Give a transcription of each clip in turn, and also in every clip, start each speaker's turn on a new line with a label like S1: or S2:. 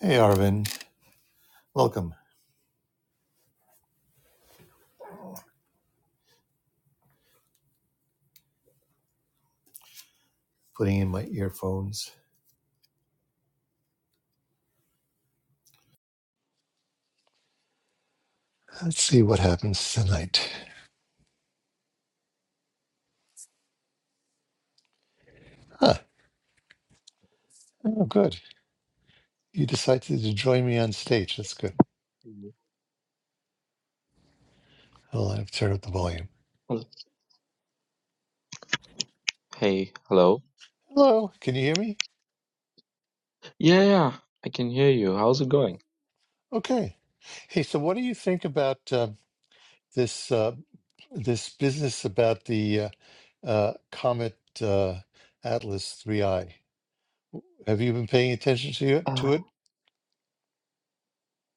S1: Hey, Arvin. Welcome. Putting in my earphones. Let's see what happens tonight. Huh. Oh, good. You decided to join me on stage. That's good.
S2: Mhm.
S1: Hold on, I've turned up the volume.
S2: Hel- Hey, hello.
S1: Hello. Can you hear me?
S2: Yeah, yeah, yeah, I can hear you. How's it going?
S1: Okay. Hey, so what do you think about uh, this uh, this business about the uh, uh, Comet uh, Atlas 3i? Have you been paying attention to it?
S2: Uh,
S1: To it?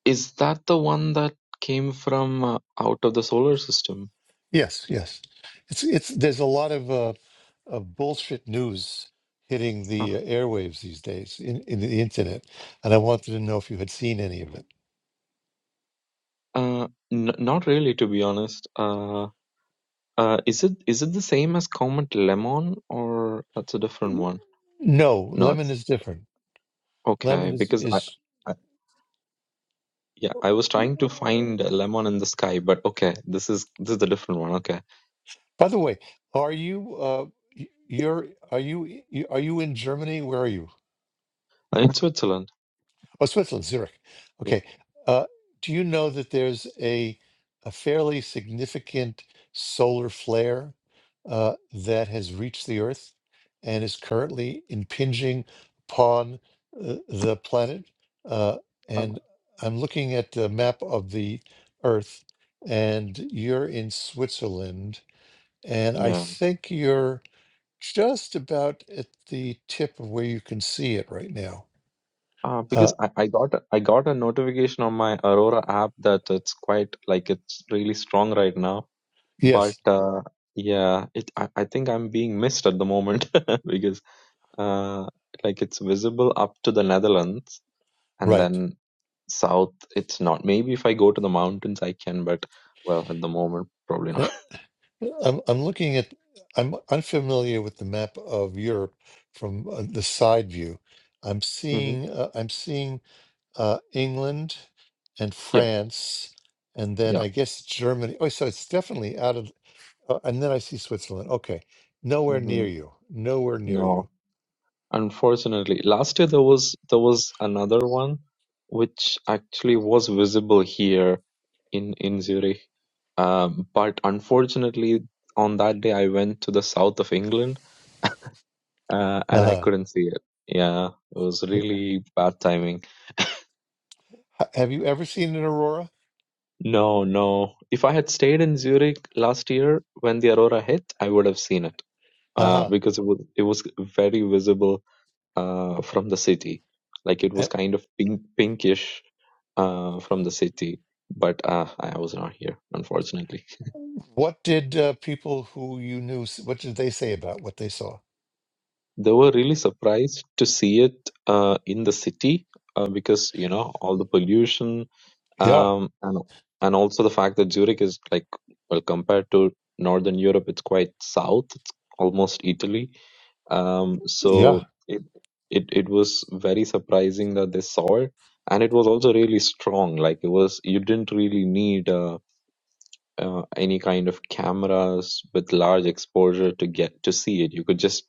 S2: is that the one that came from uh, out of the solar system?
S1: Yes, yes. It's it's there's a lot of uh, of bullshit news hitting
S2: Uh,
S1: the uh, airwaves these days in, in the internet, and I wanted to know if you had seen any of it.
S2: uh, n- not really, to be honest. Uh, uh, is it is it the same as Comet Lemon, or that's a different one?
S1: No,
S2: No,
S1: lemon
S2: it's
S1: is different. Lemon
S2: okay
S1: is
S2: because I,
S1: is.
S2: I yeah, I was trying to find a lemon in the sky, but okay, this is this is the different one. Okay,
S1: By the way, are you uh y- you're are you y- are you in Germany? Where are you?
S2: Uh, in Switzerland.
S1: Oh, Switzerland, Zurich.
S2: Yeah.
S1: Okay. Uh, do you know that there's a a fairly significant solar flare uh, that has reached the Earth and is currently impinging upon uh, the planet? Uh,
S2: Uh,
S1: and I'm looking at the map of the Earth, and you're in Switzerland, and I
S2: yeah.
S1: think you're just about at the tip of where you can see it right now.
S2: Uh, because
S1: Uh,
S2: I, I got a- I got a notification on my Aurora app that it's quite like it's really strong right now.
S1: yes,
S2: But uh, yeah, it I, I think I'm being missed at the moment because uh, like it's visible up to the Netherlands and
S1: right.
S2: then south it's not. Maybe if I go to the mountains I can, but well, at the moment probably
S1: Uh,
S2: not.
S1: I'm I'm looking at I'm unfamiliar with the map of Europe from uh, the side view. I'm
S2: hmm
S1: seeing uh, I'm seeing uh, England and
S2: Yeah,
S1: France, and then
S2: yeah.
S1: I guess Germany. Oh, so it's definitely out of. Uh, and then I see Switzerland. Okay, nowhere
S2: hmm
S1: near you. Nowhere near
S2: No.
S1: you.
S2: Unfortunately, last year there was there was another one which actually was visible here in in Zurich. Um, but unfortunately, on that day I went to the south of England uh, and I
S1: Uh-huh.
S2: couldn't see it. Yeah, it was
S1: Yeah.
S2: really bad timing.
S1: Ha- Have you ever seen an aurora?
S2: No, no. If I had stayed in Zurich last year when the aurora hit, I would have seen it uh,
S1: Uh-huh.
S2: because it was it was very visible uh, from the city. Like it was
S1: And
S2: kind of pink, pinkish uh, from the city, but uh, I was not here, unfortunately.
S1: What did uh, people who you knew? s- What did they say about what they saw?
S2: They were really surprised to see it uh, in the city uh, because you know all the pollution
S1: Yeah,
S2: um, and and also the fact that Zurich is like well compared to Northern Europe, it's quite south. It's almost Italy um,
S1: yeah.
S2: so it, it it was very surprising that they saw it and it was also really strong like it was you didn't really need uh, uh, any kind of cameras with large exposure to get to see it you could just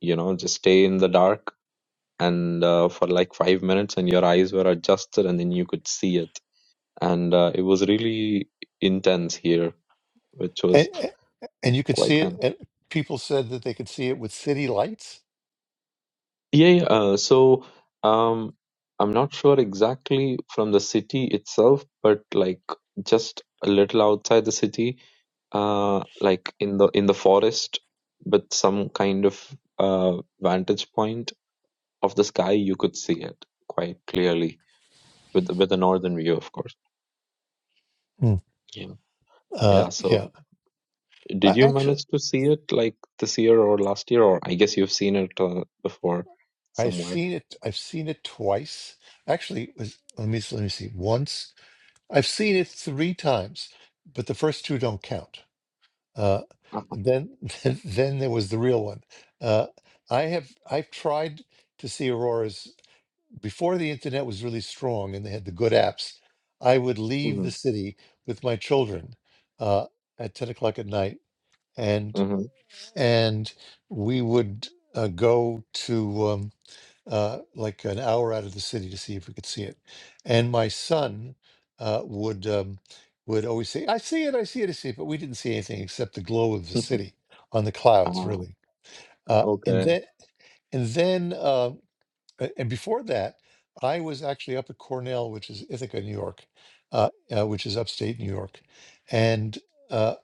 S2: you know just stay in the dark and uh, for like five minutes and your eyes were adjusted and then you could see it and uh, it was really intense here which was
S1: and you could see
S2: quite nice
S1: it. And people said that they could see it with city lights.
S2: Yeah, yeah, uh, so um, I'm not sure exactly from the city itself, but like just a little outside the city, uh, like in the in the forest, with some kind of uh vantage point of the sky, you could see it quite clearly with the, with the northern view, of course.
S1: Mm.
S2: Yeah. Yeah,
S1: Uh, yeah,
S2: so did
S1: Uh,
S2: you
S1: actually,
S2: manage to see it like this year or last year, or I guess you've seen it uh, before
S1: I've
S2: somewhere.
S1: seen it. I've seen it twice. Actually, it was let me let me see. Once I've seen it three times, but the first two don't count. Uh,
S2: Uh-huh.
S1: then then then there was the real one. Uh, I have I've tried to see auroras before the internet was really strong and they had the good apps. I would leave the city with my children uh, at ten o'clock at night and
S2: hmm
S1: and we would uh, go to um, uh, like an hour out of the city to see if we could see it. And my son uh, would um, would always say, "I see it, I see it, I see it," but we didn't see anything except the glow of the city on the clouds,
S2: hmm
S1: really. Uh, and
S2: Okay.
S1: then and then uh, a- And before that, I was actually up at Cornell, which is Ithaca, New York, uh, uh, which is upstate New York, and uh,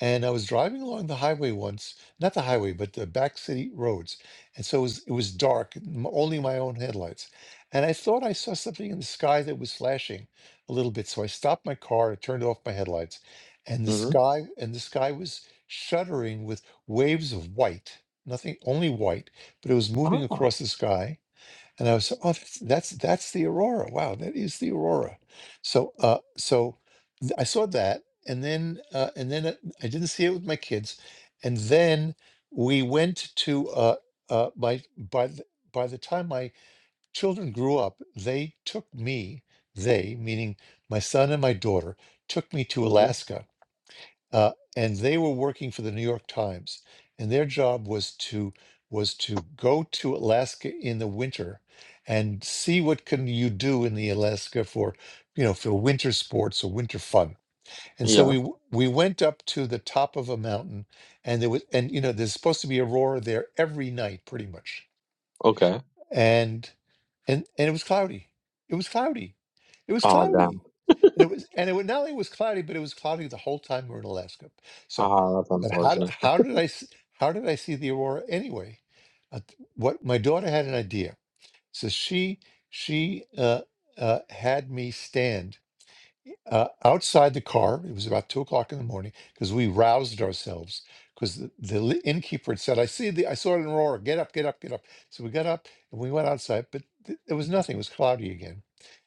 S1: and I was driving along the highway once, not the highway, but the back city roads, and so it was it was dark, m- only my own headlights, and I thought I saw something in the sky that was flashing a little bit, so I stopped my car, I turned off my headlights, and the
S2: Mm-hmm.
S1: sky and the sky was shuddering with waves of white, nothing, only white, but it was moving
S2: Ah.
S1: across the sky and I was, oh, that's that's, that's the aurora. Wow, that is the aurora. So, uh, so th- I saw that, and then, uh, and then uh, I didn't see it with my kids, and then we went to uh, uh, by by the, by the time my children grew up, they took me, they meaning my son and my daughter, took me to
S2: Mm-hmm.
S1: Alaska uh, and they were working for the New York Times, and their job was to was to go to Alaska in the winter and see what can you do in the Alaska for you know for winter sports or winter fun. And so
S2: Yeah.
S1: we w- we went up to the top of a mountain, and there was and you know there's supposed to be aurora there every night, pretty much
S2: Okay.
S1: and and and it was cloudy. It was cloudy. It was
S2: Ah,
S1: cloudy.
S2: damn.
S1: And it was and it was, not only was cloudy, but it was cloudy the whole time we were in Alaska. So,
S2: Ah, that's
S1: but how d-
S2: unfortunate.
S1: how did I s- how did I see the aurora anyway? Uh, what my daughter had an idea, so she she uh, uh, had me stand uh, outside the car. It was about two o'clock in the morning because we roused ourselves because the, the li- innkeeper had said, "I see the, I saw it in Aurora. Get up, get up, get up." So we got up and we went outside, but th- there was nothing. It was cloudy again.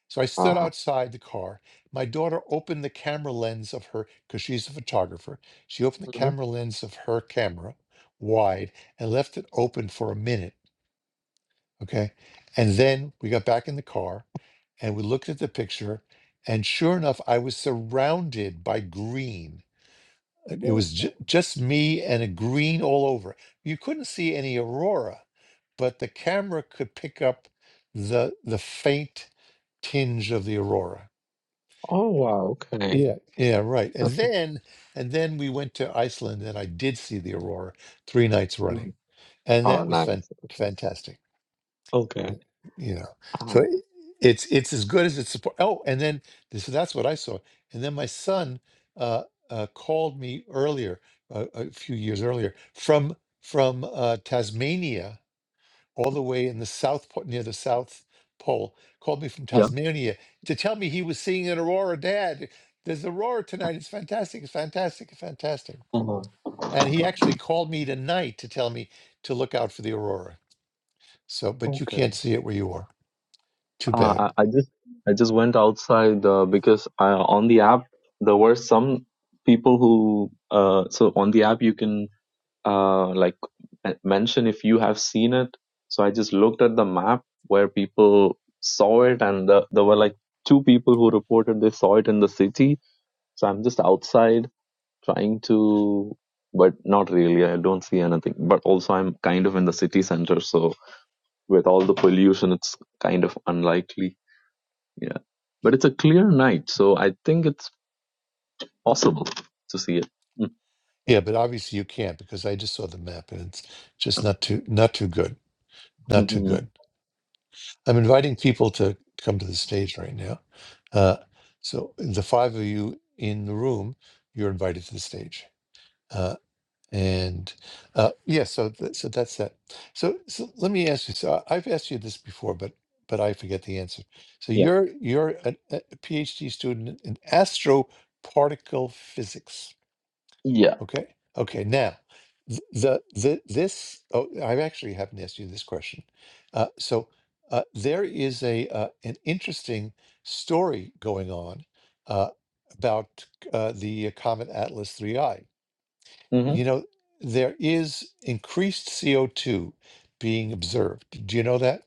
S1: So I stood
S2: Ah.
S1: outside the car. My daughter opened the camera lens of her because she's a photographer. She opened the
S2: Mm-hmm.
S1: camera lens of her camera wide and left it open for a minute Okay. And then we got back in the car and we looked at the picture. And sure enough, I was surrounded by green. Uh, It
S2: Oh,
S1: was ju- just me and a green all over. You couldn't see any aurora, but the camera could pick up the the faint tinge of the aurora.
S2: oh, wow. Okay.
S1: Yeah, yeah, right. And then and then we went to Iceland and I did see the aurora three nights running.
S2: Mhm.
S1: And
S2: Oh,
S1: that was fan-
S2: nice. Okay.
S1: fantastic. Yeah,
S2: Okay.
S1: you know so
S2: Ah,
S1: i- it's it's as good as it's supposed oh and then this, so that's what i saw and then my son uh, uh called me earlier uh, a few years earlier from from uh tasmania all the way in the south pole near the south pole called me from
S2: yeah.
S1: tasmania to tell me he was seeing an aurora dad there's aurora tonight it's fantastic it's fantastic it's fantastic
S2: Uh-huh.
S1: and he actually called me tonight to tell me to look out for the aurora so but you
S2: Okay.
S1: can't see it where you are too bad
S2: Uh, I, I just I just went outside uh, because uh, on the app there were some people who uh so on the app you can uh, like m- mention if you have seen it. So I just looked at the map where people saw it, and the, there were like two people who reported they saw it in the city. So I'm just outside trying to, but not really. I don't see anything. But also, I'm kind of in the city center, so with all the pollution, it's kind of unlikely. Yeah, but it's a clear night, so I think it's possible to see it.
S1: Yeah, but obviously you can't because I just saw the map and it's just not too not too good, not too
S2: Mhm.
S1: good. I'm inviting people to come to the stage right now. Uh, so the five of you in the room, you're invited to the stage. Uh, and uh, yeah, so th- so that's that. So, so let me ask you. So I- I've asked you this before, but but I forget the answer. So
S2: Yeah.
S1: you're you're a, a PhD student in astroparticle physics
S2: Yeah.
S1: Okay. Okay. Now, th- the the this oh, I actually haven't asked you this question. Uh, so uh, there is a uh, an interesting story going on uh, about uh, the comet Atlas Three I.
S2: Mm-hmm.
S1: You know, there is increased CO two being observed. Do you know that?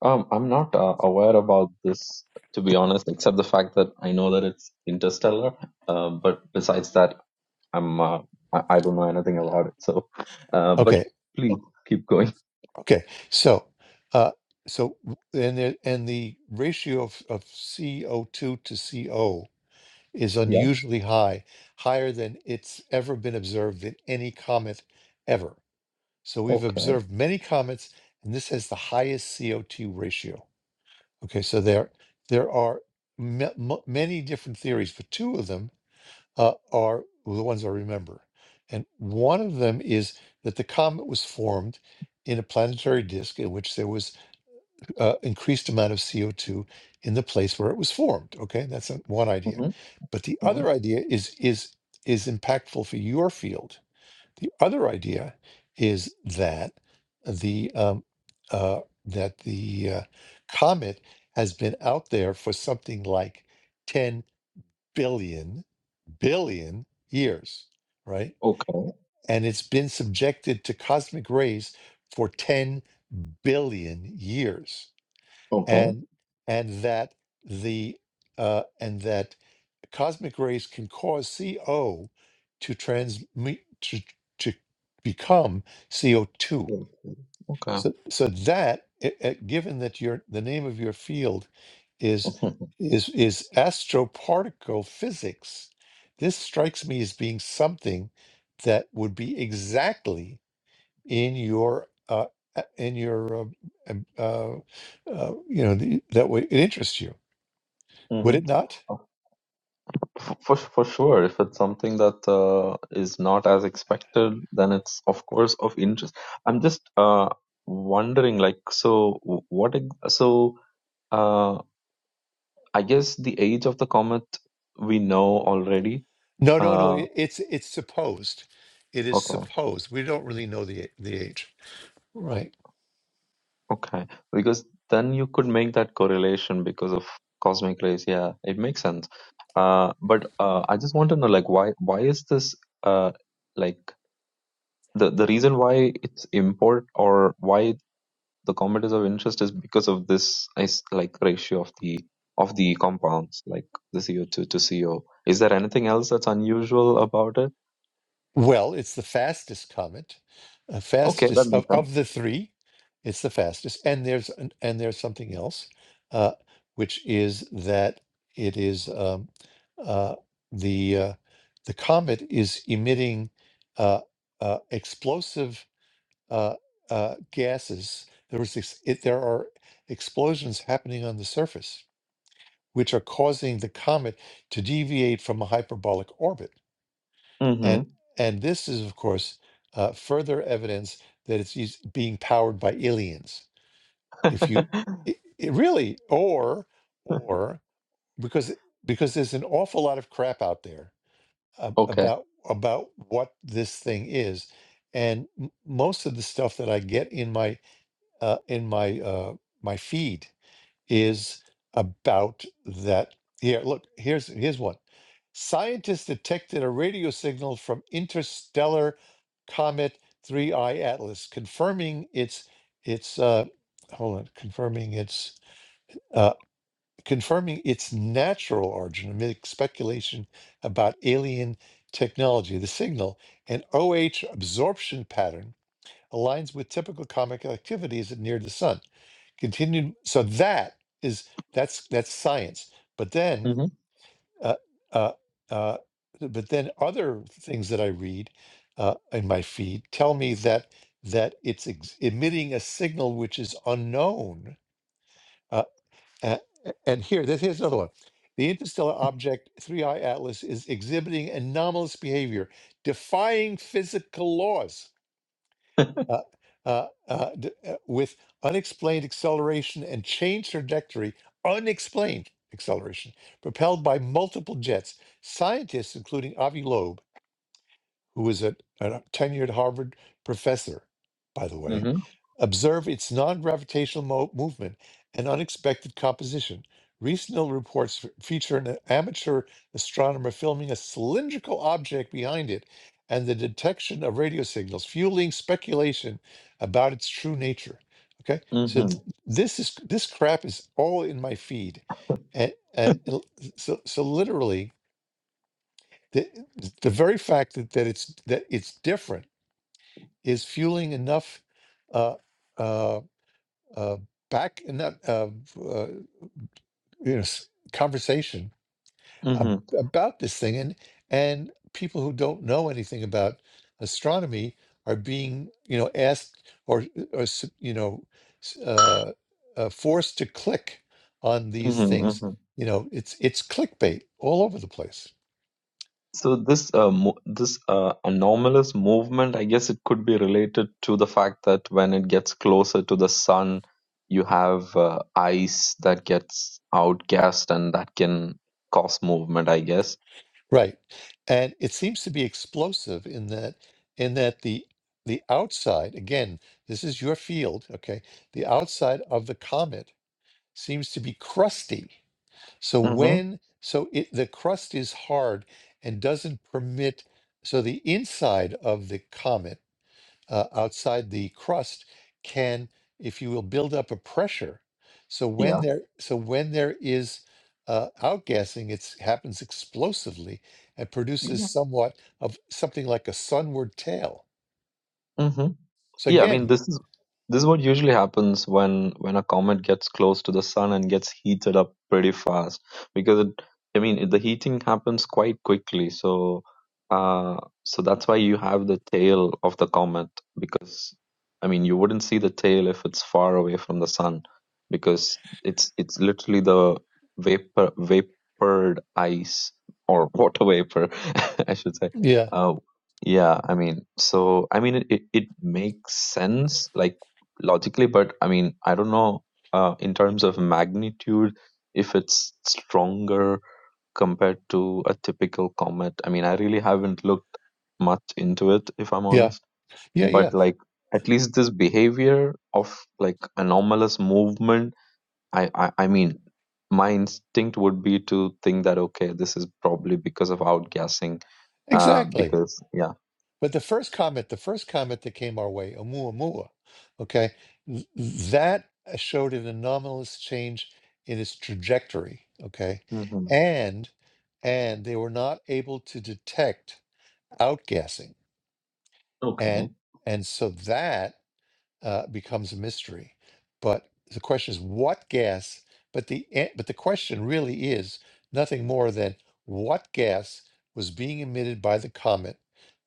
S2: Um, I'm not uh, aware about this, to be honest, except the fact that I know that it's interstellar. Uh, but besides that, I'm uh, I, I don't know anything about it. So, uh, but
S1: Okay.
S2: please keep going.
S1: Okay. So. Uh, so w- and the, and the ratio of, of CO2 to CO is
S2: Yeah.
S1: unusually high, higher than it's ever been observed in any comet ever. So we've
S2: Okay.
S1: observed many comets, and this has the highest CO2 ratio. Okay, so there there are ma- mu- many different theories, but two of them uh, are the ones I remember, and one of them is that the comet was formed in a planetary disk in which there was uh, increased amount of CO2 in the place where it was formed. Okay, that's a- one idea.
S2: hmm
S1: But the
S2: hmm
S1: other idea is is is impactful for your field. The other idea is that the um, uh, that the uh, comet has been out there for something like 10 billion billion years, right?
S2: Okay.
S1: And it's been subjected to cosmic rays for 10 billion years
S2: Okay.
S1: and and that the uh, and that cosmic rays can cause CO to transmute to to become CO two.
S2: Okay.
S1: So so that i- i- given that your the name of your field
S2: Okay.
S1: is is is astroparticle physics, this strikes me as being something that would be exactly in your uh, a- in your um, um, uh, uh, you know the, that way it interests you would
S2: hmm
S1: it not
S2: Uh, f- For for sure, if it's something that uh, is not as expected, then it's of course of interest. I'm just uh, wondering, like, so wh- what? ex- So Uh, I guess the age of the comet we know already.
S1: no no no
S2: Uh,
S1: it, it's it's supposed it is
S2: okay,
S1: supposed we don't really know the the age right.
S2: okay. Because then you could make that correlation because of cosmic rays. Yeah, it makes sense. Uh, but uh, I just want to know, like, why why is this uh like the the reason why it's import or why the comet is of interest is because of this is like ratio of the of the compounds, like the CO2 to CO. Is there anything else that's unusual about it?
S1: Well, it's the fastest comet, uh,
S2: Okay, that
S1: fastest of,
S2: makes sense.
S1: of the three. It's the fastest, and there's an, and there's something else, uh, which is that it is um, uh, the uh, the comet is emitting uh, uh, explosive uh, uh, gases. There was this, it, there are explosions happening on the surface, which are causing the comet to deviate from a hyperbolic orbit.
S2: hmm
S1: And and this is, of course, uh, further evidence that it's us- being powered by aliens. If you it, it really, or or because because there's an awful lot of crap out there ab-
S2: Okay.
S1: about about what this thing is, and m- most of the stuff that I get in my uh, in my uh, my feed is about that. Here, look, here's here's one. Scientists detected a radio signal from interstellar comet 3I Atlas, confirming its its uh hold on, confirming its uh confirming its natural origin amid speculation about alien technology. The signal, an OH absorption pattern, aligns with typical comet activity as it neared the sun continued so that is that's that's science but then
S2: hmm
S1: uh, uh, uh, but then other things that i read uh, in my feed tell me that that it's ex- emitting a signal which is unknown uh, a- and here this here's another one the interstellar object 3i atlas is exhibiting anomalous behavior defying physical laws uh, uh, uh, d- uh, with unexplained acceleration and change trajectory, unexplained acceleration, propelled by multiple jets. Scientists, including Avi Loeb, who was a, a tenured Harvard professor, by the way,
S2: hmm
S1: observe its non gravitational mo- movement and unexpected composition. Recent reports f- feature an amateur astronomer filming a cylindrical object behind it and the detection of radio signals, fueling speculation about its true nature. Okay,
S2: hmm
S1: so th- this is this crap is all in my feed, and, and so so literally, the the very fact that, that it's that it's different is fueling enough uh uh uh back enough uh, uh you know s- conversation
S2: hmm hmm
S1: ab- about this thing and and people who don't know anything about astronomy are being you know asked or or s- you know s- uh, uh forced to click on these things
S2: hmm
S1: you know it's it's clickbait all over the place
S2: So this uh, mo- this uh, anomalous movement, I guess it could be related to the fact that when it gets closer to the sun, you have uh, ice that gets outgassed and that can cause movement, I guess.
S1: Right. And it seems to be explosive in that in that the the outside, again, this is your field, okay? The outside of the comet seems to be crusty. So
S2: hmm
S1: when so it the crust is hard and doesn't permit so the inside of the comet uh, outside the crust can, if you will, build up a pressure. So when
S2: Yeah.
S1: there, so when there is uh, outgassing, it happens explosively and produces somewhat of something like a sunward tail.
S2: hmm
S1: So
S2: Yeah, I mean
S1: again,
S2: this is this is what usually happens when when a comet gets close to the sun and gets heated up pretty fast because it, I mean it, the heating happens quite quickly. So uh so that's why you have the tail of the comet because I mean you wouldn't see the tail if it's far away from the sun because it's it's literally the vapor vapored ice or water vapor I should say
S1: yeah,
S2: uh, yeah, I mean, so I mean, it, it it makes sense like logically, but I mean, I don't know uh, in terms of magnitude if it's stronger compared to a typical comet. I mean, I really haven't looked much into it, if I'm
S1: yeah,
S2: honest,
S1: yeah, yeah,
S2: but like at least this behavior of like anomalous movement, I, I, I mean, my instinct would be to think that, okay, this is probably because of outgassing uh,
S1: exactly.
S2: because yeah,
S1: But the first comment, the first comment that came our way, Oumuamua, okay, th- that showed an anomalous change in its trajectory, okay,
S2: Mhm.
S1: and and they were not able to detect outgassing, and
S2: Okay.
S1: and so that uh, becomes a mystery. But the question is, what gas? But the a- but the question really is nothing more than what gas was being emitted by the comet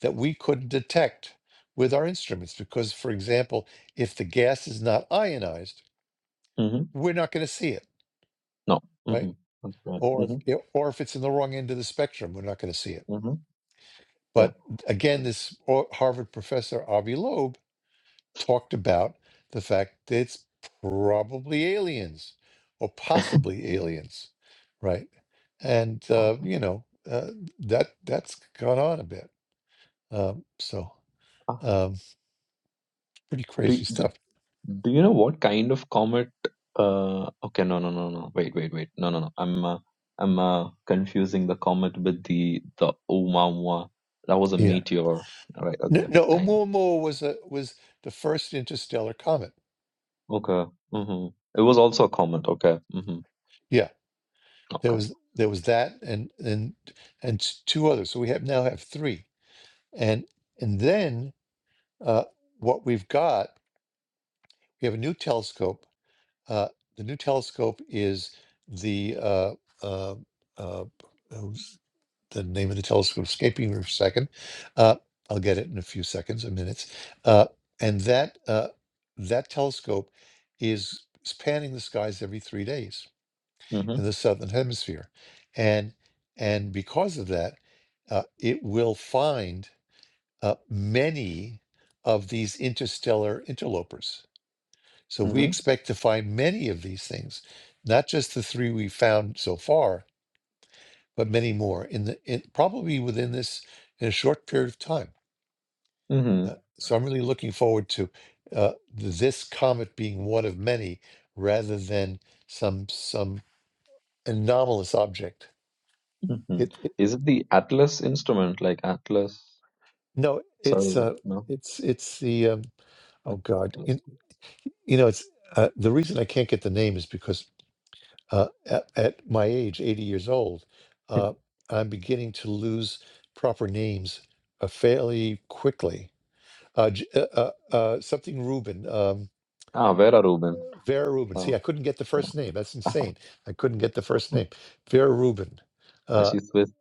S1: that we couldn't detect with our instruments. Because, for example, if the gas is not ionized,
S2: Mhm.
S1: we're not going to see it,
S2: No.
S1: right?
S2: Mhm. That's right.
S1: Or if
S2: Mhm.
S1: it- or if it's in the wrong end of the spectrum, we're not going to see it.
S2: Mhm. Yeah.
S1: But again, this uh, Harvard professor Avi Loeb talked about the fact that it's probably aliens or possibly aliens, right? And uh,
S2: Um,
S1: you know uh, that that's gone on a bit. Um, so
S2: uh,
S1: um, pretty
S2: do,
S1: crazy
S2: do
S1: stuff.
S2: do you know what kind of comet? Uh. Okay. No. No. No. No. Wait. Wait. Wait. No. No. No. I'm. Uh, I'm uh, confusing the comet with the the Oumuamua. That was a
S1: Yeah.
S2: meteor. All right.
S1: No,
S2: Okay.
S1: no,
S2: Kind of.
S1: Oumuamua was a was the first interstellar comet.
S2: Okay. Mhm. It was also a comet. Okay. Mhm.
S1: Yeah, there
S2: Okay.
S1: was there was that and and and t- two others. So we have now have three. And and then uh, what we've got, we have a new telescope Uh, the new telescope is the uh, uh, uh, oh, s- the name of the telescope escaping me for a second. Uh, I'll get it in a few seconds or minutes. Uh, and that uh, that telescope is spanning the skies every three days
S2: Mhm.
S1: in the southern hemisphere, and and because of that, uh, it will find uh, many of these interstellar interlopers so we
S2: Mhm.
S1: expect to find many of these things, not just the three we found so far, but many more in the in, probably within this in a short period of time.
S2: Mhm.
S1: Uh, so I'm really looking forward to uh, this comet being one of many, rather than some some anomalous object.
S2: Mhm.
S1: It, it
S2: Is it the Atlas instrument, like Atlas
S1: no, it's
S2: survey?
S1: uh,
S2: No.
S1: it's it's the um, oh
S2: That was
S1: god, in,
S2: interesting.
S1: you know it's uh, the reason I can't get the name is because uh, at, at my age, 80 years old, uh, I'm beginning to lose proper names uh, fairly quickly. Uh, J- uh, uh, uh, something Rubin, um,
S2: ah, Vera Rubin.
S1: Vera Rubin. See,
S2: Oh,
S1: I couldn't get the
S2: yeah.
S1: first name. That's insane. I couldn't get the first name. Vera Rubin.
S2: Ah,
S1: Uh,
S2: she's Swiss.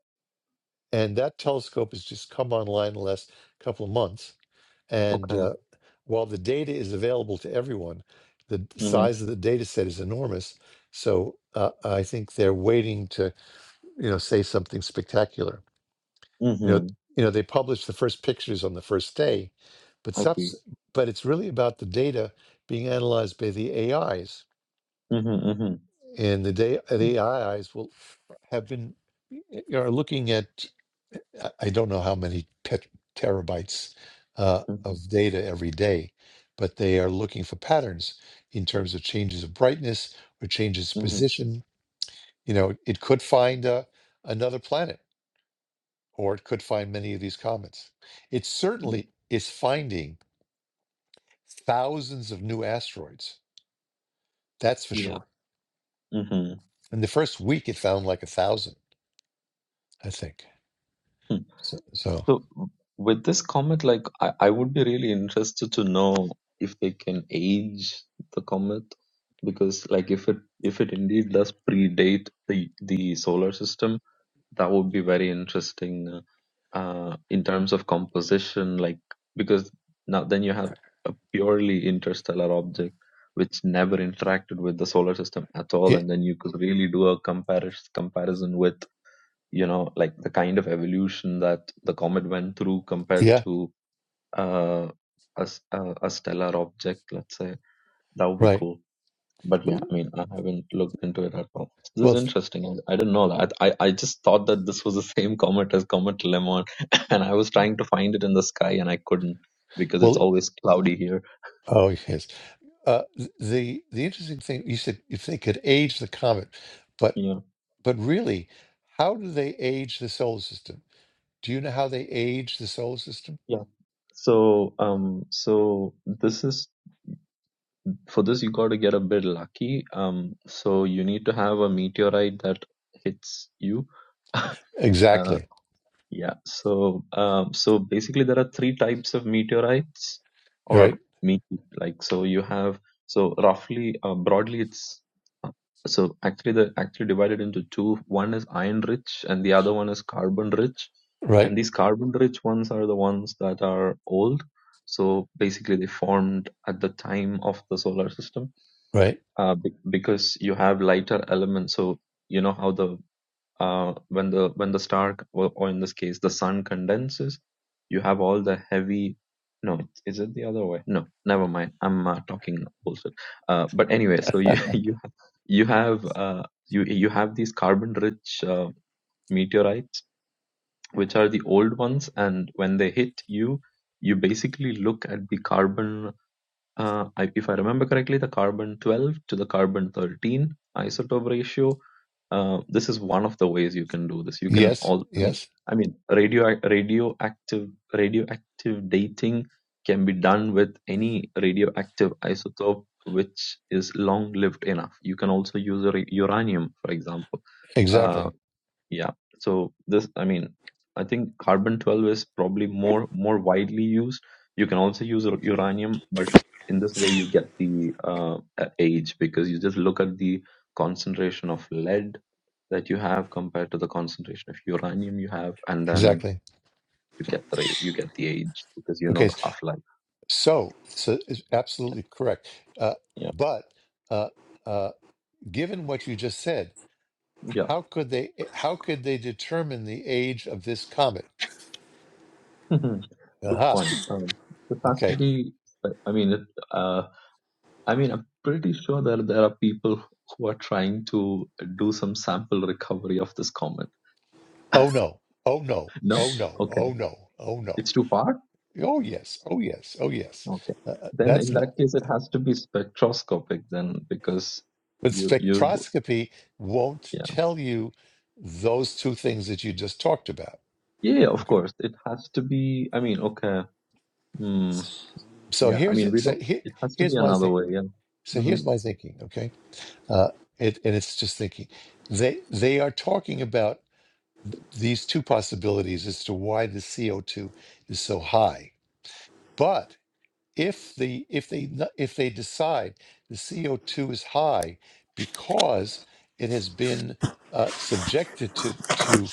S1: and that telescope has just come online in the last couple of months. And
S2: Okay.
S1: uh, while the data is available to everyone, the
S2: Mm-hmm.
S1: size of the data set is enormous. So uh, I think they're waiting to you know say something spectacular you know
S2: Mm-hmm.
S1: you know they published the first pictures on the first day but
S2: I see.
S1: subs- but it's really about the data being analyzed by the ais
S2: Mm-hmm. Mm-hmm.
S1: and the day the ais will have been are looking at i I don't know how many pet, terabytes uh,
S2: Mm-hmm.
S1: of data every day but they are looking for patterns in terms of changes of brightness or changes of
S2: Mm-hmm.
S1: position you know it could find uh, another planet or it could find many of these comets. It certainly is finding thousands of new asteroids. That's for
S2: Yeah.
S1: sure.
S2: Mm-hmm.
S1: In the first week, it found like a thousand, I think.
S2: Hmm.
S1: So, so
S2: So, with this comet, like, I, I would be really interested to know if they can age the comet, because, like, if it if it indeed does predate the the solar system, that would be very interesting uh, uh, in terms of composition, like because now then you have a purely interstellar object which never interacted with the solar system at all,
S1: it,
S2: and then you could really do a comparis- comparison with you know like the kind of evolution that the comet went through compared
S1: yeah,
S2: to uh, a, s- a a stellar object, let's say that would be
S1: right.
S2: cool. But
S1: Well,
S2: yeah, I mean, I haven't looked into it at all. This is
S1: well, th-
S2: interesting. I, I didn't know that. I, I just thought that this was the same comet as Comet Lemon, and I was trying to find it in the sky and I couldn't because it's
S1: well
S2: always cloudy here.
S1: oh yes. Uh, th- the the interesting thing you said if they could age the comet, but
S2: Yeah,
S1: but really, how do they age the solar system? Do you know how they age the solar system?
S2: yeah. So, um, so this is for this you got to get a bit lucky. Um, so you need to have a meteorite that hits you. uh,
S1: Exactly.
S2: Yeah. So, um, so basically, there are three types of meteorites
S1: Right.
S2: or me like so you have so roughly uh, broadly it's uh, so actually they're actually divided into two. One is iron rich and the other one is carbon rich. And
S1: Right.
S2: these carbon rich ones are the ones that are old. So basically, they formed at the time of the solar system
S1: Right.
S2: uh, be- because you have lighter elements. So you know how the uh, when the when the star or, or in this case the sun condenses you have all the heavy no is it the other way no never mind i'm uh, talking bullshit uh, but anyway so you you have you have uh, you you have these carbon rich uh, meteorites which are the old ones and when they hit you you basically look at the carbon uh, I, if I remember correctly, the carbon 12 to the carbon 13 isotope ratio. Uh, this is one of the ways you can do this. You can
S1: Yes.
S2: all, I mean,
S1: Yes.
S2: I mean, radio radioactive radioactive dating can be done with any radioactive isotope which is long lived enough. You can also use a ra- uranium, for example. Uh,
S1: Exactly.
S2: yeah. So this, I mean, I think carbon 12 is probably more more widely used. You can also use u- uranium, but in this way you get the uh, a- age because you just look at the concentration of lead that you have compared to the concentration of uranium you have, and then
S1: Exactly.
S2: you get the ra- you get the age because you know
S1: Okay.
S2: the half life.
S1: So, so it's
S2: Yeah,
S1: absolutely correct. Uh,
S2: yeah,
S1: but uh, uh, given what you just said,
S2: yeah.
S1: how could they? eh, How could they determine the age of this comet?
S2: Good
S1: Aha.
S2: point. Um, this has to
S1: Okay.
S2: be. I mean, it. uh, I mean, I'm pretty sure that there are people who are trying to do some sample recovery of this comment.
S1: Oh no. Oh no.
S2: No?
S1: Oh no.
S2: Okay.
S1: Oh no. Oh no.
S2: It's too far?
S1: Oh yes. Oh yes. Oh yes.
S2: Okay.
S1: Uh, uh,
S2: Then
S1: that's
S2: in
S1: not,
S2: that case, it has to be spectroscopic then because
S1: but
S2: you, you,
S1: spectroscopy won't
S2: yeah.
S1: tell you those two things that you just talked about.
S2: Yeah, yeah, of
S1: Okay.
S2: course. It has to be, I mean, okay. Hmm.
S1: So
S2: Yeah. I
S1: here's
S2: mean, we
S1: so
S2: don't,
S1: here,
S2: it has to be
S1: here's my
S2: another
S1: thing.
S2: way. Yeah.
S1: So
S2: Mm-hmm.
S1: here's my thinking, okay? Uh, it, and it's just thinking. They they are talking about th- these two possibilities as to why the CO2 is so high. But if the if they n- if they decide the CO2 is high because it has been uh, subjected to to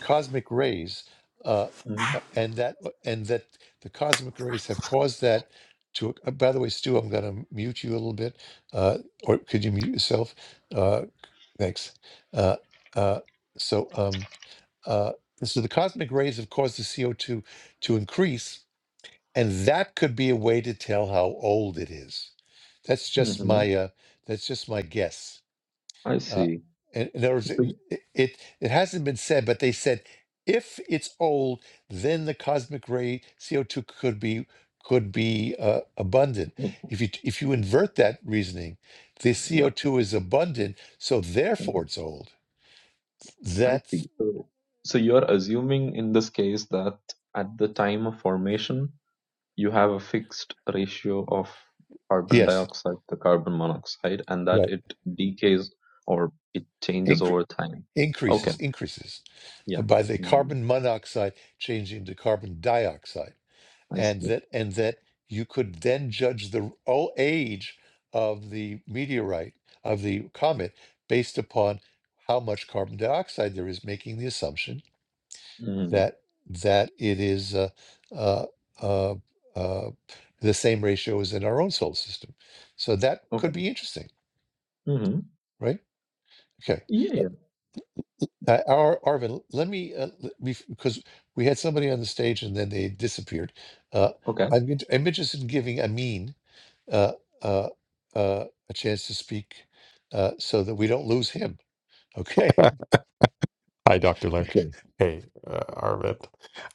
S1: cosmic rays uh, uh, and that uh, and that the cosmic rays have caused that to uh, by the way Stu I'm going to mute you a little bit uh, or could you mute yourself uh, thanks uh, uh, so um, uh, so the cosmic rays have caused the CO2 to increase and that could be a way to tell how old it is that's just
S2: Mm-hmm. hmm
S1: my uh that's just my guess
S2: I
S1: uh
S2: see.
S1: in, in other words
S2: So,
S1: it,
S2: y-
S1: it it hasn't been said but they said if it's old then the cosmic ray co2 could be could be uh, abundant if you if you invert that reasoning the
S2: yeah.
S1: co2 is abundant so
S2: Mm-hmm.
S1: therefore it's old
S2: I see.
S1: that's
S2: So, so you're assuming in this case that at the time of formation, you have a fixed ratio of carbon
S1: yes
S2: dioxide to carbon monoxide and that
S1: right
S2: it decays or it changes
S1: Incre-
S2: over time. Okay.
S1: increases increases
S2: Yeah.
S1: by the
S2: Mm,
S1: carbon monoxide changing to carbon dioxide,
S2: I
S1: and
S2: see.
S1: that and that you could then judge the o- age of the meteorite of the comet based upon how much carbon dioxide there is, making the assumption
S2: Mm,
S1: that that it is uh, uh, uh, uh, the same ratio as in our own solar system. So that could
S2: okay.
S1: be interesting,
S2: hmm
S1: right? Okay.
S2: Yeah, yeah.
S1: Uh, Ar- Arvin, let me uh, l- bef- because we had somebody on the stage and then they disappeared. Uh,
S2: Okay.
S1: I'm int- I'm interested in giving Amin uh, uh, uh, a chance to speak uh, so that we don't lose him. Okay.
S3: Hi, Dr. Larry.
S1: Okay.
S3: Hey, uh, Arvind.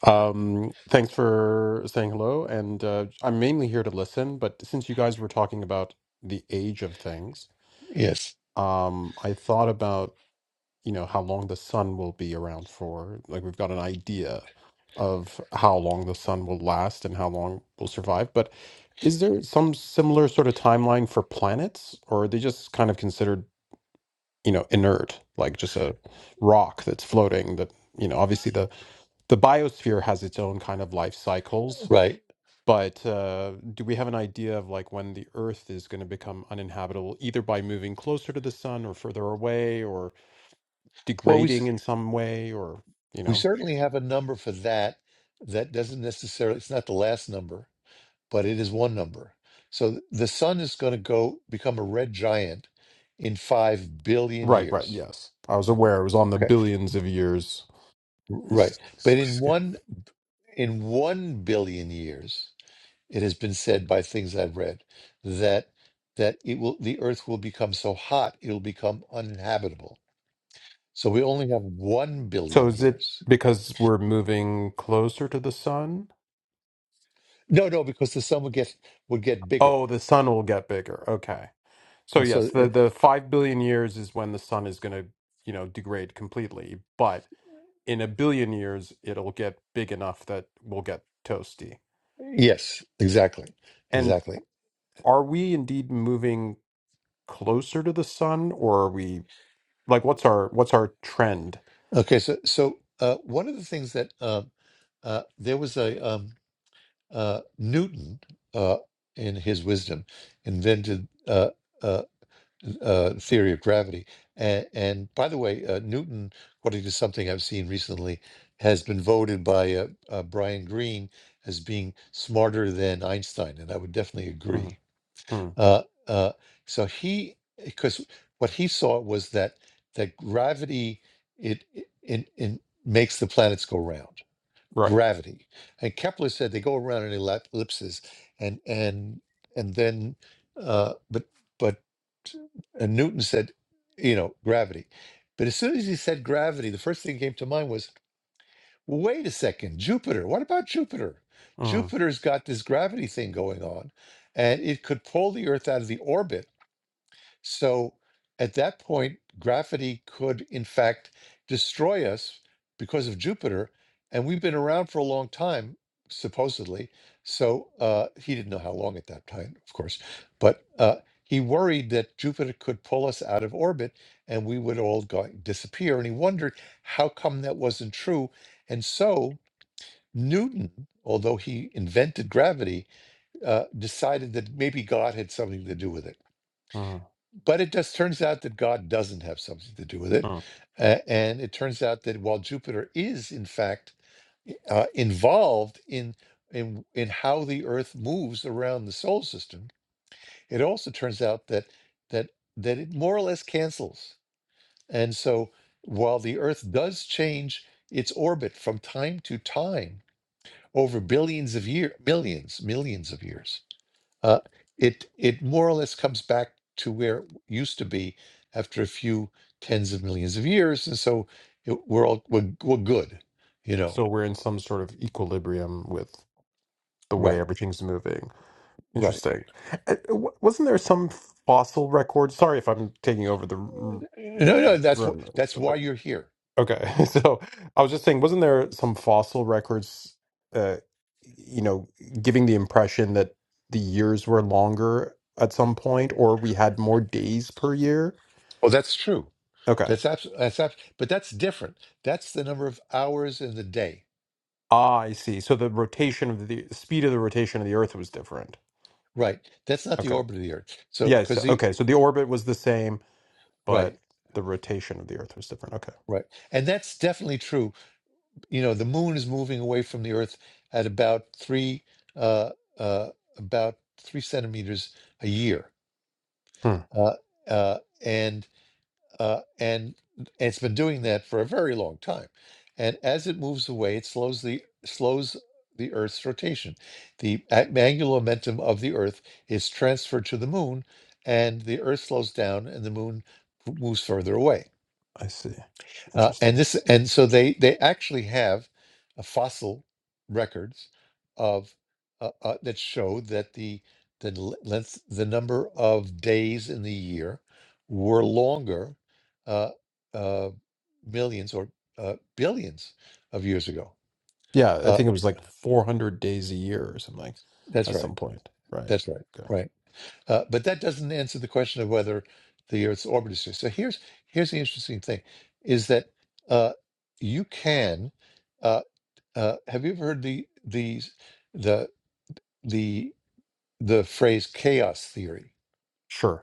S3: Um, thanks for saying hello. And uh, I'm mainly here to listen, but since you guys were talking about the age of things,
S1: Yes.
S3: um, I thought about, you know, how long the sun will be around for. Like we've got an idea of how long the sun will last and how long will survive. But is there some similar sort of timeline for planets, or are they just kind of considered, you know, inert, like just a rock that's floating that, you know, obviously the the biosphere has its own kind of life cycles,
S1: Right.
S3: but uh, do we have an idea of like when the Earth is going to become uninhabitable, either by moving closer to the sun or further away or
S1: Well, we
S3: degrading
S1: s-
S3: in some way or, you
S1: we
S3: know?
S1: certainly have a number for that. That doesn't necessarily. It's not the last number, but it is one number. So th- the sun is going to go become a red giant in five billion
S3: Right, right,
S1: years.
S3: yes. I was
S1: Okay.
S3: aware it was on the
S1: Okay.
S3: billions of years
S1: Right.
S3: s-
S1: But
S3: s-
S1: in
S3: scale.
S1: one in one billion years, it has been said by things I've read that that it will the earth will become so hot it'll become uninhabitable. So we only have one
S3: So
S1: billion
S3: is it
S1: years.
S3: because we're moving closer to the sun?
S1: No, no, because the sun would get would get bigger.
S3: Oh, the sun will get bigger. Okay. So
S1: And
S3: yes,
S1: so
S3: the
S1: and
S3: the 5 billion years is when the sun is going to, you know, degrade completely, but in a billion years it'll get big enough that we'll get toasty.
S1: yes, exactly.
S3: And
S1: Exactly.
S3: are we indeed moving closer to the sun or are we like what's our what's our trend?
S1: Okay, so so uh, one of the things that um, uh, there was a um, uh, Newton, uh, in his wisdom, invented uh, uh, uh, theory of gravity. And, and by the way, uh, Newton, according to something I've seen recently, has been voted by uh, uh, Brian Greene as being smarter than Einstein, and I would definitely agree.
S3: Mm, mm,
S1: Uh, uh, so he, because what he saw was that that gravity it, it it in makes the planets go round
S3: right.
S1: gravity. And Kepler said they go around in ellip- ellipses, and and and then, uh, but but and Newton said, you know, gravity. But as soon as he said gravity, the first thing that came to mind was, "Well, wait a second, Jupiter. What about Jupiter?
S3: Mm,
S1: Jupiter's got this gravity thing going on, and it could pull the Earth out of the orbit so at that point, gravity could, in fact, destroy us because of Jupiter. And we've been around for a long time, supposedly. So uh, he didn't know how long at that time, of course. But uh, he worried that Jupiter could pull us out of orbit and we would all go- disappear. And he wondered how come that wasn't true. And so Newton, although he invented gravity, uh, decided that maybe God had something to do with it
S3: mm,
S1: but it just turns out that God doesn't have something to do with it.
S3: mm.
S1: Uh, and it turns out that while Jupiter is, in fact, uh, involved in, in in how the Earth moves around the solar system, it also turns out that that that it more or less cancels. And so, while the Earth does change its orbit from time to time over billions of years, millions, millions of years, uh, it it more or less comes back to where it used to be after a few tens of millions of years, and so it, we're all we're, we're good, you know.
S3: So we're in some sort of equilibrium with the way
S1: Right,
S3: everything's moving.
S1: right.
S3: Interesting. Uh, w- Wasn't there some fossil record? Sorry if I'm taking over the r-
S1: No, no, that's wh-
S3: room,
S1: that's why
S3: but
S1: you're here.
S3: Okay, so I was just saying, wasn't there some fossil records, uh, you know, giving the impression that the years were longer at some point, or we had more days per year?
S1: Oh, that's true.
S3: Okay.
S1: That's abs- that's abs- but that's different. That's the number of hours in the day.
S3: Ah, I see. So the rotation of the speed of the rotation of the Earth was different.
S1: Right. That's not the
S3: Okay.
S1: orbit of the Earth. So
S3: Yes.
S1: because the
S3: Okay. So the orbit was the same,
S1: right,
S3: but the rotation of the Earth was different. Okay.
S1: right, and that's definitely true you know the moon is moving away from the earth at about three uh, uh, about three centimeters a year
S3: Hmm.
S1: uh, uh, and uh, and and it's been doing that for a very long time and as it moves away it slows the slows the earth's rotation the a- angular momentum of the earth is transferred to the moon and the earth slows down and the moon moves further away
S3: I see.
S1: uh, and
S3: Interesting.
S1: this and so they they actually have uh, fossil records of uh, uh, that show that the the l- length the number of days in the year were longer uh, uh, millions or uh, billions of years ago.
S3: Yeah, I
S1: Uh,
S3: think it was like 400 days a year or something like,
S1: that's
S3: at
S1: right.
S3: some point. Right.
S1: That's right.
S3: Okay.
S1: Right. Uh, but that doesn't answer the question of whether the Earth's orbit is just. So here's here's the interesting thing, is that uh, you can. uh, Uh, have you ever heard the the the the the phrase chaos theory?
S3: Sure.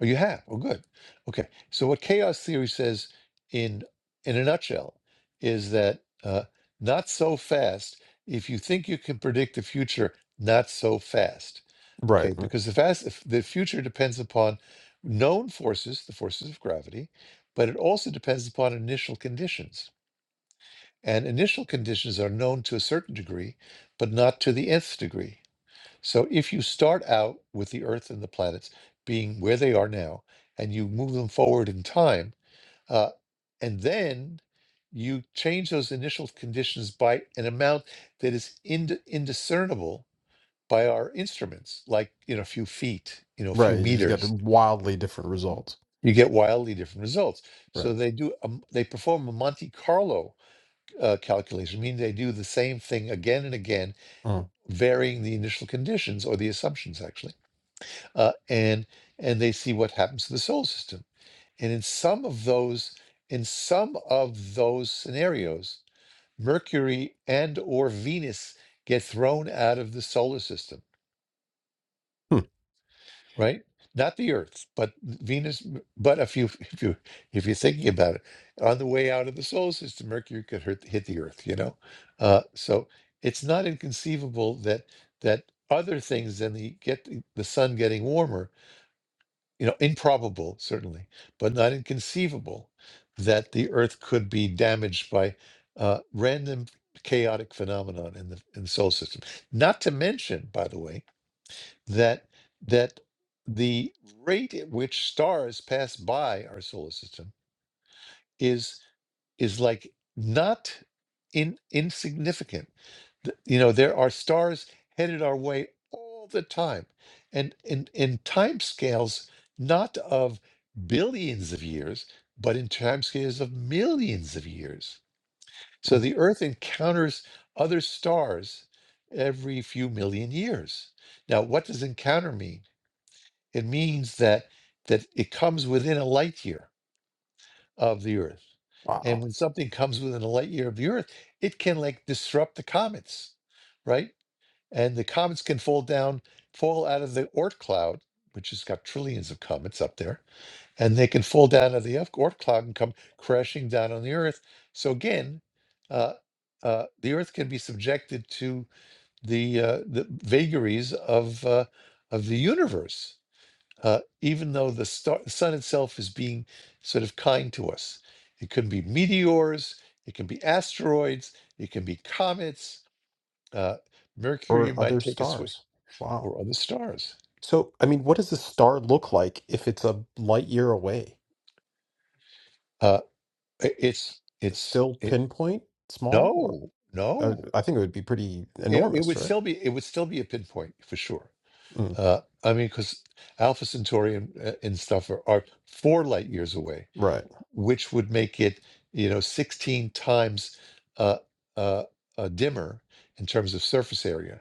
S1: Oh, you have. Oh, good. Okay. So what chaos theory says in in a nutshell is that uh, not so fast. If you think you can predict the future, not so fast.
S3: Right.
S1: Okay,
S3: Right.
S1: because the fast if the future depends upon known forces, the forces of gravity, but it also depends upon initial conditions. and initial conditions are known to a certain degree, but not to the nth degree. So if you start out with the Earth and the planets being where they are now, and you move them forward in time, uh, and then you change those initial conditions by an amount that is ind- indiscernible by our instruments, like you know, a few feet, you know, a few
S3: right, You just got
S1: meters,
S3: wildly different results.
S1: you get wildly different results. So
S3: Right.
S1: they do, um, they perform a Monte Carlo uh, calculation, meaning they do the same thing again and again,
S3: Mm.
S1: varying the initial conditions or the assumptions actually, uh, and and they see what happens to the solar system. And in some of those, in some of those scenarios, Mercury and or Venus get thrown out of the solar system
S3: Hmm.
S1: right? Not the Earth, but Venus. But if you if you if you're thinking about it, on the way out of the solar system, Mercury could hurt, hit the Earth. You know, uh, so it's not inconceivable that that other things than the get the sun getting warmer, you know, improbable certainly, but not inconceivable that the Earth could be damaged by uh, random chaotic phenomenon in the in the solar system. Not to mention, by the way that that the rate at which stars pass by our solar system is is like not in insignificant. Th- You know, there are stars headed our way all the time, and in in time scales not of billions of years, but in time scales of millions of years. So
S3: Oh,
S1: the Earth encounters other stars every few million years. Now, what does encounter mean? It means that that it comes within a light year of the Earth. And
S3: wow.
S1: when something comes within a light year of the Earth, it can like disrupt the comets, right? And the comets can fall down, fall out of the Oort cloud, which has got trillions of comets up there, and they can fall down out of the Oort cloud and come crashing down on the Earth. So again, uh, uh, the Earth can be subjected to the uh, the vagaries of uh, of the universe uh, even though the star, the sun itself is being sort of kind to us. It can be meteors, it can be asteroids, it can be comets. Uh, Mercury
S3: Or
S1: might
S3: other
S1: take a swing,
S3: stars. Wow.
S1: or other stars.
S3: So, I mean, what does a star look like if it's a light year away?
S1: Uh, i- it's it's
S3: Still
S1: it,
S3: pinpoint small? Or
S1: no
S3: uh,
S1: no.
S3: I think it would be pretty
S1: It, it
S3: enormous,
S1: would
S3: right?
S1: still be it would still be a pinpoint for sure.
S3: Mm.
S1: Uh, I mean, because Alpha Centauri and, uh, and stuff are, are four light years away
S3: Right.
S1: which would make it, you know, 16 times uh, uh, uh, dimmer in terms of surface area.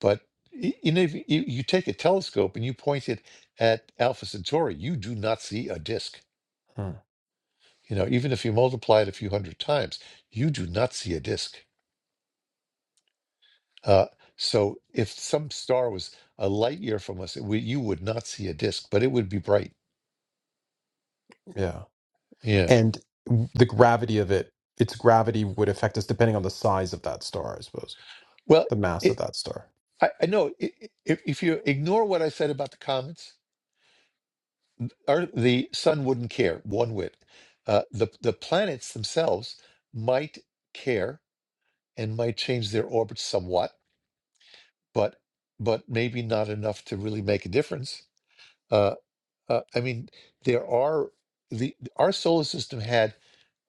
S1: But y- you know, if you, you take a telescope and you point it at Alpha Centauri, you do not see a disk.
S3: Hmm.
S1: You know, even if you multiply it a few hundred times, you do not see a disk. Uh, so if some star was a light year from us, it would you would not see a disk, but it would be bright.
S3: Yeah.
S1: Yeah.
S3: And w- the gravity of it, its gravity would affect us depending on the size of that star, I suppose.
S1: Well,
S3: the mass of
S1: it,
S3: that star.
S1: I, I know i- i- if, if you ignore what I said about the comets, Earth, the sun wouldn't care one whit. Uh, the the planets themselves might care and might change their orbits somewhat, but but maybe not enough to really make a difference. Uh, uh, I mean, there are the our solar system had,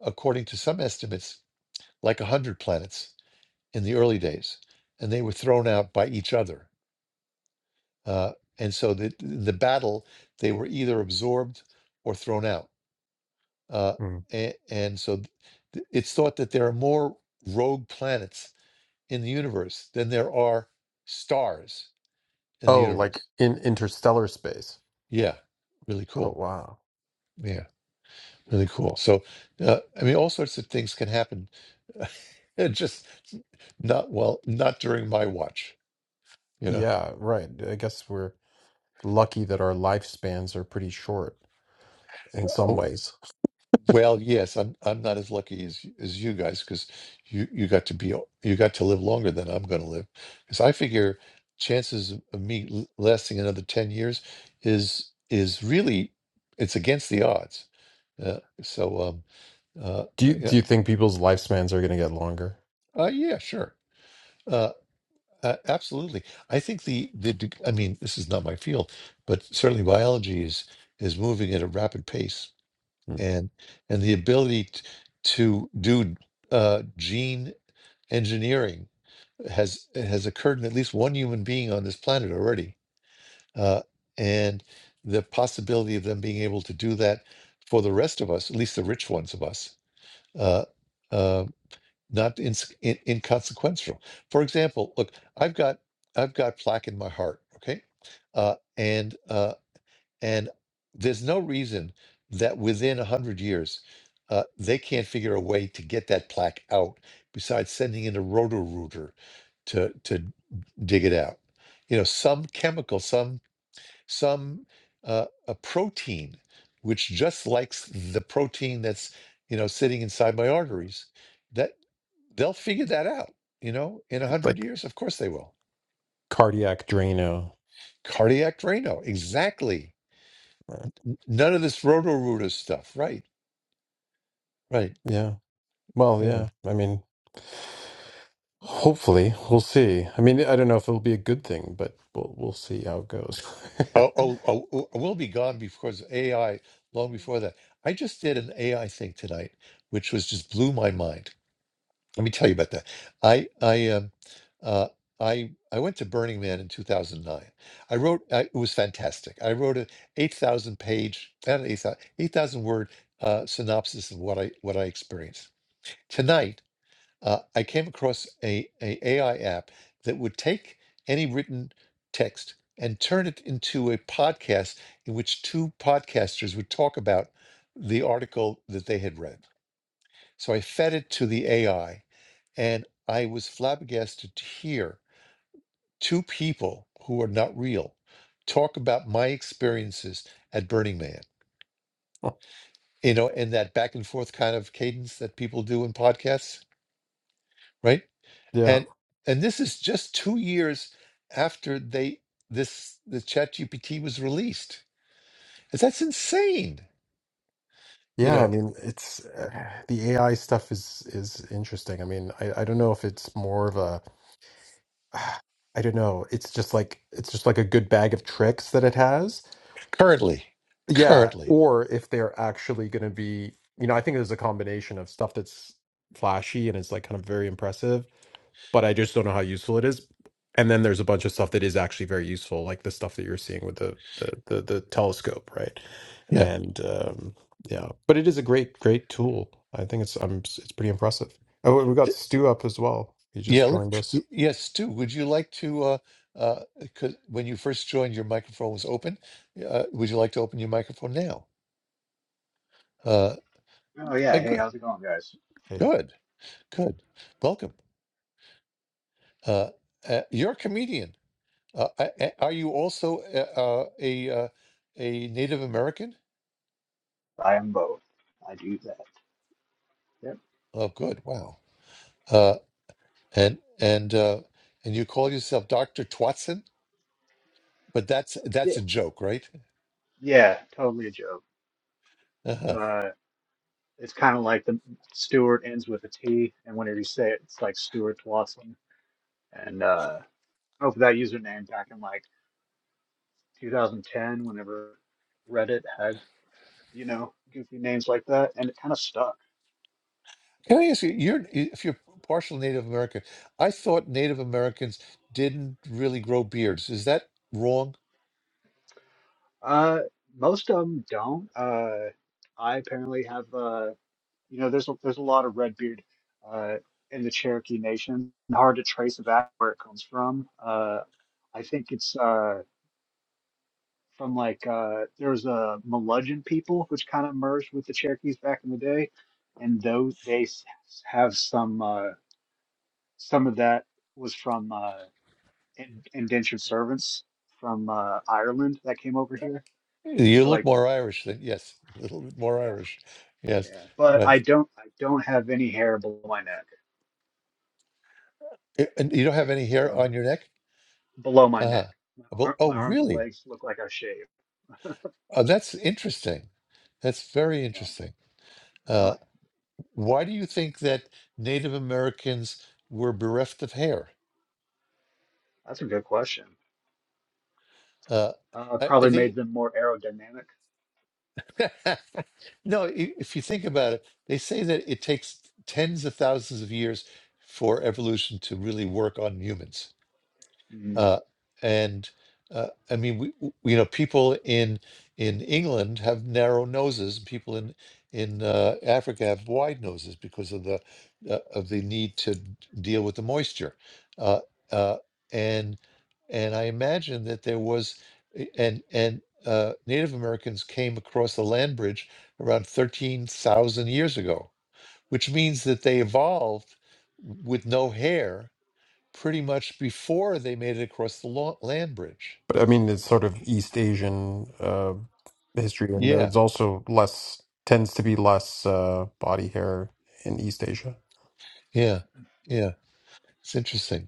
S1: according to some estimates, like a hundred planets in the early days, and they were thrown out by each other. Uh, and so the the battle, they were either absorbed or thrown out Uh,
S3: Mm.
S1: and, and so th- th- it's thought that there are more rogue planets in the universe than there are stars in the
S3: Oh, like
S1: universe.
S3: in interstellar space.
S1: Yeah, really
S3: Oh,
S1: cool.
S3: wow.
S1: Yeah, really cool. So, uh, I mean, all sorts of things can happen. just not well, not during my watch, you know.
S3: Yeah, right. I guess we're lucky that our lifespans are pretty short in some ways.
S1: Well, yes, I'm I'm not as lucky as as you guys because you you got to be you got to live longer than I'm going to live because I figure chances of me l- lasting another ten years is is really it's against the odds. Uh, so um uh
S3: Do you
S1: yeah
S3: do you think people's lifespans are going to get longer?
S1: uh, yeah sure uh, uh absolutely I think the the deg- I mean this is not my field but certainly biology is is moving at a rapid pace
S3: Mm.
S1: and and the ability t- to do uh, gene engineering has has occurred in at least one human being on this planet already, uh, and the possibility of them being able to do that for the rest of us, at least the rich ones of us, uh, uh, not ins- in- inconsequential. For example, look, I've got I've got plaque in my heart, okay, uh, and uh, and there's no reason that within 100 years, uh, they can't figure a way to get that plaque out besides sending in a roto rooter to, to dig it out. You know, some chemical, some, some uh, a protein, which just likes the protein that's, you know, sitting inside my arteries, that they'll figure that out, you know, in
S3: Right,
S1: 100
S3: like
S1: years. Of course they will.
S3: cardiac drano.
S1: Cardiac drano, exactly.
S3: Right.
S1: N- None of this roto rooter stuff, right? Right.
S3: Yeah. Well,
S1: Yeah.
S3: yeah. I mean, hopefully we'll see. I mean, I don't know if it'll be a good thing, but we'll we'll see how it goes.
S1: Oh, oh, oh, oh, we'll be gone before the AI, long before that. I just did an AI thing tonight, which was just blew my mind. Let me tell you about that. I, I, um, uh, I, I went to Burning Man in 2009. I wrote, I, it was fantastic. I wrote an 8,000 page, not 8,000, 8,000 word uh, synopsis of what I, what I experienced. Tonight, uh, I came across a, a AI app that would take any written text and turn it into a podcast in which two podcasters would talk about the article that they had read. So I fed it to the AI, and I was flabbergasted to hear two people who are not real talk about my experiences at Burning Man. You know, in that back and forth kind of cadence that people do in podcasts, right?
S3: Yeah.
S1: and and this is just two years after they this the ChatGPT was released And that's insane you
S3: Yeah, I
S1: know
S3: mean, it's uh, the AI stuff is is interesting. I mean, I I don't know if it's more of a I don't know. It's just like it's just like a good bag of tricks that it has.
S1: currently
S3: Yeah,
S1: currently
S3: or if they're actually going to be, you know, I think there's a combination of stuff that's flashy and is like kind of very impressive but I just don't know how useful it is. And then there's a bunch of stuff that is actually very useful, like the stuff that you're seeing with the the the, the telescope, right?
S1: yeah
S3: And um, yeah, but it is a great great tool. I think it's um it's pretty impressive. Oh, we got Stu up as well. He
S1: yeah
S3: just
S1: let's,
S3: joined us.
S1: y- yes stu would you like to uh uh 'cause when you first joined your microphone was open uh, would you like to open your microphone now uh
S4: Oh
S1: I,
S4: yeah, hey,
S1: good
S4: how's it going, guys?
S3: Hey,
S1: good good welcome uh, uh you're a comedian uh, I- I- are you also uh, uh, a uh, a native american
S4: I am both. I do that. Yep.
S1: Oh, good. Wow. Uh, and and uh, and you call yourself Doctor Twatson, but that's
S4: Yeah,
S1: that's a joke, right?
S4: yeah, totally a joke.
S1: Uh-huh.
S4: So, uh, it's kind of like the Stewart ends with a T, and whenever you say it, it's like Stewart Watson. And uh, oh, for that username back in like 2010, whenever Reddit had you know goofy names like that, and it kind of stuck.
S1: Can I ask you? You're if you're partial Native American. I thought Native Americans didn't really grow beards. Is that wrong?
S4: Uh, most of them don't. Uh, I apparently have. Uh, You know, there's a, there's a lot of Redbeard uh, in the Cherokee Nation. Hard to trace back where it comes from. Uh, I think it's uh, from like uh, there was a Melugeon people which kind of merged with the Cherokees back in the day, and though they s- have some uh, some of that was from uh, in- indentured servants from uh, Ireland that came over here
S1: You
S4: to
S1: look
S4: like
S1: more Irish than yes, a little bit more
S4: yeah
S1: Irish. Yes,
S4: yeah. But I
S1: right.
S4: don't I don't have any hair below my neck,
S1: A- And you don't have any hair
S4: so.
S1: on your neck.
S4: below my
S1: Uh-huh.
S4: neck. My,
S1: Well,
S4: arm,
S1: oh,
S4: my arms and
S1: really?
S4: legs look like I shaved.
S1: Oh, that's interesting. That's very
S4: Oh,
S1: interesting. Uh,
S4: no,
S1: Why do you think that Native Americans were bereft of hair?
S4: that's a good question.
S1: Uh,
S4: Uh,
S1: I, I,
S4: probably
S1: they,
S4: made them more aerodynamic.
S1: no, i- if you think about it, they say that it takes tens of thousands of years for evolution to really work on humans.
S4: Mm,
S1: uh, and uh, I mean, we, w- you know, people in in England have narrow noses, and people in in uh, Africa have wide noses because of the uh, of the need to d- deal with the moisture, uh, uh, and and I imagine that there was a- and and uh, Native Americans came across the land bridge around thirteen thousand years ago, which means that they evolved with no hair pretty much before they made it across the lo- land bridge.
S3: but I mean, it's sort of East Asian uh, history, and
S1: Yeah,
S3: there's also less tends to be less uh, body hair in East Asia.
S1: yeah, yeah. It's interesting.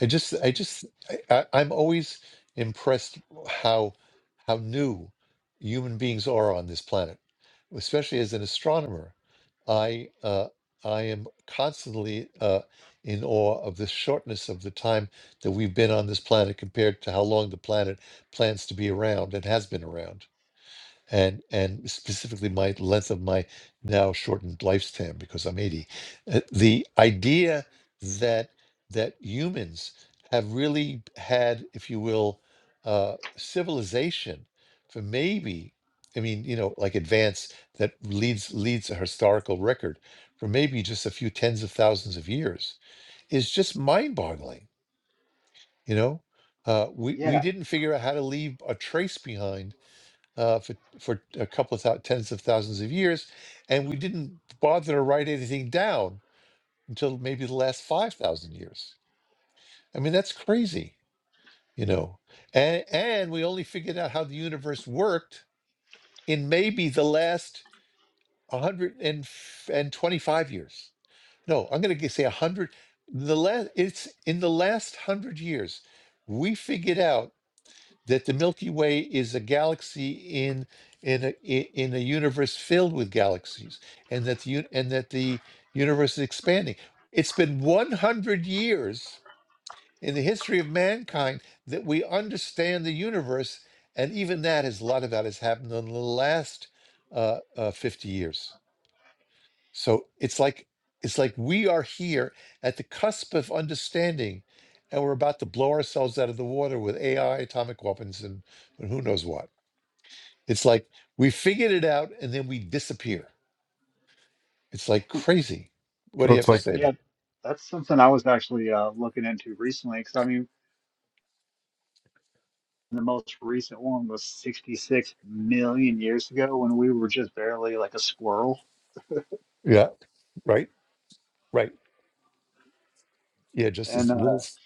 S1: I just, I just, I, I, I'm always impressed how how new human beings are on this planet, especially as an astronomer. I uh, I am constantly uh, in awe of the shortness of the time that we've been on this planet compared to how long the planet plans to be around and has been around. and and specifically my length of my now shortened lifespan because I'm 80. Uh, The idea that that humans have really had, if you will, uh, civilization for maybe, I mean, you know, like advance that leads leads a historical record for maybe just a few tens of thousands of years is just mind-boggling. You know, uh, we we
S4: yeah,
S1: didn't figure out how to leave a trace behind uh, for for a couple of thou- tens of thousands of years, and we didn't bother to write anything down until maybe the last five thousand years. I mean, that's crazy, you know. And and we only figured out how the universe worked in maybe the last a hundred and twenty five years. No, I'm going to say a hundred. The last it's in the last one hundred years, we figured out. that the Milky Way is a galaxy in in a i- in a universe filled with galaxies, and that the uni- and that the universe is expanding. It's been 100 years in the history of mankind that we understand the universe, and even that is a lot of that has happened in the last uh, uh, 50 years. So it's like it's like we are here at the cusp of understanding, and we're about to blow ourselves out of the water with AI, atomic weapons, and, and who knows what. It's like we figured it out and then we disappear. It's like crazy. What
S3: So
S1: do you have
S3: it's
S1: to
S4: that's
S1: say
S4: yeah,
S1: about
S4: that's something I was actually uh, looking into recently. Because I mean, the most recent one was 66 million years ago when we were just barely like a squirrel,
S1: it? Yeah, right, right. Yeah, just
S4: and.
S1: as
S4: uh,
S1: little. s-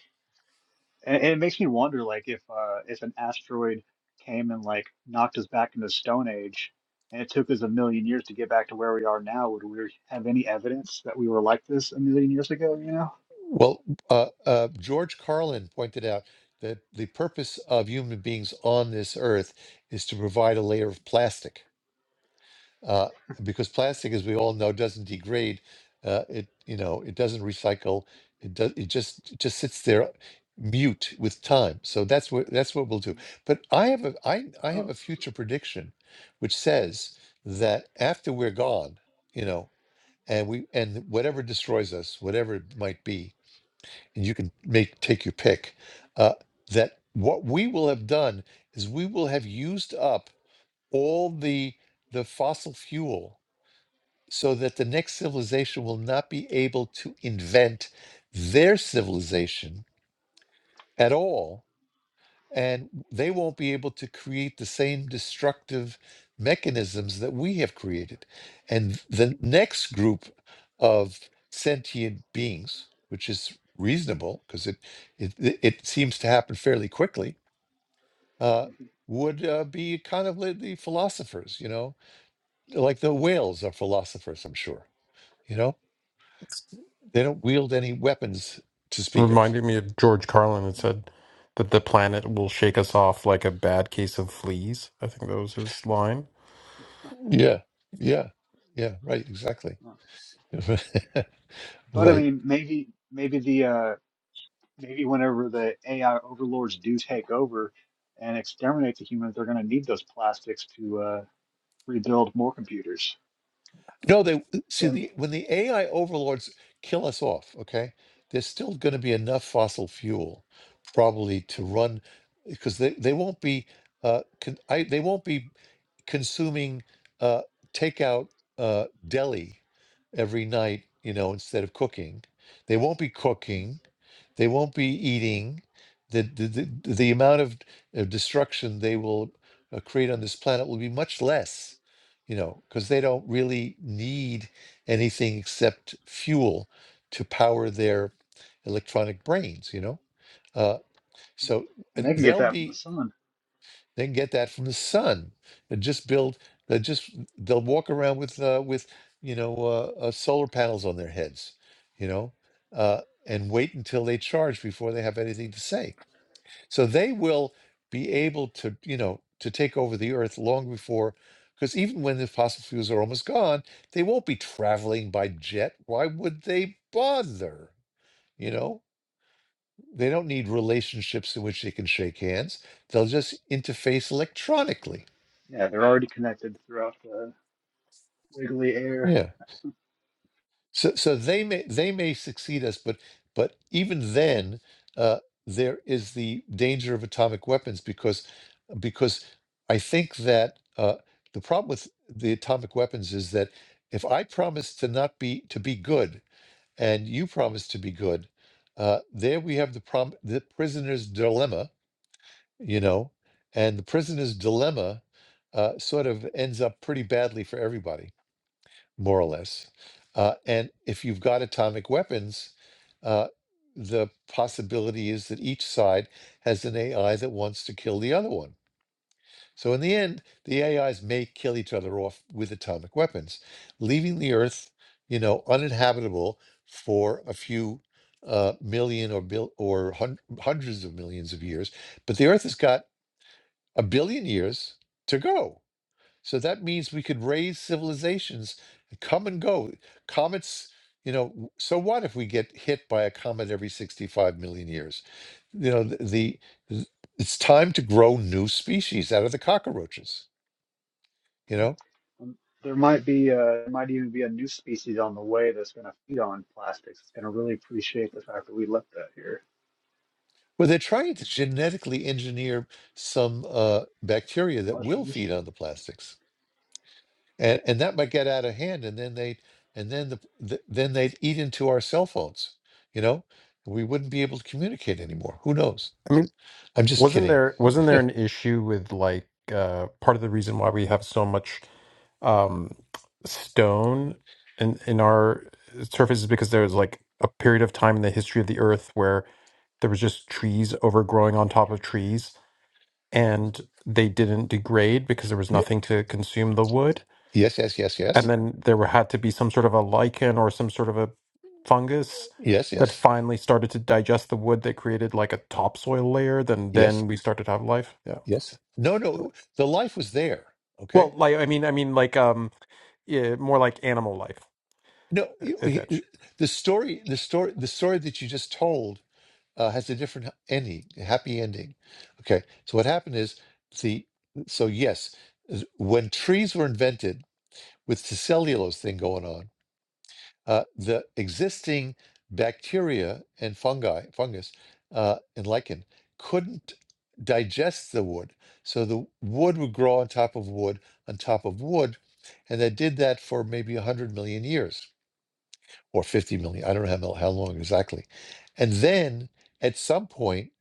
S4: And, and it makes me wonder, like, if uh, if an asteroid came and like knocked us back into the Stone Age, and it took us a million years to get back to where we are now, would we have any evidence that we were like this a million years ago? You know?
S1: Well, uh, uh, George Carlin pointed out that the purpose of human beings on this earth is to provide a layer of plastic uh, because plastic, as we all know, doesn't degrade. Uh, it you know it doesn't recycle. It does. It just it just sits there, mute with time. So that's what that's what we'll do. But I have a I I have
S4: Oh,
S1: a future prediction, which says that after we're gone, you know, and we and whatever destroys us, whatever it might be, and you can make take your pick, uh, that what we will have done is we will have used up all the the fossil fuel so that the next civilization will not be able to invent their civilization at all. And they won't be able to create the same destructive mechanisms that we have created. And the next group of sentient beings, which is reasonable because it, it it it seems to happen fairly quickly, uh, would uh, be kind of like the philosophers, you know, like the whales are philosophers, I'm sure, you know
S3: like
S1: They don't wield any weapons to speak of.
S3: Reminded me of George Carlin that said that the planet will shake us off like a bad case of fleas. I think that was his line.
S1: Yeah, yeah, yeah. Right, exactly.
S4: well, But I
S1: right.
S4: mean, maybe maybe the uh, maybe whenever the AI overlords do take over and exterminate the humans, they're going to need those plastics to uh, rebuild more computers,
S1: No, they see
S4: and,
S1: the when the AI overlords kill us off, okay? There's still going to be enough fossil fuel probably to run because they, they won't be uh con, I, they won't be consuming uh takeout uh deli every night, you know, instead of cooking. They won't be cooking. They won't be eating. The the the, the amount of uh, destruction they will uh, create on this planet will be much less you know, because they don't really need anything except fuel to power their electronic brains, you know. Uh, so uh,
S4: and they can get
S1: they'll
S4: that from the
S1: be
S4: sun.
S1: they can get that from the sun They just build. They just they'll walk around with uh, with you know uh, uh, solar panels on their heads, you know, uh, and wait until they charge before they have anything to say so they will be able to, you know, to take over the earth long before, because even when the fossil fuels are almost gone, they won't be traveling by jet. Why would they bother? You know, they don't need relationships in which they can shake hands. They'll just interface electronically.
S4: Yeah, they're already connected throughout the wiggly air.
S1: Yeah. So, so they may they may succeed us, but but even then, uh, there is the danger of atomic weapons because because I think that uh, the problem with the atomic weapons is that if I promise to not be to be good and you promise to be good, uh, there we have the prom the prisoner's dilemma, you know, and the prisoner's dilemma uh, sort of ends up pretty badly for everybody more or less. Uh, and if you've got atomic weapons, uh, the possibility is that each side has an AI that wants to kill the other one. So in the end, the AIs may kill each other off with atomic weapons, leaving the Earth, you know, uninhabitable for a few uh, million or bill or hun- hundreds of millions of years. But the Earth has got a billion years to go. So that means we could raise civilizations that come and go. Comets, you know, so what if we get hit by a comet every 65 million years? You know, th- the, th- it's time to grow new species out of the cockroaches, you know?
S4: Um, there might be uh there might even be a new species on the way that's going to feed on plastics. It's going to really appreciate the fact that we left that here.
S1: Well, they're trying to genetically engineer some uh, bacteria that will feed
S4: Mushrooms.
S1: on the plastics. And, and that might get out of hand, and then they and then the, the then they'd eat into our cell phones, you know, we wouldn't be able to communicate anymore. Who knows?
S3: I mean,
S1: I'm just
S3: wasn't
S1: kidding.
S3: there wasn't there an issue with like uh, part of the reason why we have so much um, stone in in our surface is because there was like a period of time in the history of the Earth where there was just trees overgrowing on top of trees and they didn't degrade because there was
S1: Y-
S3: nothing to consume the wood
S1: Yes, yes, yes, yes.
S3: and then there had to be some sort of a lichen or some sort of a fungus
S1: Yes,
S3: that
S1: yes,
S3: finally started to digest the wood that created like a topsoil layer then
S1: yes,
S3: then we started to have life yeah
S1: yes. No, no, the life was there. Okay.
S3: well like i mean i mean like um yeah, more like animal life
S1: No,
S3: e-
S1: you- he- uh,
S3: eventually
S1: the story, the story, the story that you just told uh, has a different ending, a happy ending. Okay. So what happened is the, so yes, when trees were invented with the cellulose thing going on, uh, the existing bacteria and fungi, fungus, uh, and lichen couldn't digest the wood. So the wood would grow on top of wood, on top of wood. And they did that for maybe 100 million years or 50 million. I don't know how, mil- how long exactly. And then at some point,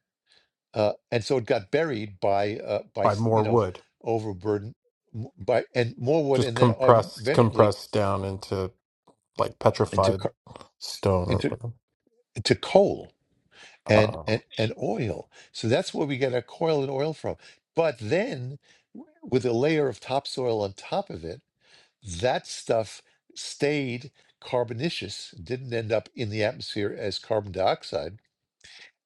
S1: uh, and so it got buried by, uh, by
S3: by
S1: s- you
S3: more
S1: know,
S3: wood
S1: overburden m- by and more wood,
S3: Just
S1: and then uh,
S3: compressed,
S1: eventually
S3: compressed down into like
S1: into
S3: petrified
S1: co-
S3: stone or
S1: into
S3: whatever.
S1: into coal and and
S3: Oh.
S1: and oil. So that's where we get our coil and oil from. But then, w- with a layer of topsoil on top of it, that stuff stayed carbonaceous, didn't end up in the atmosphere as carbon dioxide.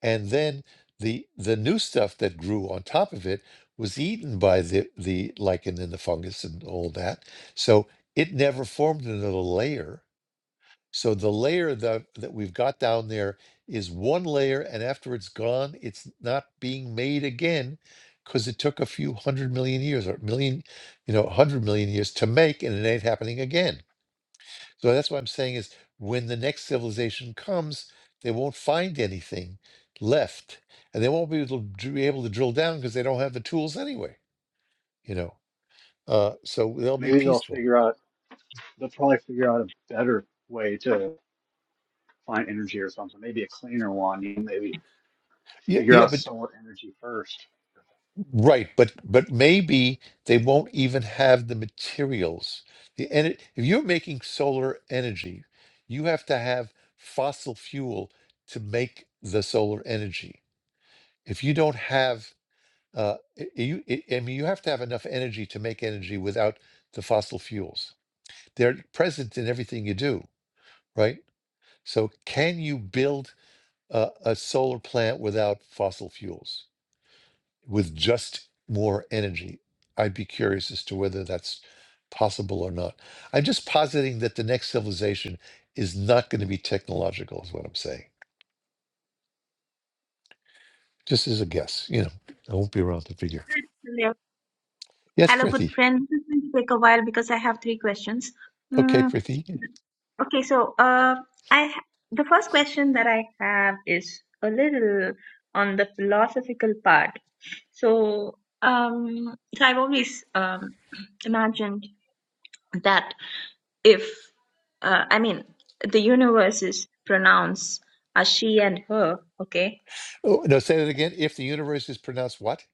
S1: And then the the new stuff that grew on top of it was eaten by the the lichen and the fungus and all that. So it never formed another layer so the layer that, that we've got down there is one layer, and after it's gone, it's not being made again because it took a few hundred million years or million, you know, hundred million years to make, and it ain't happening again. So that's what I'm saying is when the next civilization comes, they won't find anything left, and they won't be able to, dr- be able to drill down because they don't have the tools anyway, you know. Uh, so they'll be
S4: Maybe they'll
S1: peaceful.
S4: figure out. They'll probably figure out a better way to find energy or something. Maybe a cleaner one. You know, Maybe
S1: Yeah,
S4: figure
S1: yeah,
S4: out
S1: but
S4: solar energy first.
S1: Right, but but maybe they won't even have the materials. The ener- if you're making solar energy, you have to have fossil fuel to make the solar energy. If you don't have, uh, i- i- you i I mean, you have to have enough energy to make energy without the fossil fuels. They're present in everything you do, right? So, can you build a, a solar plant without fossil fuels? with just more energy. I'd be curious as to whether that's possible or not. I'm just positing that the next civilization is not going to be technological, is what I'm saying. Just as a guess, you know, I won't be around to figure.
S5: Hello,
S1: Yes,
S5: Hello, good
S1: Prithi.
S5: friend. This is going to take a while because I have three questions.
S1: Okay,
S5: Mm,
S1: Prithi.
S5: okay, so uh, I ha- the first question that I have is a little on the philosophical part. So, um, so I've always um, imagined that if uh, I mean the universe is pronounced as she and her, okay,
S1: Oh, no, say that again. If the universe is pronounced what?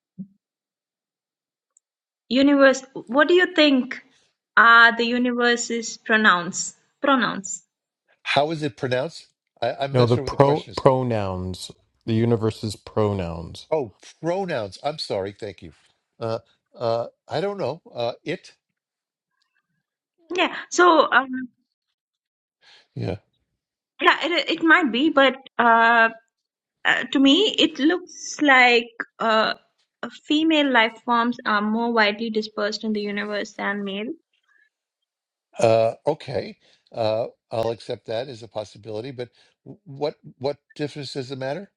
S5: universe. What do you think are the universe's pronouns? Pronouns.
S1: How is it pronounced? I, I'm
S3: No,
S1: not
S3: the
S1: sure what the
S3: pro
S1: question is.
S3: pronouns, the universe's pronouns.
S1: Oh, pronouns. I'm sorry. Thank you. Uh, uh, I don't know. Uh, it.
S5: Yeah, so um,
S1: Yeah.
S5: yeah, it, it might be, but uh, uh, to me, it looks like uh, female life forms are more widely dispersed in the universe than male.
S1: Uh, okay, uh, I'll accept that as a possibility. But w- what what difference does it matter?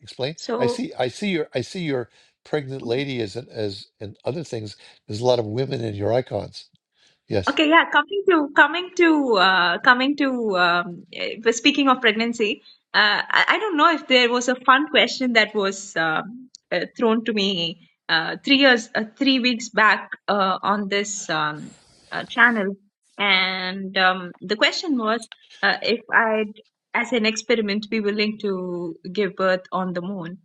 S1: Explain. I
S5: So
S1: see. I see your. I see your pregnant lady as an, as and other things. There's a lot of women in your icons. Yes.
S5: Okay, yeah, coming to coming to uh, coming to um, eh, speaking of pregnancy, uh, I, I don't know if there was a fun question that was um uh, thrown to me uh, three years uh, three weeks back uh, on this um, uh, channel, and um, the question was uh, if I'd, as an experiment, be willing to give birth on the moon,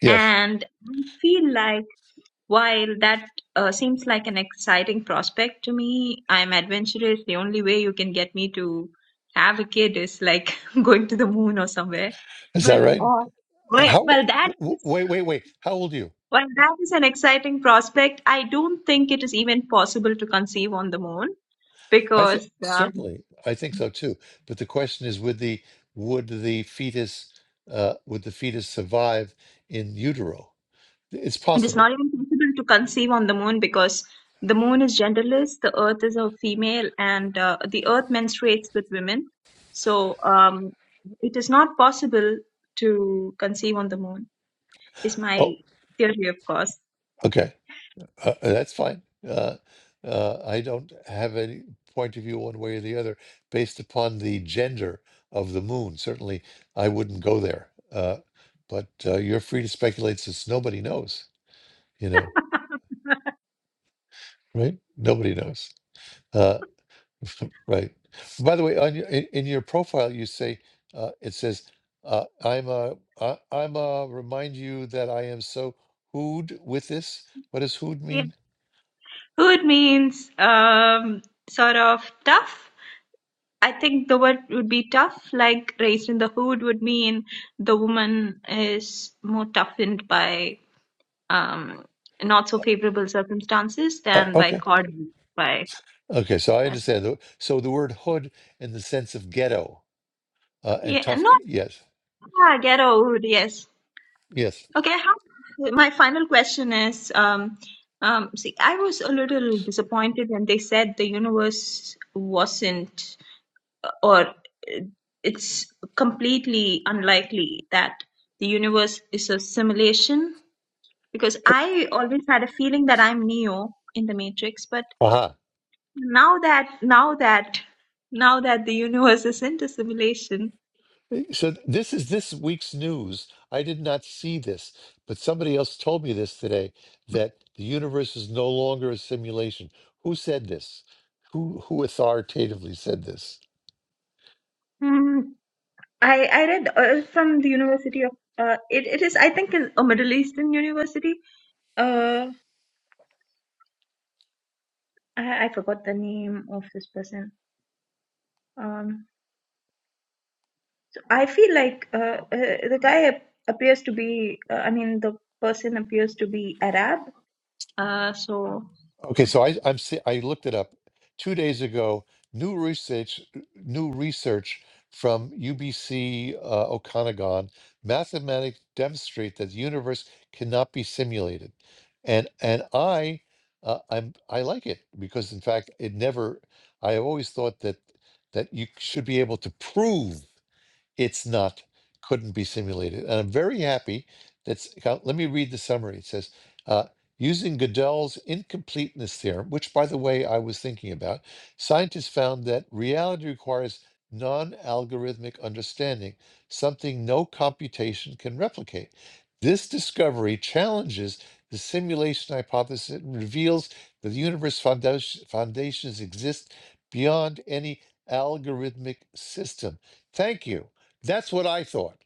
S1: Yes.
S5: and I feel like. While that uh, seems like an exciting prospect to me, I'm adventurous. The only way you can get me to have a kid is like going to the moon or somewhere.
S1: Is that
S5: But
S1: right?
S5: uh, well,
S1: How? o-
S5: well, that
S1: w- w-
S5: is
S1: Wait. Wait. Wait. How old are you?
S5: well, that is an exciting prospect. I don't think it is even possible to conceive on the moon
S1: I think
S5: because um,
S1: certainly. I think so too. But the question is, would the would the fetus uh, would the fetus survive in utero? It's
S5: It is
S1: possible.
S5: not even possible to conceive on the moon because the moon is genderless, the earth is a female, and uh, the earth menstruates with women. So um, it is not possible to conceive on the moon, is my
S1: Oh.
S5: theory, of course.
S1: Okay. Uh, uh, that's fine. Uh, uh, I don't have any point of view one way or the other based upon the gender of the moon. Certainly, I wouldn't go there. Uh, but uh, you're free to speculate since nobody knows, you know, right? Nobody knows. Uh, right. By the way, on your, in, in your profile, you say, uh, it says, uh, I'm a, I, I'm a, remind you that I am so hooed with this. What does hooed
S5: Yeah.
S1: mean?
S5: Hood means um, sort of tough. I think the word would be tough, like raised in the hood would mean the woman is more toughened by um, not so favorable circumstances
S1: Uh,
S5: than
S1: okay.
S5: by cord by
S1: Okay, so I
S5: yes.
S1: understand. The- So the word hood in the sense of ghetto uh, and
S5: yeah
S1: tough.
S5: not
S1: g- Yes,
S5: yeah, get old yes
S1: yes.
S5: okay how, my final question is um, um, see I was a little disappointed when they said the universe wasn't uh, or uh, it's completely unlikely that the universe is a simulation because I always had a feeling that I'm Neo in the Matrix but
S1: Uh-huh.
S5: Now that, now that, now that the universe is into simulation,
S1: So th- this is this week's news. I did not see this, but somebody else told me this today that the universe is no longer a simulation. Who said this? Who who authoritatively said this?
S5: Hmm. I I read uh, from the University of uh, it it is I think is a Middle Eastern university. Uh, I I forgot the name of this person. Um, so I feel like uh, uh, the guy ap- appears to be uh, I mean the person appears to be Arab. Uh, so.
S1: Okay, so I, I'm se- I looked it up two days ago. New research, new research from UBC uh, Okanagan, mathematics demonstrate that the universe cannot be simulated, and and I, uh, I'm I like it because in fact it never. I always thought that that you should be able to prove. It's not, couldn't be simulated. And I'm very happy that's, uh, let me read the summary. It says, uh, using Gödel's incompleteness theorem, which by the way, I was thinking about, scientists found that reality requires non-algorithmic understanding, something no computation can replicate. This discovery challenges the simulation hypothesis and reveals that the universe foundation, foundations exist beyond any algorithmic system. Thank you. That's what I thought.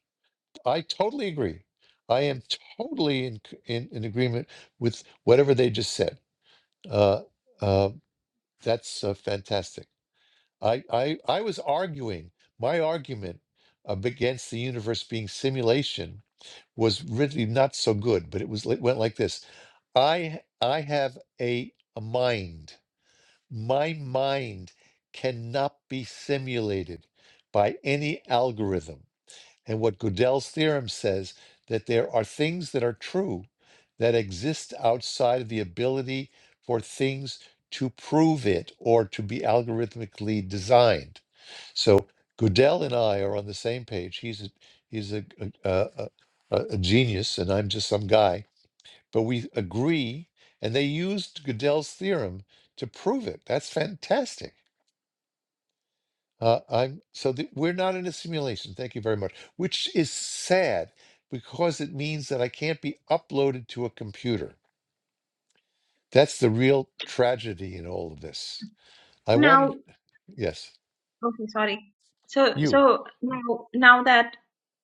S1: I totally agree. I am totally in in, in agreement with whatever they just said. Uh, uh, that's uh, fantastic. I, I I was arguing my argument uh, against the universe being simulation was really not so good, but it was it went like this. I I have a, a mind. My mind cannot be simulated by any algorithm. And what Gödel's theorem says that there are things that are true that exist outside of the ability for things to prove it or to be algorithmically designed. So Gödel and I are on the same page. He's a, he's a, a, a, a a genius, and I'm just some guy. But we agree, and they used Gödel's theorem to prove it. That's fantastic. Uh, I'm so th- we're not in a simulation. Thank you very much, which is sad because it means that I can't be uploaded to a computer. That's the real tragedy in all of this. I
S5: now.
S1: wanted, yes,
S5: Okay, sorry. So,
S1: you.
S5: so now, now that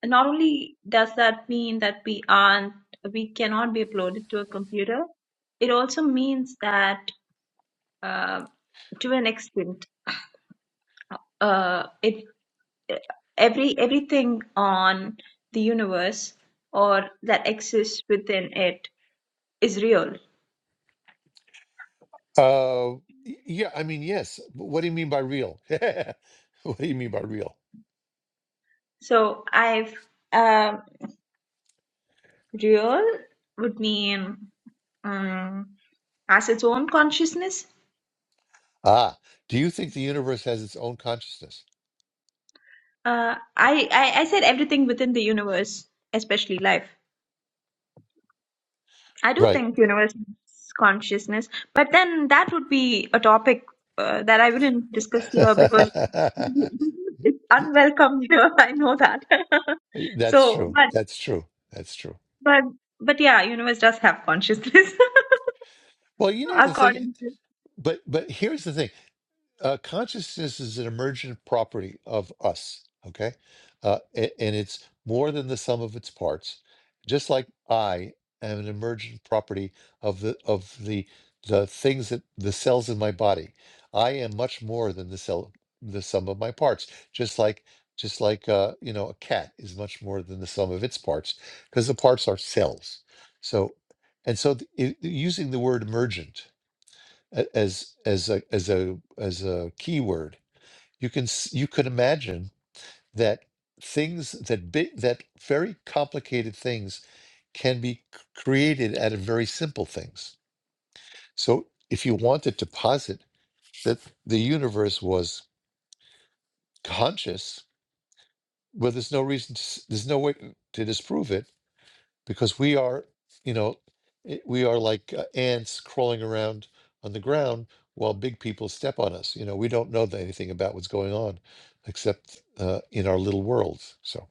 S5: not only does that mean that we aren't, we cannot be uploaded to a computer, it also means that uh, to an extent, uh, it every everything on the universe or that exists within it is real.
S1: Uh, y- yeah, I mean, yes. but What do you mean by real? What do you mean by real?
S5: So I've um, real would mean um, has its own consciousness
S1: Ah, do you think the universe has its own consciousness?
S5: Uh, I, I I said everything within the universe, especially life. I do
S1: Right.
S5: think universe is consciousness, but then that would be a topic uh, that I wouldn't discuss here because it's
S1: Y-
S5: unwelcome here. I know that.
S1: That's
S5: so,
S1: true.
S5: but
S1: That's true. That's true.
S5: but but yeah, universe does have consciousness
S1: Well, you know the thing,
S5: according
S1: but but here's the thing. uh, consciousness is an emergent property of us okay uh, a- and it's more than the sum of its parts just like i am an emergent property of the of the the things that the cells in my body i am much more than the cell the sum of my parts just like just like uh, you know a cat is much more than the sum of its parts because the parts are cells so and so th- i- using the word emergent a- as as a as a as a keyword you can s- you could imagine that things that big that very complicated things can be c- created out of very simple things so if you wanted to posit that the universe was conscious well there's no reason to, s- there's no way to disprove it because we are, you know, i- we are like uh, ants crawling around on the ground while big people step on us. You know, we don't know anything about what's going on except uh, in our little worlds. So,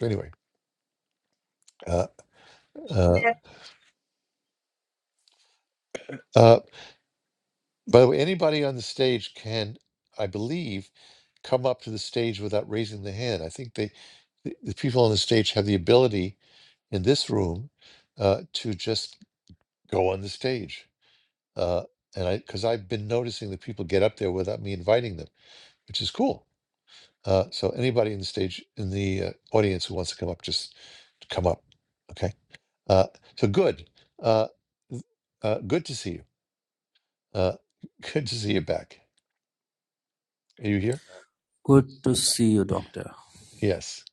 S1: anyway, uh,
S5: to
S1: uh, uh, by the way, anybody on the stage can, I believe, come up to the stage without raising the hand. I think they, the, the people on the stage have the ability in this room uh, to just go on the stage uh, and I because I've been noticing that people get up there without me inviting them, which is cool. Uh, so anybody in the stage in the uh, audience who wants to come up, just come up. Okay. Uh, so good. Uh, th- uh, good to see you. Uh, good to see you back. Are you here?
S6: Good to see you, Doctor.
S1: Yes.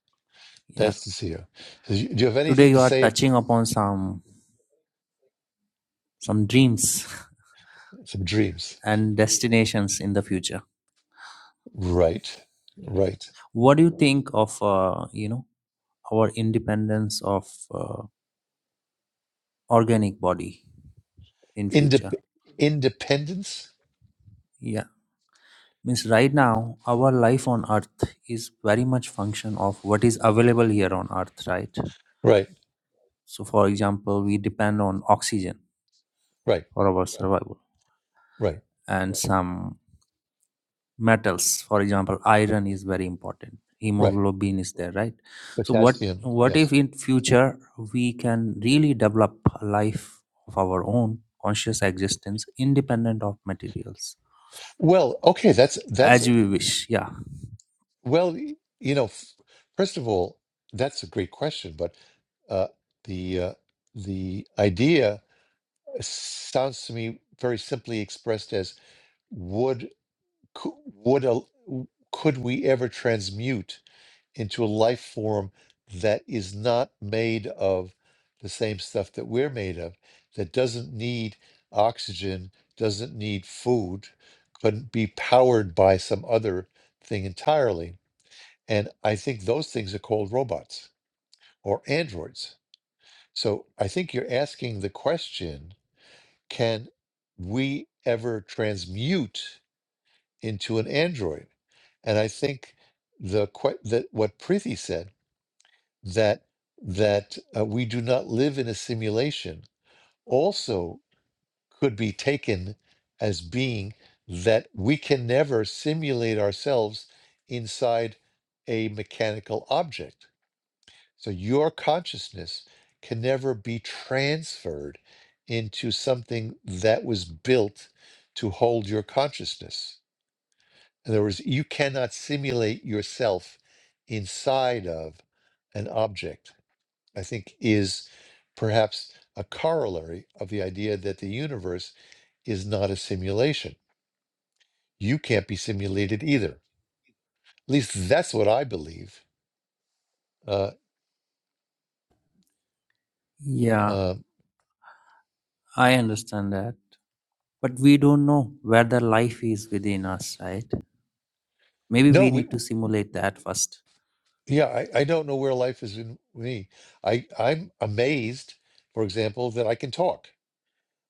S6: Yeah.
S1: Nice to see you. So you- do you have
S6: Today
S1: anything
S6: you
S1: to
S6: are
S1: say? ab-
S6: touching upon some some dreams
S1: Some dreams.
S6: and destinations in the future.
S1: Right. Right.
S6: What do you think of uh, you know our independence of uh, organic body in future?
S1: Indep- independence.
S6: Yeah. Means right now our life on earth is very much function of what is available here on earth, right?
S1: Right.
S6: So for example, we depend on oxygen
S1: Right.
S6: for our survival
S1: Right.
S6: and some metals for example iron is very important
S1: Right.
S6: hemoglobin is there right so what
S1: Potassium.
S6: what
S1: Yes.
S6: if in future we can really develop a life of our own conscious existence independent of materials
S1: Well, okay, that's that's
S6: as we wish yeah
S1: well, y- you know, f- first of all, that's a great question, but uh, the uh, the idea sounds to me very simply expressed as would cou- would a, could we ever transmute? into a life form that is not made of the same stuff that we're made of, that doesn't need oxygen, doesn't need food, couldn't be powered by some other thing entirely. And I think those things are called robots or androids. So I think you're asking the question can we ever transmute into an android? And I think the que- that what Prithi said that that uh, we do not live in a simulation also could be taken as being that we can never simulate ourselves inside a mechanical object so your consciousness can never be transferred into something that was built to hold your consciousness in other words you cannot simulate yourself inside of an object I think is perhaps a corollary of the idea that the universe is not a simulation. You can't be simulated either. At least that's what I believe. Uh,
S6: yeah
S1: um,
S6: i understand that but we don't know whether life is within us right maybe
S1: no,
S6: we
S1: we,
S6: need to simulate that first
S1: yeah, I, I don't know where life is in me. I, I'm amazed, for example, that I can talk.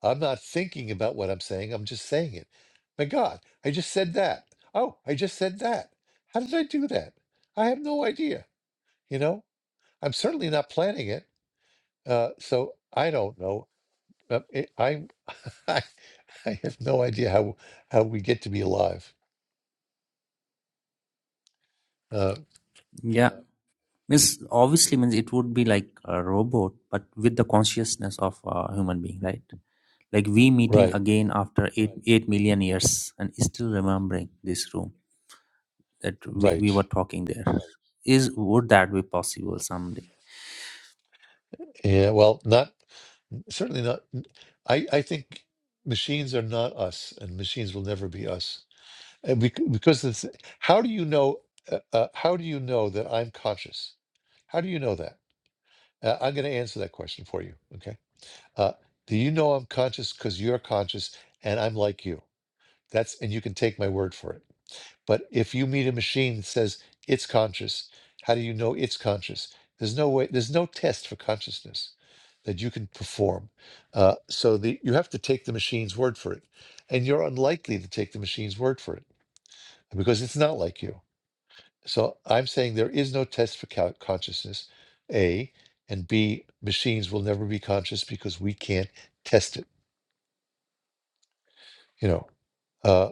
S1: I'm not thinking about what I'm saying, I'm just saying it. My God, I just said that. Oh, I just said that. How did I do that? I have no idea. You know, I'm certainly not planning it. Uh, so I don't know. Uh, it, I, I I have no idea how how we get to be alive. Uh,
S6: yeah means obviously means it would be like a robot but with the consciousness of a human being right like we meeting
S1: right,
S6: again after 8 8 million years and still remembering this room that we, we
S1: right.
S6: were talking there is would that be possible someday
S1: Yeah. Well, not certainly not. I I think machines are not us, and machines will never be us. And bec- because this, how do you know? Uh, uh, how do you know that I'm conscious? How do you know that? Uh, I'm going to answer that question for you. Okay. Uh, do you know I'm conscious because you're conscious and I'm like you? That's and you can take my word for it But if you meet a machine that says it's conscious, how do you know it's conscious? There's no way. There's no test for consciousness that you can perform. Uh, so the you have to take the machine's word for it, and you're unlikely to take the machine's word for it because it's not like you. So I'm saying there is no test for co- consciousness. A and B, machines will never be conscious because we can't test it. You know, uh,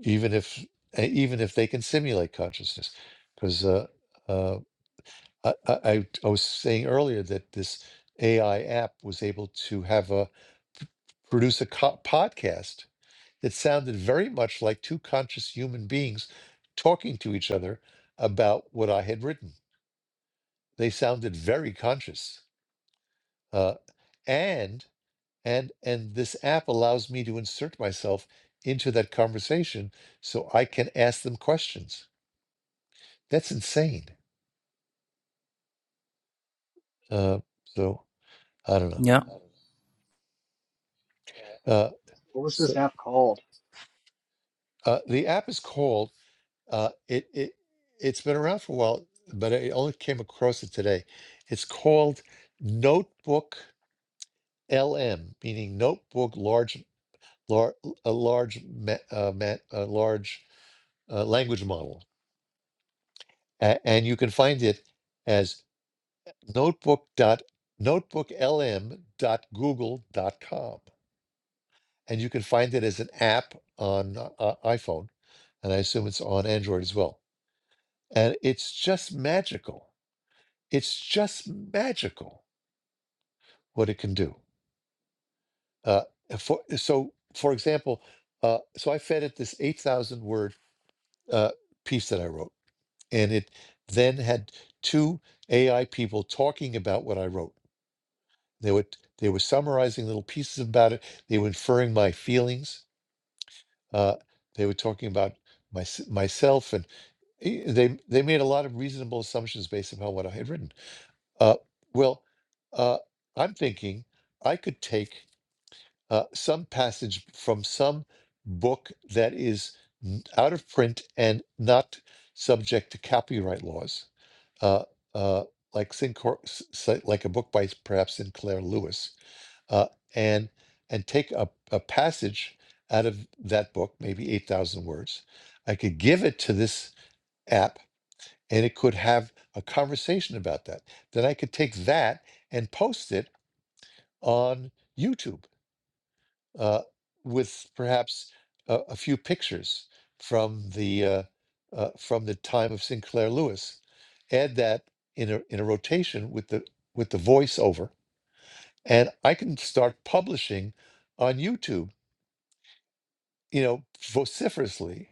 S1: even if uh, even if they can simulate consciousness, because. I, I, I I was saying earlier that this AI app was able to have a p- produce a co- podcast that sounded very much like two conscious human beings talking to each other about what I had written. They sounded very conscious, uh, and and and this app allows me to insert myself into that conversation so I can ask them questions. That's insane. Uh, so I don't know.
S6: yeah
S1: Uh,
S4: What was
S1: so
S4: this app called?
S1: Uh, the app is called. Uh, it it it's been around for a while, but I only came across it today. It's called Notebook LM, meaning Notebook Large lar, a large ma, uh, ma, a large uh, language model, A- and you can find it as notebook dot dot dot google dot com, and you can find it as an app on uh, iPhone, and I assume it's on Android as well. And it's just magical. It's just magical what it can do. Uh, uh, for, uh, so, for example, uh, so I fed it this 8,000 word uh, piece that I wrote, and it then had two AI people talking about what I wrote. They were they were summarizing little pieces about it. They were inferring my feelings. Uh, they were talking about my, myself, and eh, they they made a lot of reasonable assumptions based upon what I had written Uh, well, uh, I'm thinking I could take uh, some passage from some book that is n- out of print and not subject to copyright laws, uh, uh, like Sincor, s- s- like a book by perhaps Sinclair Lewis, uh, and and take a, a passage out of that book, maybe eight thousand words. I could give it to this app and it could have a conversation about that. Then I could take that and post it on YouTube uh, with perhaps a, a few pictures from the uh, uh, from the time of Sinclair Lewis. Add that in a in a rotation with the with the voiceover, and I can start publishing on YouTube you know, vociferously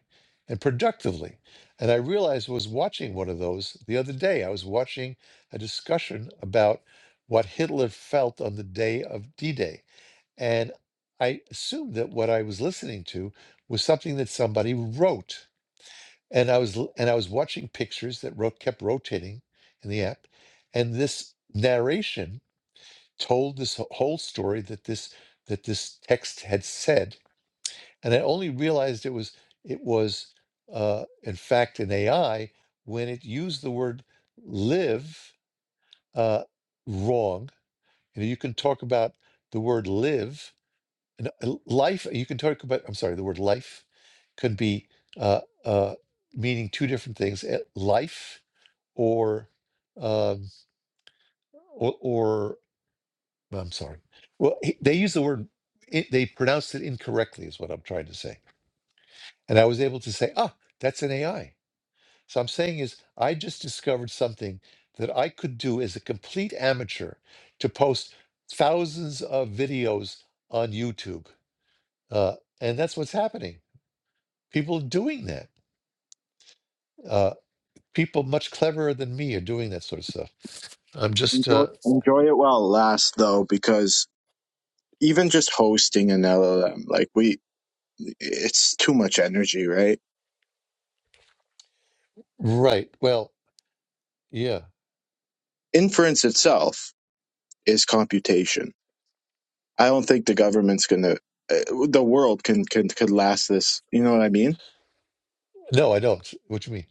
S1: and productively. And I realized I was watching one of those the other day. I was watching a discussion about what Hitler felt on the day of D Day. And I assumed that what I was listening to was something that somebody wrote. And I was l- and I was watching pictures that wrote, kept rotating in the app. And this narration told this wh- whole story that this that this text had said and I only realized it was it was uh, in fact an AI when it used the word live uh, wrong. You know, you can talk about the word live and uh, life. You can talk about I'm sorry, the word life could be uh, uh, meaning two different things: eh, life or um, or, or I'm sorry. Well, he- they use the word. It, they pronounced it incorrectly, is what I'm trying to say. And I was able to say, ah, that's an AI So I'm saying is I just discovered something that I could do as a complete amateur to post thousands of videos on YouTube. Uh, and that's what's happening. People are doing that. Uh, people much cleverer than me are doing that sort of stuff. I'm just
S7: Enjoy
S1: uh,
S7: enjoy it while it lasts though, because even just hosting an LLM, like we it's too much energy, right?
S1: right. Well, yeah.
S7: Inference itself is computation. I don't think the government's gonna uh, the world can can could last this. You know what I mean?
S1: No, I don't. What you mean?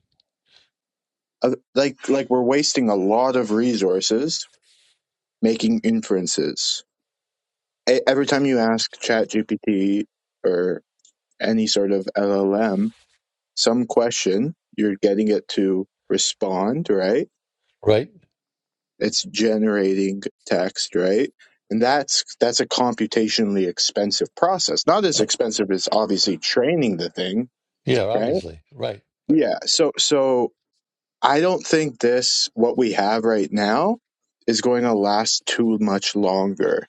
S7: Uh, Like like we're wasting a lot of resources making inferences. E- Every time you ask ChatGPT or any sort of LLM some question, you're getting it to respond, right?
S1: Right?
S7: it's generating text, right? And that's that's a computationally expensive process. Not as
S1: Uh,
S7: expensive as obviously training the thing,
S1: yeah,
S7: right?
S1: obviously. Right. But
S7: Yeah. So so I don't think this what we have right now is going to last too much longer.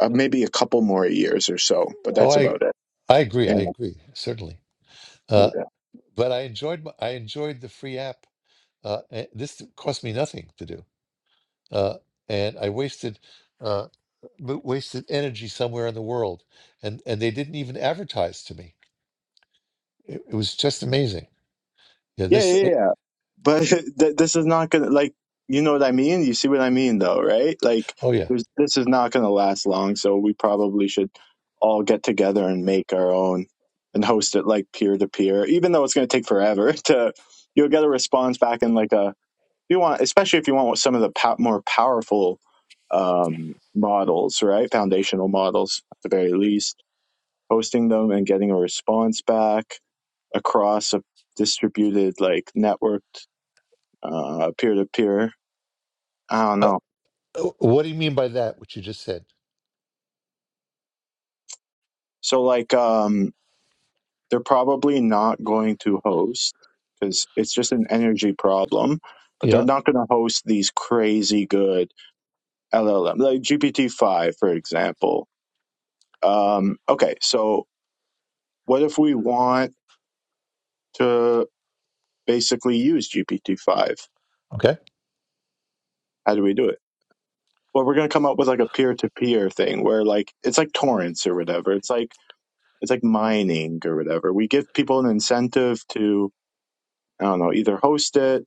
S7: Uh, maybe a couple more years or so, but
S1: oh,
S7: that's
S1: I
S7: about it.
S1: I agree. I
S7: Yeah,
S1: agree. Certainly. Uh,
S7: yeah,
S1: but I enjoyed my, I enjoyed the free app Uh, and this cost me nothing to do, uh, and I wasted uh, w- wasted energy somewhere in the world, and and they didn't even advertise to me. It, it was just amazing. Yeah,
S7: yeah.
S1: this. eh,
S7: yeah. but th- this is not gonna like you know what i mean you see what i mean though right like
S1: oh yeah.
S7: there's, this is not gonna last long so we probably should all get together and make our own and host it like peer to peer even though it's gonna take forever to you'll get a response back in like a if you want especially if you want some of the pow- more powerful um models right foundational models at the very least hosting them and getting a response back across a distributed like networked uh peer to peer. I don't
S1: Uh,
S7: know.
S1: uh, what do you mean by that? What you just said?
S7: So like um they're probably not going to host because it's just an energy problem, but they're
S1: Yeah.
S7: not going to host these crazy good LLM like GPT five for example. Um, okay, so what if we want to basically use GPT five?
S1: Okay.
S7: How do we do it? Well, we're going to come up with like a peer to peer thing where like it's like torrents or whatever. It's like it's like mining or whatever. We give people an incentive to I don't know, either host it,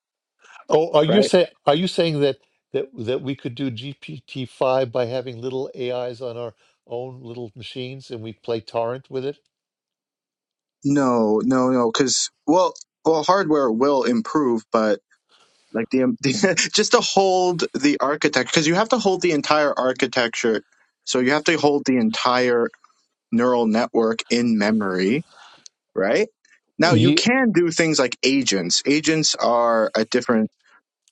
S1: Oh, are you
S7: right?
S1: saying are you saying that that that we could do GPT five by having little AIs on our own little machines and we play torrent with it?
S7: No, no, no, because well, well, hardware will improve, but like the, the just to hold the architecture, because you have to hold the entire architecture, so you have to hold the entire neural network in memory, right? Now you
S1: Yeah.
S7: can do things like agents. Agents are a different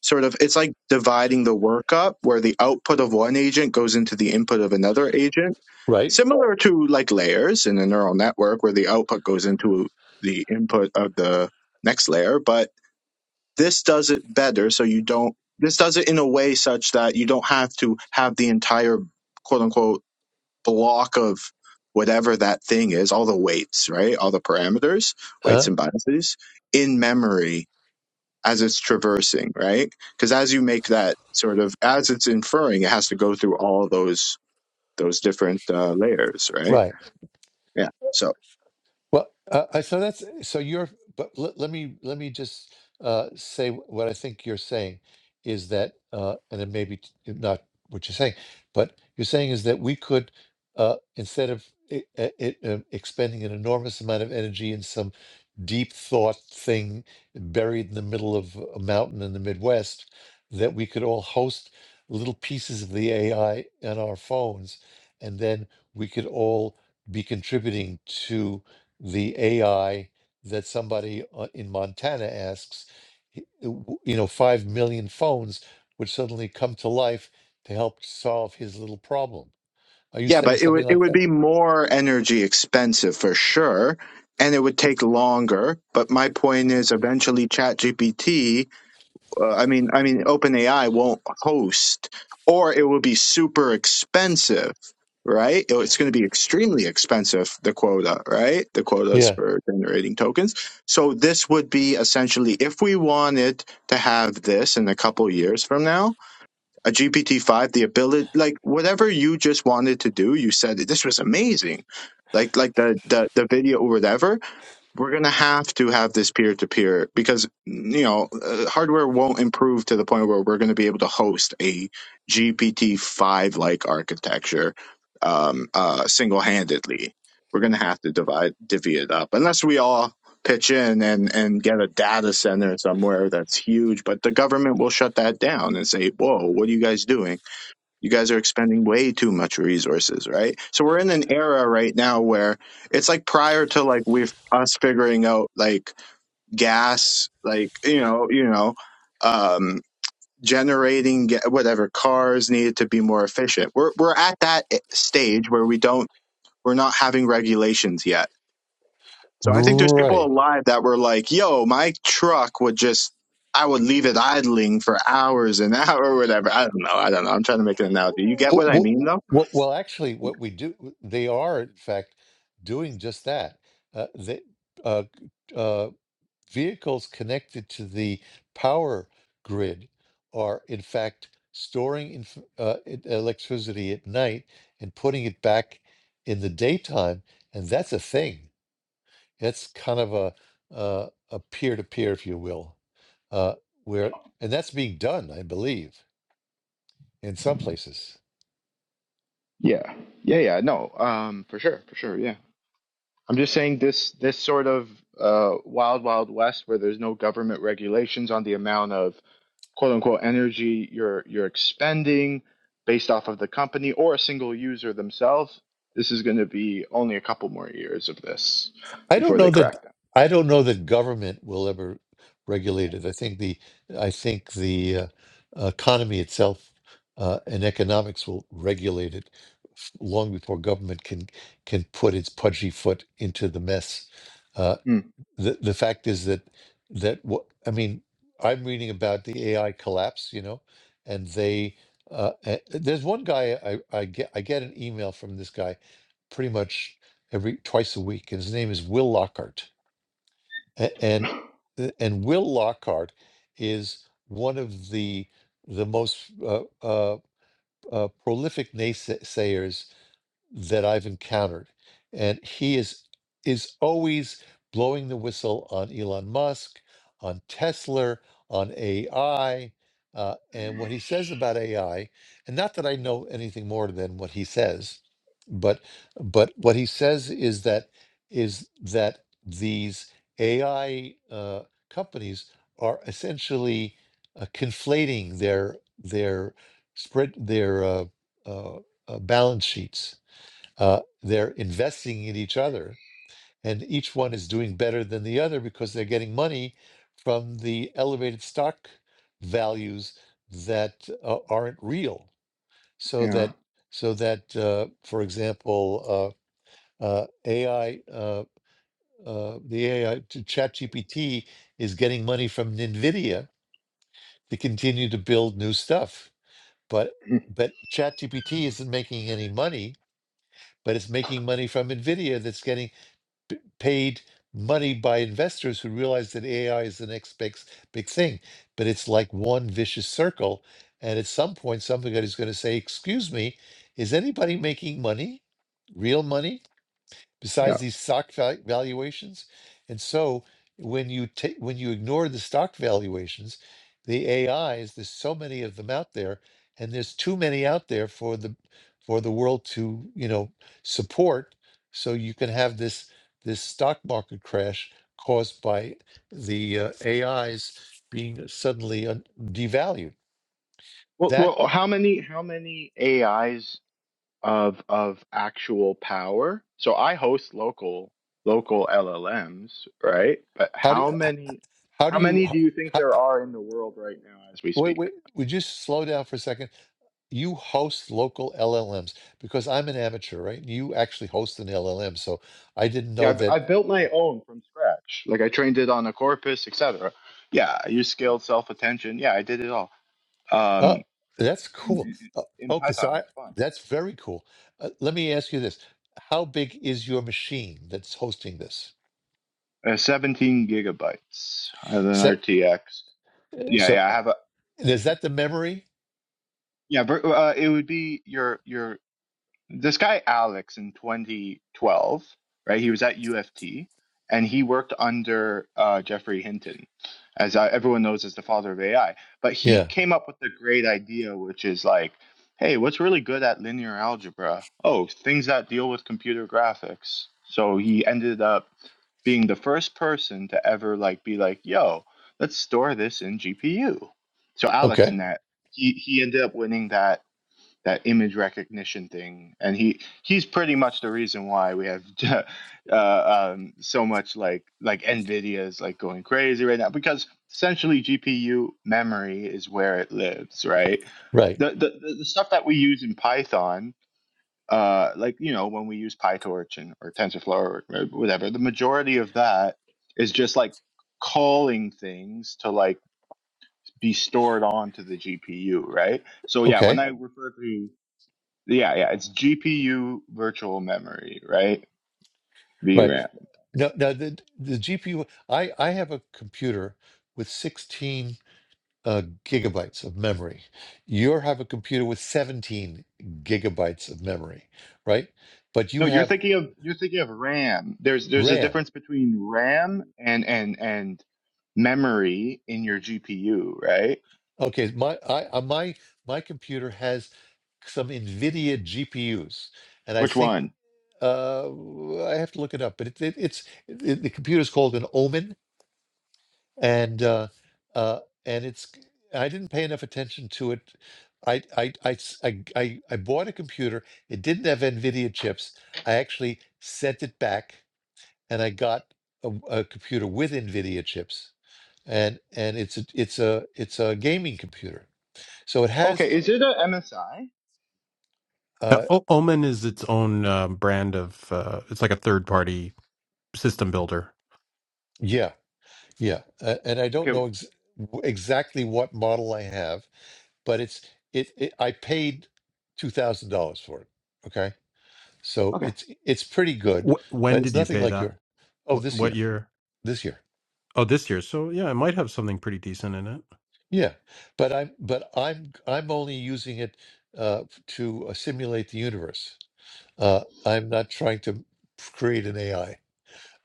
S7: sort of. It's like dividing the work up, where the output of one agent goes into the input of another agent
S1: Right.
S7: Similar to like layers in a neural network where the output goes into the input of the next layer, but this does it better so you don't this does it in a way such that you don't have to have the entire quote unquote block of whatever that thing is, all the weights, right? All the parameters, weights
S1: Uh,
S7: and biases in memory as it's traversing, right? Because as you make that sort of as it's inferring, it has to go through all those those different uh, layers, right?
S1: right.
S7: Yeah. So
S1: Well, uh, I- so that's so you're. But let, let me let me just uh, say wh- what I think you're saying is that, uh, and it may be t- not what you're saying, but you're saying is that we could uh, instead of it, uh, it, uh, expending an enormous amount of energy in some deep thought thing buried in the middle of a mountain in the Midwest, that we could all host little pieces of the AI on our phones, and then we could all be contributing to the AI that somebody uh, in Montana asks, y- w- you know, 5 million phones would suddenly come to life to help solve his little problem. Are you
S7: Yeah,
S1: saying
S7: but it
S1: something
S7: would it
S1: like
S7: would
S1: that?
S7: be more energy expensive for sure, and it would take longer. But my point is, eventually, ChatGPT, uh, I mean, I mean, OpenAI won't host, or it will be super expensive, right? It- It's going to be extremely expensive. The quota, right? The quotas
S1: Yeah,
S7: for generating tokens. So this would be essentially, if we wanted to have this in a couple years from now a GPT-5, the ability, like whatever you just wanted to do, you said this was amazing. Like, like the, the, the video or whatever we're going to have to have this peer to peer because you know uh, hardware won't improve to the point where we're going to be able to host a GPT-5 like architecture um, uh, single-handedly. We're going to have to divide divvy it up unless we all pitch in and and get a data center somewhere that's huge. But the government will shut that down and say, "Whoa, what are you guys doing?" You guys are expending way too much resources, right? So we're in an era right now where it's like prior to like we've us figuring out like gas, like you know, you know, um, generating ga- whatever cars needed to be more efficient. We're we're at that i- stage where we don't we're not having regulations yet. So I think there's people
S1: right.
S7: alive that were like, "Yo, my truck would just." I would leave it idling for hours and hour or whatever. I don't know. I don't know. I'm trying to make an analogy. You get what I mean
S1: Well,
S7: though?
S1: well, well actually, what we do, they are, in fact, doing just that. Uh, they, uh, vehicles connected to the power grid are in fact storing inf- uh, e- electricity at night and putting it back in the daytime and that's a thing that's kind of a uh, a peer-to-peer if you will uh, where and that's being done i believe in some places
S7: Yeah. Yeah, yeah. No, um, for sure, for sure, yeah. I'm just saying this this sort of uh wild, wild west where there's no government regulations on the amount of quote unquote energy you're you're expending based off of the company or a single user themselves, this is gonna be only a couple more years of this
S1: I don't
S7: before
S1: know
S7: they
S1: that
S7: crack them.
S1: I don't know that government will ever regulate it. I think the I think the uh, economy itself uh, and economics will regulate it f- long before government can can put its pudgy foot into the mess. Uh,
S7: Hmm.
S1: the the fact is that that what I mean, I'm reading about the AI collapse, you know, and they uh, uh, there's one guy I, I get I get an email from this guy pretty much every twice a week, and his name is Will Lockhart, A- and uh, and Will Lockhart is one of the the most uh, uh, uh, prolific naysayers that I've encountered. And he is is always blowing the whistle on Elon Musk, on Tesla, on AI, uh, and what he says about AI. And not that I know anything more than what he says, but but what he says is that is that these AI uh, companies are essentially uh, conflating their their spread their uh, uh, uh, balance sheets uh, they're investing in each other, and each one is doing better than the other because they're getting money from the elevated stock values that uh, aren't real. So
S7: Yeah.
S1: that, so that, uh, for example, uh, uh, AI, uh, uh, the AI, ChatGPT is getting money from NVIDIA to continue to build new stuff, but but ChatGPT isn't making any money, but it's making money from NVIDIA that's getting p- paid money by investors who realize that AI is the next big, s- big thing. But it's like one vicious circle. And at some point, somebody's going to say, Excuse me, is anybody making money, real money?
S7: yeah.
S1: besides these stock val- valuations. And so when you take when you ignore the stock valuations, the AIs, there's so many of them out there, and there's too many out there for the for the world to, you know, support. So you can have this this stock market crash caused by the uh, AIs being suddenly un- devalued.
S7: Well,
S1: That
S7: well, how many how many AIs of of actual power? So I host local local LLMs, right? But
S1: how do
S7: how many
S1: how do
S7: how
S1: you
S7: many do you think
S1: h-
S7: there
S1: h-
S7: are in the world right now as we
S1: wait
S7: speak?
S1: wait would you slow down for a second? you host local LLMs because I'm an amateur, right? You actually host an LLM, so I didn't know
S7: Yeah, I,
S1: that.
S7: I built my own from scratch. Like I trained it on a corpus, etc. Yeah, I use scaled self attention. Yeah, I did it all.
S1: Oh,
S7: Um,
S1: that's
S7: in,
S1: cool.
S7: in,
S1: Uh,
S7: in
S1: okay, so
S7: Python,
S1: I
S7: it's fun.
S1: that's very cool. Uh, let me ask you this: How big is your machine that's hosting this?
S7: Uh, 17 gigabytes. I have
S1: So,
S7: an RTX. Yeah,
S1: so
S7: yeah, I have a.
S1: is that the memory?
S7: Yeah, but uh, it would be your your this guy Alex in 2012, right? He was at UFT and he worked under uh, Jeffrey Hinton, as uh, everyone knows as the father of AI. But he
S1: Yeah.
S7: came up with a great idea, which is like, hey, what's really good at linear algebra? Oh, things that deal with computer graphics. So he ended up being the first person to ever like be like, yo, let's store this in GPU. So
S1: Okay.
S7: AlexNet, he he ended up winning that that image recognition thing and he he's pretty much the reason why we have uh, um, so much like like nvidia is like going crazy right now because essentially gpu memory is where it lives right
S1: Right.
S7: the the, the the stuff that we use in python uh, like you know when we use pytorch and or tensorflow or whatever the majority of that is just like calling things to like be stored onto the gpu right so yeah when
S1: Okay.
S7: i refer to yeah, yeah, it's GPU virtual memory, right?
S1: Right.
S7: VRAM.
S1: No. Now the the GPU. I I have a computer with sixteen uh, gigabytes of memory. You have a computer with 17 gigabytes of memory, right? But you
S7: No, you're
S1: have
S7: thinking of you're thinking of RAM. There's there's a
S1: RAM.
S7: difference between RAM and and and memory in your GPU, right?
S1: Okay, my I, uh, my my computer has some NVIDIA GPUs, and I
S7: Which
S1: think
S7: one?
S1: uh, I have to look it up. But it, it, it's it, the computer is called an Omen and uh, uh, and it's I didn't pay enough attention to it. I I, I s- I- I- I bought a computer. It didn't have NVIDIA chips. I actually sent it back, and I got a, a computer with NVIDIA chips, and and it's a it's a it's a gaming computer. So it has
S7: Okay, is it a MSI?
S3: Now,
S1: uh
S3: o- Omen is its own um, brand of. Uh, it's like a third party system builder.
S1: yeah yeah, uh, and I don't
S7: Okay,
S1: know ex- w- exactly what model I have, but it's it, it I paid two thousand dollars for it. Okay So
S7: okay.
S1: it's it's pretty good,
S3: Wh-
S1: but
S3: when
S1: it's
S3: did you
S1: nothing
S3: pay
S1: like
S3: that?
S1: your oh
S3: What,
S1: this
S3: what
S1: year
S3: year?
S1: this year
S3: Oh, this year. So yeah, it might have something pretty decent in it.
S1: yeah. But I'm but I'm I'm only using it uh, to uh, simulate the universe. Uh, I'm not trying to create an AI.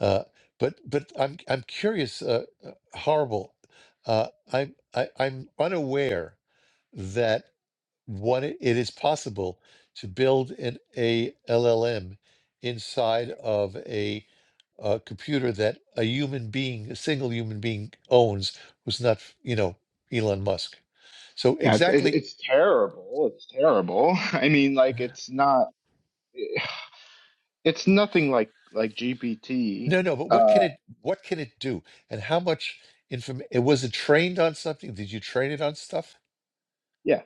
S1: Uh, but but I'm I'm curious. Uh, uh, horrible. Uh, I'm I, I'm unaware that what it, it is possible to build an a LLM inside of a uh, computer that a human being, a single human being owns, who's not, you know, Elon Musk. So
S7: Yeah, it's it's,
S1: exactly,
S7: it's terrible. It's terrible. I mean, like it's not it's nothing like like GPT.
S1: no, no. But what can
S7: Uh,
S1: it, what can it do, and how much information? Was it trained on something? Did you train it on stuff?
S7: yeah,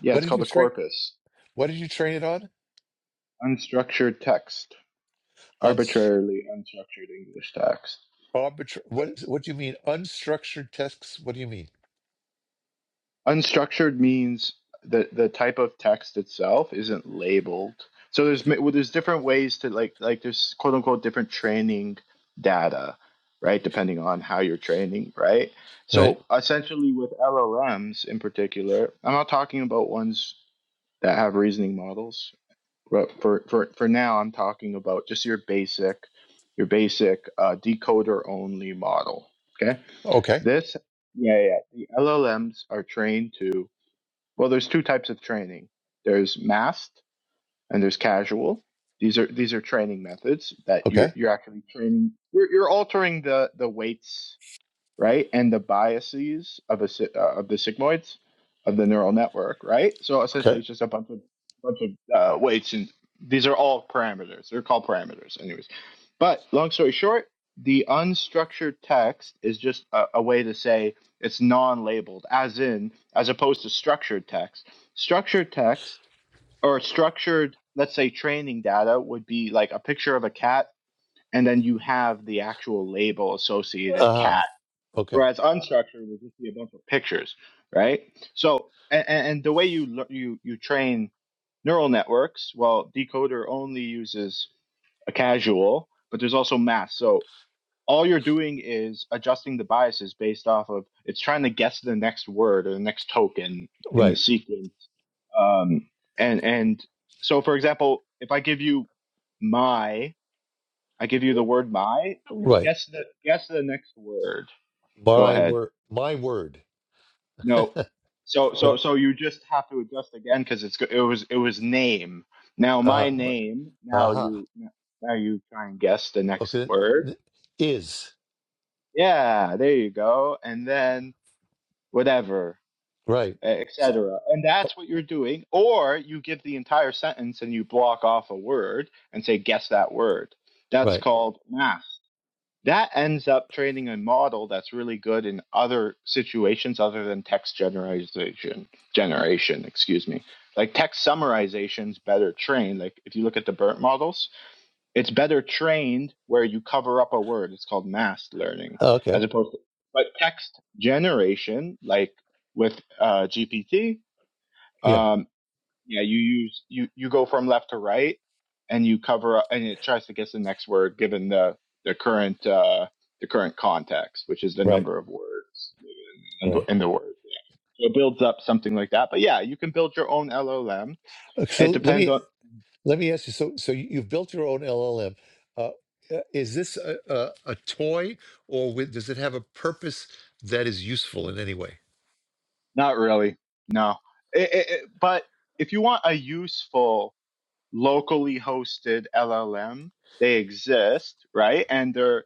S7: yeah.
S1: What
S7: It's
S1: did you
S7: called a
S1: train?
S7: corpus,
S1: What did you train it on?
S7: unstructured text.
S1: On
S7: arbitrarily unstructured English text.
S1: arbitrary. What? is- What do you mean unstructured texts? What do you mean?
S7: Unstructured means that the type of text itself isn't labeled. So there's well, there's different ways to like like there's quote unquote different training data, right? Depending on how you're training, right?
S1: Right.
S7: So essentially, with LLMs in particular, I'm not talking about ones that have reasoning models, but for for for now, I'm talking about just your basic your basic uh, decoder only model. Okay
S1: Okay.
S7: This, yeah, yeah. The LLMs are trained to, well, there's two types of training. There's masked and there's casual. These are these are training methods that you're
S1: Okay.
S7: you're actually training. You're you're altering the the weights right? And the biases of a si- uh, of the sigmoids of the neural network, right? So
S1: Okay.
S7: essentially, it's just a bunch of bunch of uh, weights, and these are all parameters. They're called parameters, anyways. But long story short, the unstructured text is just a, a way to say it's non-labeled, as in, as opposed to structured text. Structured text or structured, let's say, training data would be like a picture of a cat, and then you have the actual label associated
S1: Uh huh.
S7: cat
S1: Okay.
S7: whereas unstructured would just be a bunch of pictures, right? So, and, and the way you lear- you you train neural networks, well, decoder only uses a casual, but there's also math. So all you're doing is adjusting the biases based off of it's trying to guess the next word or the next token in the
S1: Right.
S7: sequence. Um, and and so, for example, if I give you my, I give you the word my.
S1: Right.
S7: Guess the guess the next word. Go
S1: My
S7: ahead.
S1: word. My word.
S7: No. So so
S1: No.
S7: so you just have to adjust again because it's go- it was it was name. Now
S1: Uh
S7: my name. Now
S1: huh.
S7: you now you try and guess the next
S1: Okay.
S7: word.
S1: th- Is.
S7: Yeah, there you go. And then whatever,
S1: Right. S-
S7: etc. And
S1: Right. Oh,
S7: that's what you're doing. Or you give the entire sentence and you block off a word and say guess that word. That's
S1: right.
S7: called math. that ends up training a model that's really good in other situations other than text generation generation excuse me like text summarization's better trained like if you look at the bert models it's better trained where you cover up a word it's called masked learning as
S1: Okay.
S7: opposed to but text generation like with uh, gpt
S1: Yeah.
S7: um, yeah you use you you go from left to right and you cover up and it tries to guess the next word given the the current uh the current context which is the
S1: Right.
S7: number of words in the,
S1: Right.
S7: in the word so it builds up something like that but yeah you can build your own llm
S1: Uh, So
S7: it
S1: let
S7: depends
S1: me
S7: on
S1: let me ask you. So so you- you've built your own LLM. Uh, uh, is this a, a, a toy, or with, does it have a purpose that is useful in any way?
S7: not really no it, it, it- but if you want a useful locally hosted llm they exist right and they're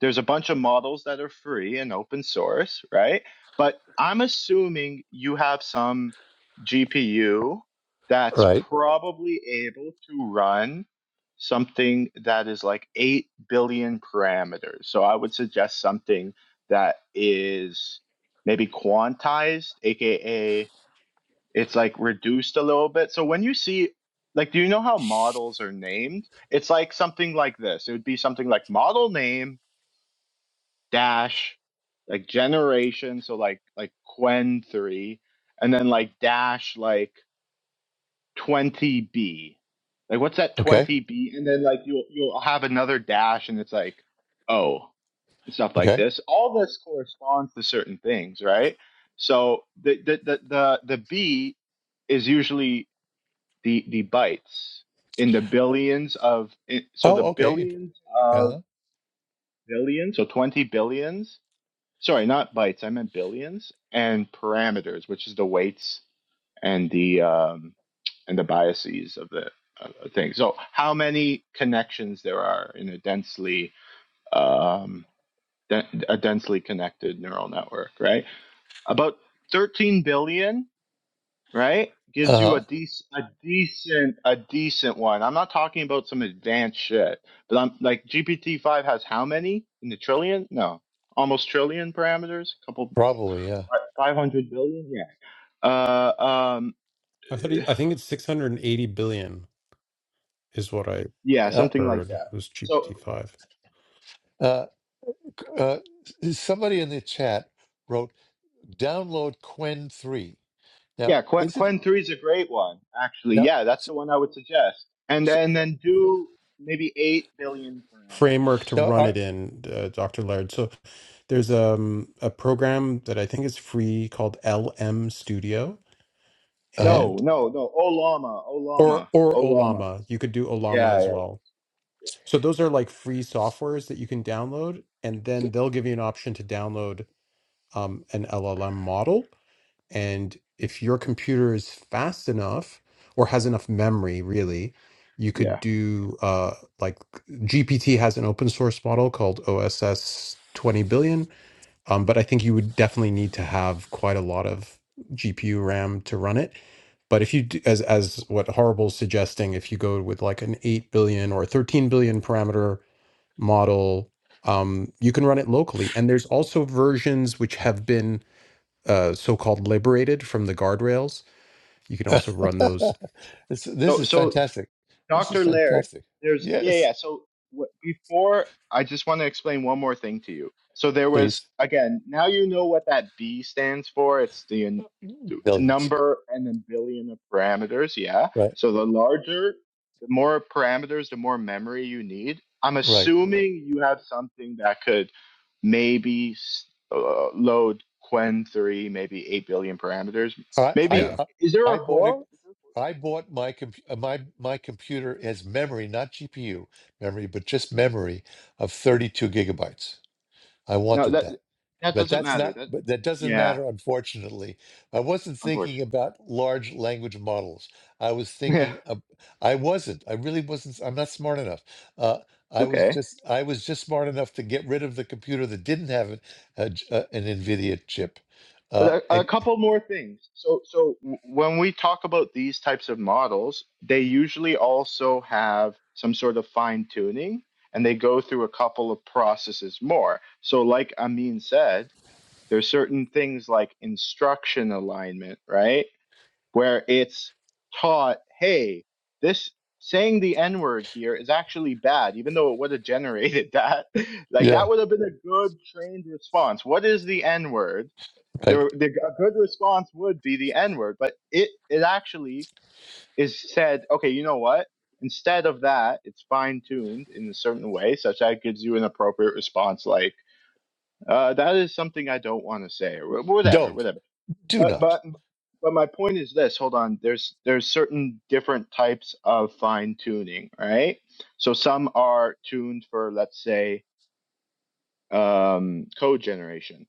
S7: There's a bunch of models that are free and open source, right? But I'm assuming you have some GPU that's
S1: Right.
S7: probably able to run something that is like 8 billion parameters. So I would suggest something that is maybe quantized, aka it's like reduced a little bit. So when you see like do you know how models are named? It's like something like this. It would be something like model name dash like generation so like like quen 3 and then like dash like 20b like what's that
S1: Okay.
S7: 20b and then like you'll you'll have another dash and it's like oh and stuff like
S1: Okay.
S7: this all this corresponds to certain things right so the the the the, the b is usually the the bytes in the billions of i- so the
S1: Oh. Okay. Int-
S7: billions of
S1: Yeah.
S7: billions so 20 billions sorry, not bytes. I meant billions and parameters, which is the weights and the um, and the biases of the uh, thing. So, how many connections there are in a densely um, de- a densely connected neural network, right? About 13 billion, right?
S1: Uh
S7: Gives you a
S1: huh.
S7: decent, a decent, a decent one. I'm not talking about some advanced shit, but I'm like GPT-5 has how many in the trillion? No, almost trillion parameters, A couple
S1: Probably. Yeah.
S7: five hundred billion. Yeah. Uh, um,
S3: I thought. He, I think it's six hundred and eighty billion is what I
S7: yeah,
S1: Uh,
S7: something like
S3: heard
S7: that.
S3: was
S7: So
S3: GPT five.
S1: uh, Uh, somebody in the chat wrote, "Download Quen three." Now,
S7: yeah, Quen,
S1: is it
S7: Quen three is a great one, actually.
S1: now?
S7: Yeah, that's
S1: s-
S7: the one I would suggest. And
S1: s-
S7: and then do maybe eight billion
S3: framework
S7: parameters.
S3: to
S1: Now,
S3: run
S1: are,
S3: it in, uh, Dr. Laird. So there's um, a program that I think is free called LM Studio
S1: uh,
S7: No,
S3: and
S7: no, no. Olama,
S3: or
S7: Olama,
S3: or
S7: Olama.
S3: Olama. You could do Olama
S7: Yeah,
S3: as
S7: yeah,
S3: well. So those are like free softwares that you can download, and then they'll give you an option to download um, an LLM model. And if your computer is fast enough or has enough memory, really, you could
S7: yeah.
S3: do uh, like GPT has an open source model called OSS 20 billion. Um, but I think you would definitely need to have quite a lot of GPU RAM to run it. But if you do, as as what Horrible's suggesting, if you go with like an 8 billion or 13 billion parameter model, um, you can run it locally. And there's also versions which have been uh, so-called liberated from the guardrails. You can also run those.
S1: this, this
S7: So
S1: is
S7: so
S1: fantastic. This is
S7: Dr. Laird,
S1: fantastic.
S7: there's yeah,
S1: Yes,
S7: yeah. So w- before I just want to explain one more thing to you. So there was
S1: please,
S7: again, now you know what that B stands for. It's the n-
S1: billions.
S7: number and then billion of parameters, yeah.
S1: Right,
S7: So the larger, the more parameters, the more memory you need. I'm
S1: right.
S7: assuming you have something that could maybe s- uh, load Quen 3, maybe 8 billion parameters.
S1: I, I,
S3: Yeah,
S7: Maybe
S1: I
S7: is there
S1: I
S7: a
S1: bought it.
S7: 4?
S1: I bought my comp- uh, my my computer as memory, not GPU memory, but just memory of thirty two gigabytes. I
S7: No,
S1: wanted
S7: that
S1: that.
S7: that
S1: But
S7: doesn't
S1: that's
S7: matter.
S1: not,
S7: That
S1: but that doesn't
S7: yeah,
S1: matter, unfortunately. I wasn't thinking
S7: unfortunately.
S1: about large language models. I was
S7: Yeah,
S1: thinking, of, I wasn't, I really wasn't, I'm not smart enough. Uh,
S7: it's
S1: I was
S7: okay.
S1: just, I was just smart enough to get rid of the computer that didn't have an, a j- uh, an NVIDIA chip. Uh,
S7: But a, a
S1: and
S7: couple more things. So so w- when we talk about these types of models, they usually also have some sort of fine tuning and they go through a couple of processes more. So like Amin said, there's certain things like instruction alignment, right? where it's taught, hey, this saying the N word here is actually bad, even though it would have generated that. like that
S1: yeah,
S7: would have been a good trained response. What is the N word?
S1: right.
S7: There, the, a good response would be the N word, but it it actually is said, okay, you know what? Instead of that, it's fine tuned in a certain way, such that it gives you an appropriate response, like uh, that is something I don't want to say, or whatever,
S1: Don't,
S7: whatever.
S1: do
S7: But
S1: not,
S7: but but my point is this. Hold on. There's there's certain different types of fine tuning, right? So some are tuned for let's say um, code generation,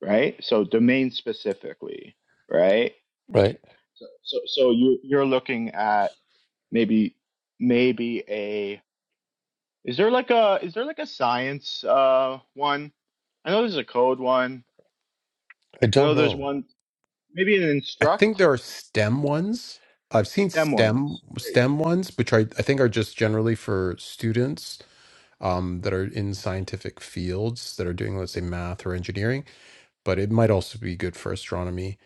S7: right? So domain specifically, right?
S1: right?
S7: So so, so you you're looking at maybe maybe a is there like a is there like a science uh one? I know there's a code one.
S1: I
S7: I
S1: don't
S7: know there's
S1: know.
S7: one maybe an
S3: I
S7: instruct
S3: think there are stem ones. I've seen
S7: them
S3: stem
S7: ones. There you
S3: stem ones, which I, I think are just generally for students. um, that are in scientific fields that are doing, let's say, math or engineering, but it might also be good for astronomy.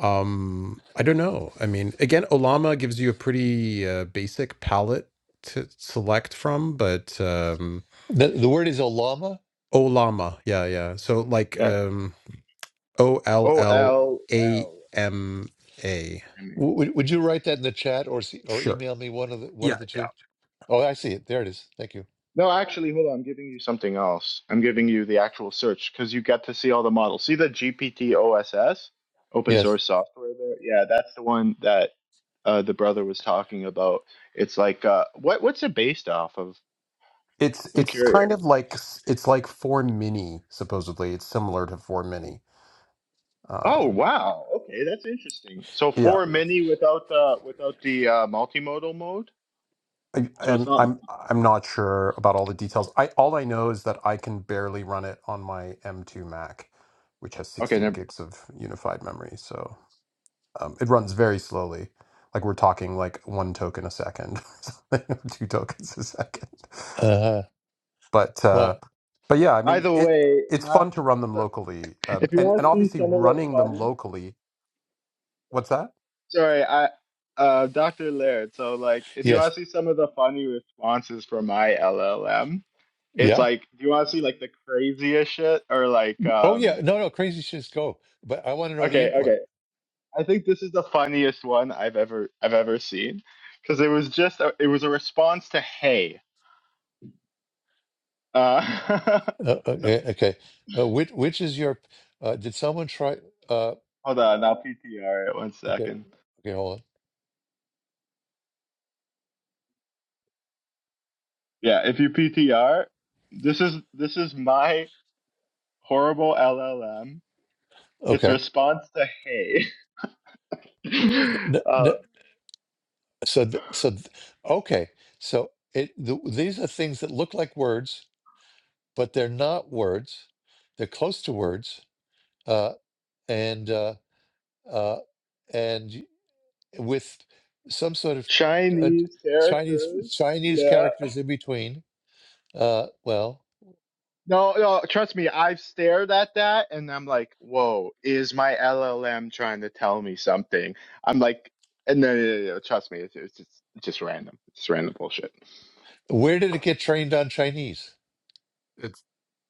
S3: Um, I don't know. I mean, again, Olama gives you a pretty uh, basic palette to select from, but um,
S1: The, the word is Olama.
S3: Olama, yeah, yeah. So like
S7: go. Yeah.
S3: um, O L
S7: O
S3: L
S7: L
S3: A
S7: L
S3: M A.
S7: M E.
S1: W- would would you write that in the chat or see, or
S3: Sure.
S1: email me one of the, one
S3: Yeah,
S1: of the
S3: yeah.
S1: two? Oh, I see it. There it is. Thank you.
S7: No, actually, hold on. I'm giving you something else. I'm giving you the actual search because you get to see all the models. See the G P T O S S, open
S1: Yes.
S7: source software there? Yeah, that's the one that uh, the brother was talking about. It's like uh, what what's it based off of?
S3: It's
S7: I'm
S3: it's
S7: curious.
S3: kind of like it's like four mini supposedly. It's similar to four mini.
S7: Oh
S3: Um,
S7: wow, okay, that's interesting. So
S3: yeah.
S7: for mini without the without the uh, multimodal mode,
S3: I,
S7: so it's
S3: I'm
S7: not
S3: I'm I'm not sure about all the details. I all I know is that I can barely run it on my M2 Mac, which has
S7: okay.
S3: 16
S7: Never,
S3: gigs of unified memory. So um, it runs very slowly. Like we're talking like one token a second, something, or two tokens a second.
S1: Uh,
S3: But uh,
S1: well,
S3: but yeah, I
S7: by
S3: mean
S7: the
S3: it.
S7: way,
S3: It's
S7: my
S3: fun to run them locally, um,
S7: if you
S3: and
S7: want
S3: and
S7: to see
S3: obviously
S7: some of the
S3: running them
S7: funny.
S3: locally What's that?
S7: Sorry, I uh Dr. Laird, so like if you
S1: yes.
S7: want to see some of the funny responses from my LLM, it's
S1: Yeah.
S7: like do you want to see like the craziest shit or like
S1: Oh, yeah.
S7: um
S1: No, no. Crazy shits go. But I want to know the
S7: okay,
S1: input.
S7: okay. I think this is the funniest one I've ever I've ever seen cuz it was just a, it was a response to hey. Uh
S1: Uh,
S7: so-
S1: okay. Okay. Uh, which which is your? Uh, did someone try? Uh,
S7: hold on, I'll PTR it one
S1: okay.
S7: second.
S1: Okay. Hold
S7: Yeah, if you PTR, this is this is my horrible LLM.
S1: on.
S7: It's
S1: Okay.
S7: response to hey.
S1: N-
S7: uh,
S1: n- so th- so th- okay. So it the, these are things that look like words, but they're not words. They're close to words. Uh, and uh, uh, and with some sort of uh,
S7: Chinese
S1: Chinese
S7: characters.
S1: Chinese
S7: Yeah.
S1: characters in between. Uh, well,
S7: No, no, trust me, I've stared at that and I'm like, whoa, is my LLM trying to tell me something? I'm like, and no, no, no, no, trust me, it's, it's just, it's just random. It's just random bullshit.
S1: where did it get trained on Chinese?
S3: It's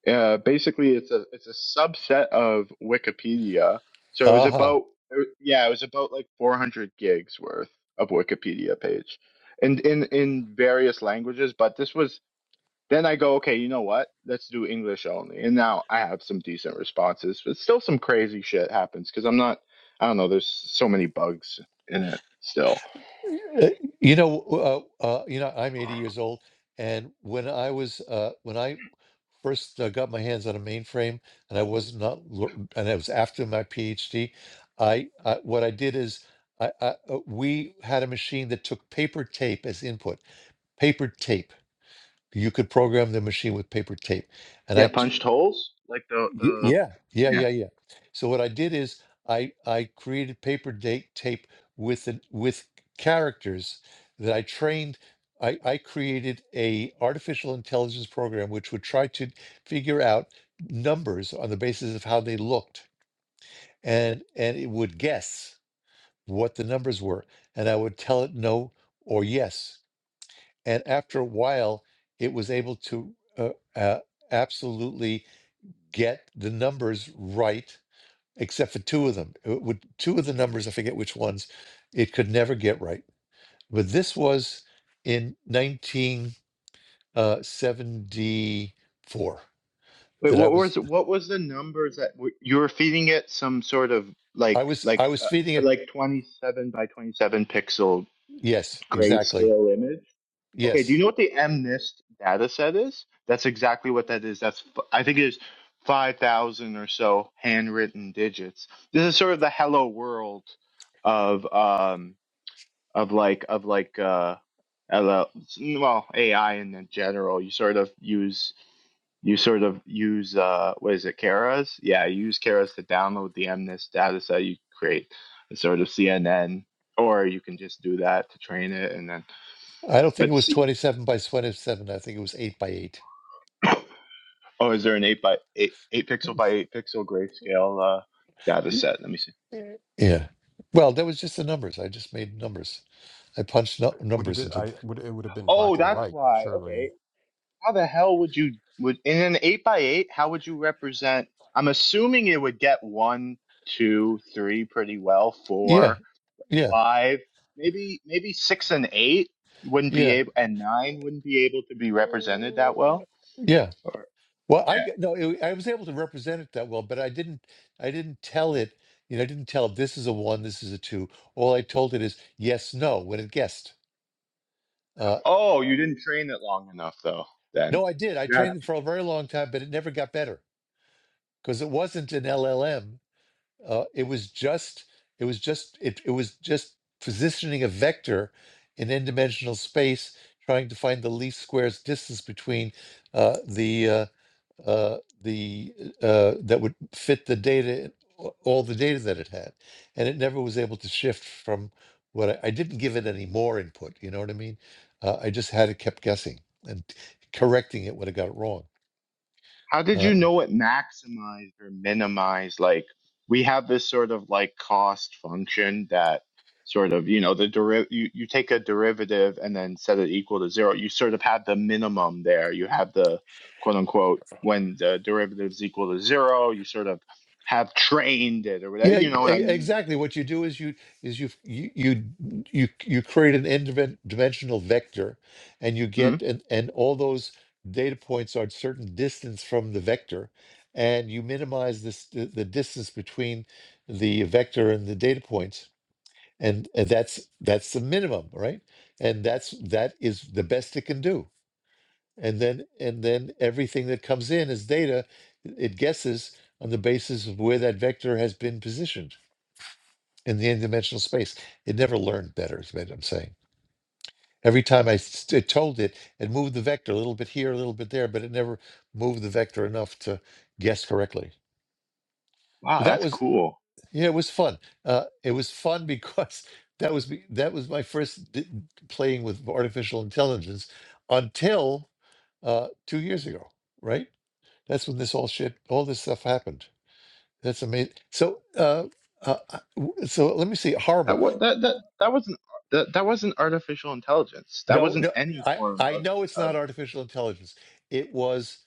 S7: Uh, basically, it's a it's a subset of Wikipedia. So it was
S1: Uh-huh.
S7: about, er, yeah, it was about like 400 gigs worth of Wikipedia page, and in in various languages. But this was Then I go, okay, you know what? Let's do English only. And now I have some decent responses, but still some crazy shit happens because I'm not, I don't know, there's so many bugs in it still.
S1: Uh, You know, uh, uh, you know, I'm 80 years old, and when I was uh, when I first uh, got my hands on a mainframe, and I was not, lo- and I was after my PhD, I, I what I did is. I, I, uh, we had a machine that took paper tape as input. Paper tape You could program the machine with paper tape. And
S7: Yeah,
S1: I, t-
S7: punched holes? Like the,
S1: y-
S7: the,
S1: yeah, yeah,
S7: yeah.
S1: yeah, yeah. So what I did is I I created paper date tape with an, with characters that I trained. I, I created a artificial intelligence program which would try to figure out numbers on the basis of how they looked and and it would guess what the numbers were and I would tell it no or yes and after a while it was able to uh, uh, absolutely get the numbers right except for two of them It would- two of the numbers i forget which ones it could never get right but this was in 1974
S7: Wait,
S1: that i
S7: what was,
S1: was
S7: what was the numbers that were, you were feeding it some sort of like,
S1: i was i
S7: like,
S1: was
S7: uh,
S1: feeding it
S7: like 27 by 27 pixel
S1: yes exactly
S7: grayscale image? Okay, do you
S1: yes
S7: know what the MNIST data set is? That's exactly what that is. That's f- I think it is 5,000 or so handwritten digits. This is sort of the hello world of um of like of like uh hello, well AI in general. You sort of use you sort of use uh what is it Keras? Yeah, you use Keras to download the MNIST data set you create a sort of CNN or you can just do that to train it and then
S1: i don't think it
S7: but
S1: was 27 by 27 i think it was 8 by 8
S7: Oh, is there an eight by eight eight pixel by eight pixel grayscale uh, data
S1: yeah
S7: set? Let me see.
S1: yeah. well that was just the numbers i just made numbers I punched nu-
S3: uh, would
S1: numbers
S3: it
S1: into the.
S3: I would it would have been
S7: Oh,
S3: black and
S7: that's
S3: white,
S7: why.
S3: surely.
S7: Okay, how the hell would you would in an eight by eight? How would you represent? I'm assuming it would get one, two, three pretty well.
S1: Yeah,
S7: Four,
S1: yeah,
S7: five, maybe maybe six and eight wouldn't be
S1: yeah,
S7: able, and nine wouldn't be able to be represented that
S1: Uh,
S7: well.
S1: yeah.
S7: Or
S1: Well,
S7: yeah.
S1: I no, it, I was able to represent it that well, but I didn't. I didn't tell it. You know, I didn't tell this is a one, this is a two. All I told it is yes, no when it guessed. Uh,
S7: Oh, you didn't train it long enough though. Then
S1: no, I did. I
S7: you had
S1: trained it for a very long time, but it never got better because it wasn't an LLM. uh, it was just it was just it, it was just positioning a vector in n-dimensional space trying to find the least squares distance between uh, the uh, uh, the uh, that would fit the data all the data that it had and it never was able to shift from what I, I didn't give it any more input you know what I mean uh, I just had it kept guessing and correcting it when it got it wrong
S7: How did
S1: Uh,
S7: you know it maximized or minimized? Like we have this sort of like cost function that sort of you know the deriv you, you take a derivative and then set it equal to zero. You sort of have the minimum there. You have the quote unquote when the derivative is equal to zero. You sort of have trained it or whatever.
S1: Yeah,
S7: You
S1: e-
S7: know what I mean? Like,
S1: exactly.
S7: so-
S1: What you do is you is you you you you, you create an n-dimensional vector, and you get
S7: Mhm.
S1: and and all those data points are at certain distance from the vector, and you minimize this the, the distance between the vector and the data points, and, and that's that's the minimum, right? And that's that is the best it can do. And then and then everything that comes in as data, it guesses on the basis of where that vector has been positioned in the n-dimensional space. It never learned better, is what I'm saying. Every time I s- I told it, it moved the vector a little bit here, a little bit there, but it never moved the vector enough to guess correctly.
S7: Wow,
S1: that
S7: that's
S1: was
S7: cool.
S1: yeah, it was fun. Uh, it was fun because that was be- that was my first d- playing with artificial intelligence until uh, two years ago, right? That's when this all shit, all this stuff happened. That's amazing. So, uh, uh, uh, w- so let me see.
S7: That
S1: Horrible.
S7: what that that that wasn't that that wasn't artificial intelligence. That
S1: No,
S7: wasn't
S1: no,
S7: any
S1: I
S7: form
S1: I
S7: of
S1: know it's not
S7: of
S1: artificial intelligence. It was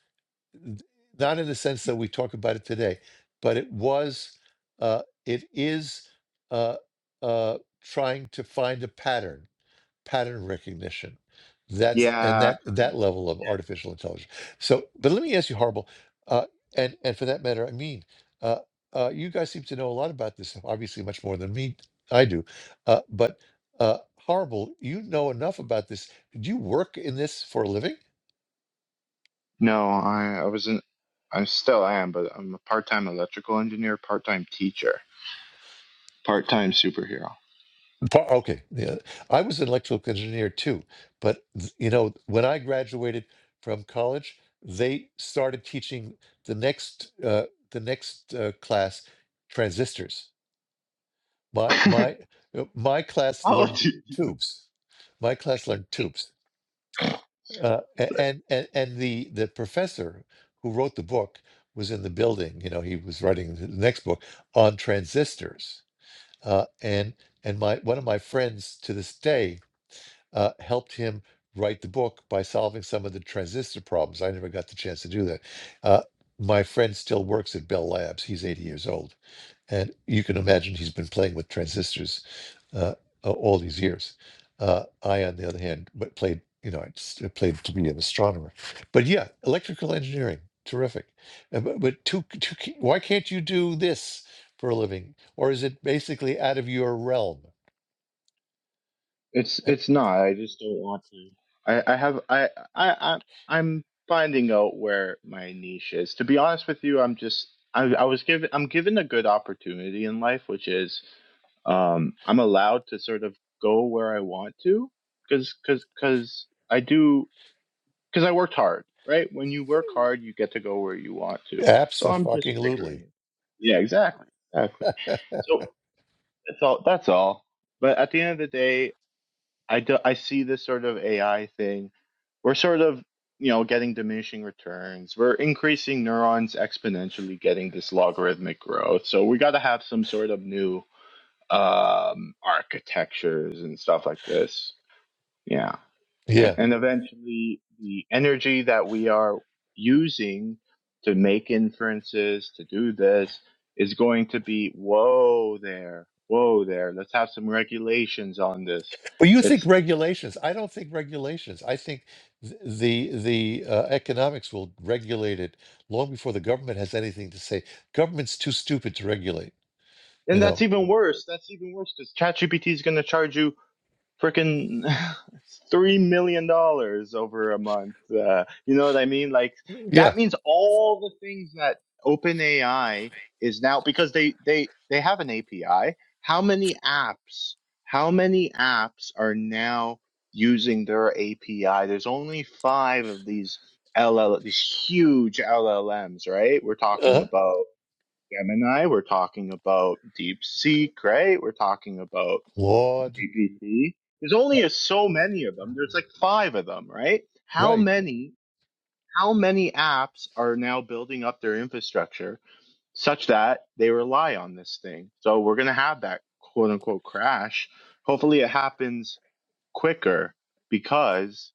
S1: not in the sense that we talk about it today, but it was. Uh, it is uh, uh, trying to find a pattern pattern recognition. That's and
S7: yeah,
S1: that that
S7: kind
S1: level of
S7: of.
S1: artificial intelligence. So, but let me ask you, Harbel, uh, and and for that matter, I mean, uh, uh, you guys seem to know a lot about this stuff. Obviously, much more than me. I do, uh, but uh, Harbel, you know enough about this. Did you work in this for a living?
S7: No, I, I was in, I still am, but I'm a part-time electrical engineer, part-time teacher, part-time superhero.
S1: Pa- Okay, yeah, I was an electrical engineer too, but th- you know, when I graduated from college, they started teaching the next uh, the next uh, class transistors. My my uh, my class
S7: How
S1: learned
S7: old
S1: tubes. My class learned tubes, uh, a- and and and the the professor who wrote the book was in the building. You know, he was writing the next book on transistors, uh, and and my one of my friends to this day uh, helped him write the book by solving some of the transistor problems. I never got the chance to do that. Uh, my friend still works at Bell Labs. He's 80 years old. And you can imagine he's been playing with transistors uh, a- all these years. Uh, I, on the other hand, w- played, you know, I s- I played to be an astronomer. But yeah, electrical engineering, terrific. Uh, But, but too, too, ca- why can't you do this for a living? Or is it basically out of your realm?
S7: It's it's not. I just don't want to. I I have I I I I'm finding out where my niche is. To be honest with you, I'm just I I was given I'm given a good opportunity in life, which is um I'm allowed to sort of go where I want to cuz cuz cuz I do cuz I worked hard, right? When you work hard, you get to go where you want to. So I'm just figuring
S1: Absolutely.
S7: it. Yeah, exactly. Exactly. So that's all that's all. But at the end of the day, I do, I see this sort of AI thing. We're sort of, you know, getting diminishing returns. We're increasing neurons exponentially, getting this logarithmic growth. So we got to have some sort of new um, architectures and stuff like this. Yeah,
S1: Yeah.
S7: and, and eventually the energy that we are using to make inferences to do this is going to be whoa there, whoa there. Let's have some regulations on this
S1: Well, you
S7: It's
S1: think regulations. I don't think regulations. I think th- the the uh, economics will regulate it long before the government has anything to say. Government's too stupid to regulate. You
S7: And that's
S1: know.
S7: even worse. That's even worse because ChatGPT is going to charge you freaking three million dollars over a month. Uh, you know what I mean? Like
S1: Yeah.
S7: that means all the things that OpenAI is now because they they they have an API. How many apps? How many apps are now using their API? There's only five of these L L these huge L L Ms, right? We're talking
S1: Uh-huh.
S7: about. Gemini, we're talking about DeepSeek, right? We're talking about
S1: Claude.
S7: GPT. There's
S1: Uh,
S7: only a, so many of them. There's like five of them, right? How
S1: right.
S7: many, how many apps are now building up their infrastructure such that they rely on this thing? So we're going to have that quote unquote crash. Hopefully it happens quicker because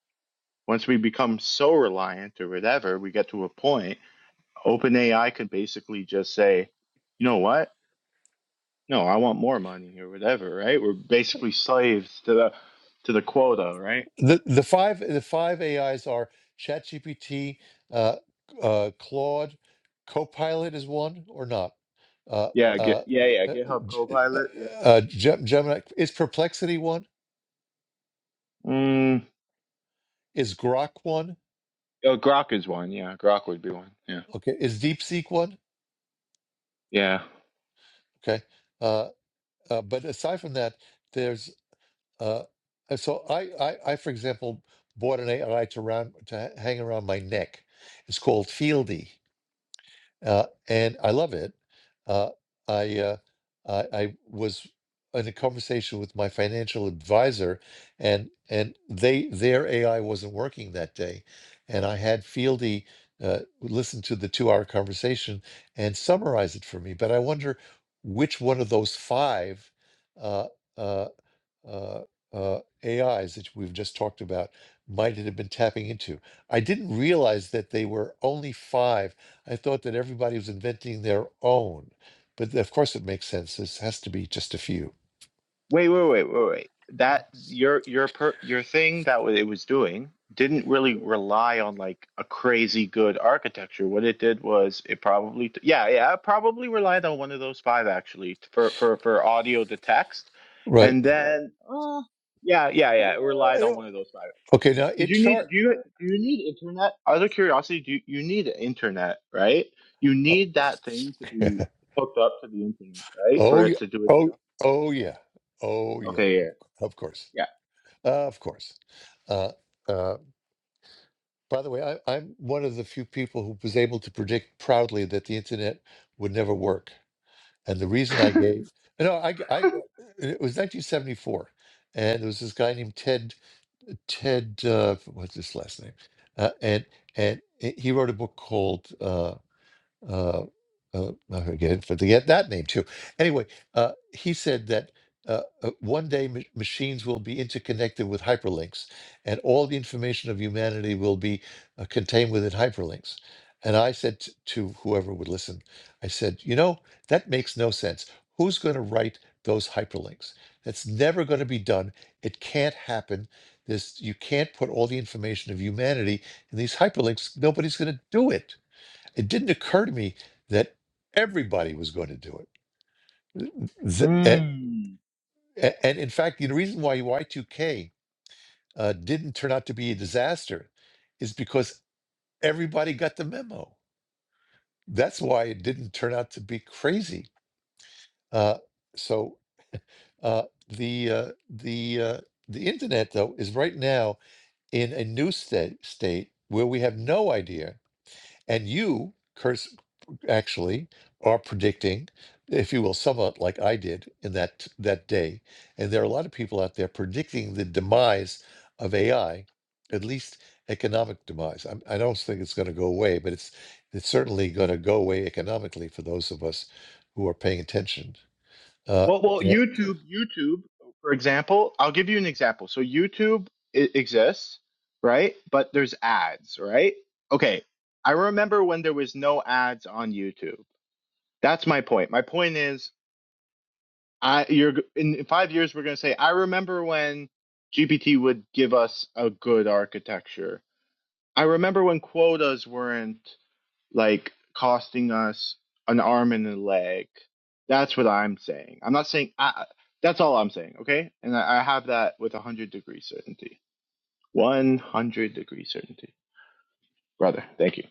S7: once we become so reliant or whatever, we get to a point, OpenAI could basically just say, you know what? No, I want more money or whatever, right? We're basically slaves to the to the quota, right?
S1: the the five The five AIs are ChatGPT, uh, uh, Claude, Copilot is one or not. Uh,
S7: Yeah,
S1: uh,
S7: get yeah, yeah,
S1: uh,
S7: GitHub
S1: G- uh,
S7: Copilot, yeah.
S1: uh, Gem- Gemini is Perplexity one?
S7: Mm,
S1: Is Grok one?
S7: oh, Grok is one, yeah. Grok would be one. Yeah.
S1: Okay, is DeepSeek one?
S7: Yeah.
S1: Okay, uh, uh, but aside from that, there's uh, and so I, I I for example bought an AI to round to ha- hang around my neck. It's called Fieldy, uh, and I love it. Uh, I, uh, I I was in a conversation with my financial advisor, and and they their AI wasn't working that day, and I had Fieldy uh, listen to the two hour conversation and summarize it for me. But I wonder which one of those five. Uh, uh, uh, uh, AIs that we've just talked about might have been tapping into. I didn't realize that they were only five. I thought that everybody was inventing their own, but of course it makes sense. This has to be just a few,
S7: Wait, wait, wait, wait, wait. That your your per, your thing that wa- it was doing didn't really rely on like a crazy good architecture. What it did was it probably t- yeah yeah it probably relied on one of those five actually t- for for for audio to text,
S1: right?
S7: and then uh, yeah yeah yeah it relied on
S1: Uh,
S7: one of those five.
S1: Okay, now
S7: Did
S1: it
S7: you need
S1: chart.
S7: do you do you need internet? Out of curiosity, do you, you need internet right? You
S1: Oh,
S7: need that thing to be hooked up to the internet right for
S1: oh yeah,
S7: it to do its
S1: oh
S7: job.
S1: oh yeah, oh yeah.
S7: Okay, yeah,
S1: Of course,
S7: yeah.
S1: uh, of course. Uh, uh, by the way, I, I'm one of the few people who was able to predict proudly that the internet would never work. And the reason I gave, no, I, I, it was 1974, and there was this guy named Ted, Ted, uh, what's his last name? Uh, and and he wrote a book called uh, uh, uh, again, forget that name too. Anyway, uh, he said that uh, uh, one day ma- machines will be interconnected with hyperlinks, and all the information of humanity will be uh, contained within hyperlinks. And I said t- to whoever would listen, I said, you know, that makes no sense. Who's going to write those hyperlinks? That's never going to be done. It can't happen. This you can't put all the information of humanity in these hyperlinks. Nobody's going to do it it didn't occur to me that everybody was going to do it. Th- a-
S7: Mm.
S1: a- And in fact, the reason why Y2K uh, didn't turn out to be a disaster is because everybody got the memo. That's why it didn't turn out to be crazy. Uh, so uh, the uh, the uh, the internet though is right now in a new state state where we have no idea, and you, Curtis, actually are predicting, if you will, somewhat like I did in that that day. And there are a lot of people out there predicting the demise of AI, at least economic demise. I'm, I don't think it's going to go away, but it's it's certainly going to go away economically for those of us who are paying attention. Uh,
S7: Well, well,
S1: eh,
S7: YouTube, YouTube, for example, I'll give you an example. So YouTube i exists, right? But there's ads, right? Okay. I remember when there was no ads on YouTube. That's my point. My point is, I you're g- in in five years we're gonna say I remember when GPT would give us a good architecture. I remember when quotas weren't. like costing us an arm and a leg. That's what I'm saying. I'm not saying I, that's all I'm saying, okay? And I, I have that with 100 degree certainty. 100 degree certainty. Brother, thank you.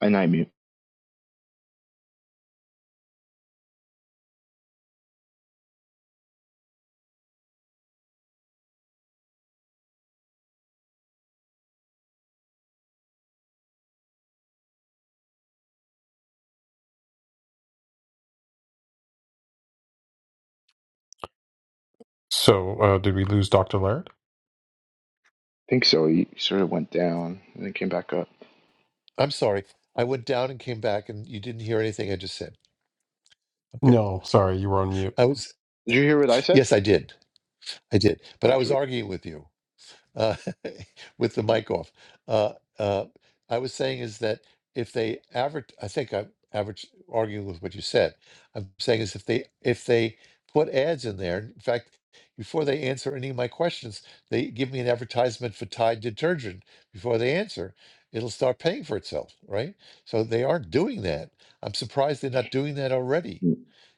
S7: And I mute.
S3: So, uh, did we lose Dr. Laird?
S7: I think so. He sort of went down and then came back up.
S1: I'm sorry, I went down and came back, and you didn't hear anything I just said. Okay,
S3: No, sorry, you were on mute.
S1: I was
S7: Did you hear what I said?
S1: yes, I did. I did, but
S7: I
S1: I was
S7: sweet.
S1: arguing with you uh, with the mic off. Uh, uh, I was saying is that if they average, I think I'm average arguing with what you said. I'm saying is if they if they put ads in there. In fact, before they answer any of my questions, they give me an advertisement for Tide detergent. Before they answer, it'll start paying for itself, right? So they aren't doing that. I'm surprised they're not doing that already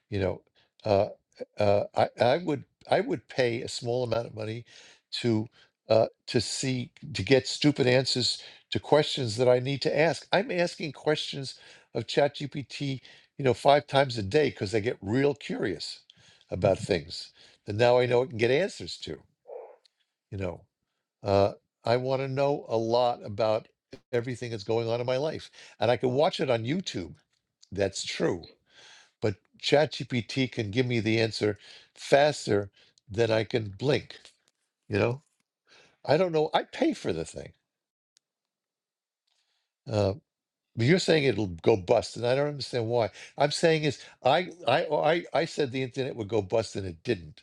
S1: you know uh, uh, I, I would i would pay a small amount of money to uh, to see to get stupid answers to questions that i need to ask i'm asking questions of ChatGPT, you know five times a day because i get real curious about things that now i know i can get answers to you know uh, i want to know a lot about everything that's going on in my life and i can watch it on youtube that's true but ChatGPT can give me the answer faster than I can blink. You know, I don't know. I pay for the thing. Uh, but you're saying it'll go bust, and I don't understand why. I'm saying is I I oh, I I said the internet would go bust, and it didn't.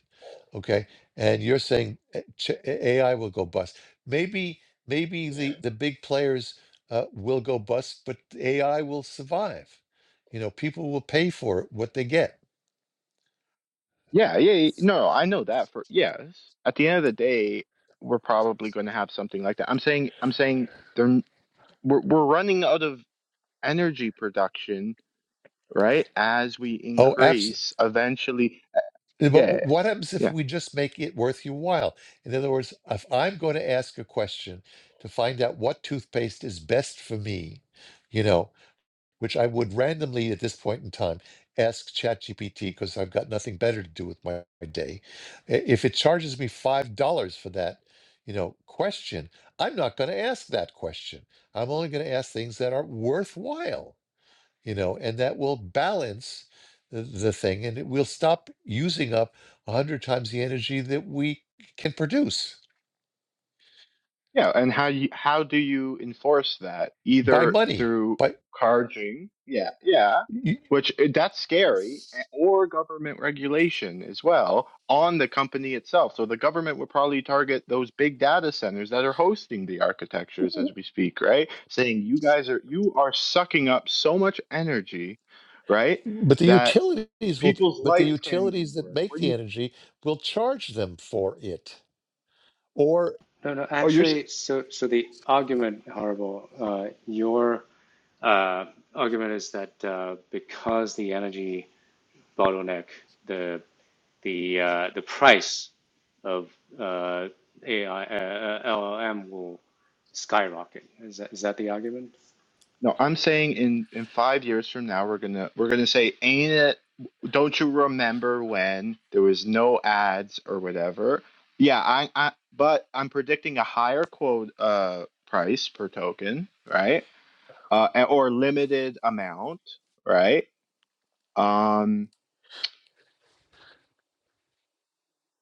S1: Okay, and you're saying uh, Ch- AI will go bust. Maybe maybe the the big players uh, will go bust, but AI will survive. You know, people will pay for it, what they get.
S7: Yeah, yeah, yeah. No, I know that for yes. At the end of the day, we're probably going to have something like that. I'm saying, I'm saying, they're, we're we're running out of energy production right? As we
S1: Oh, absolutely.
S7: increase, eventually, uh,
S1: Yeah, But
S7: yeah,
S1: wh- what happens if
S7: yeah,
S1: we just make it worth your while? In other words, if I'm going to ask a question to find out what toothpaste is best for me, you know, which I would randomly at this point in time ask ChatGPT because I've got nothing better to do with my, my day. I- If it charges me $5 for that, you know, question, I'm not going to ask that question. I'm only going to ask things that are worthwhile you know, and that will balance the, the thing and it will stop using up a hundred times the energy that we can produce
S7: yeah. And how you how do you enforce that?
S1: by
S7: Either
S1: money.
S7: through
S1: By
S7: charging, yeah, yeah,
S1: y-
S7: which uh, that's scary, a- or government regulation as well on the company itself. So the government would probably target those big data centers that are hosting the architectures
S1: w-
S7: as we speak, right? Saying you guys are you are sucking up so much energy, right?
S1: but the
S7: That
S1: utilities will
S7: people's
S1: but the
S7: lights can't even
S1: utilities that
S7: work.
S1: make
S7: What do
S1: the
S7: you?
S1: energy will charge them for it. Or
S8: No, no,
S7: Oh, you're. s-
S8: actually, so so the argument, horrible. Uh, your uh, argument is that uh, because the energy bottleneck, the the uh, the price of uh, AI uh, uh, LLM will skyrocket. Is that is that the argument?
S7: No, I'm saying in in five years from now, we're gonna we're gonna say, ain't it? Don't you remember when there was no ads or whatever? Yeah, I, I but I'm predicting a higher quote uh price per token, right? Uh, a- or limited amount, right? Um,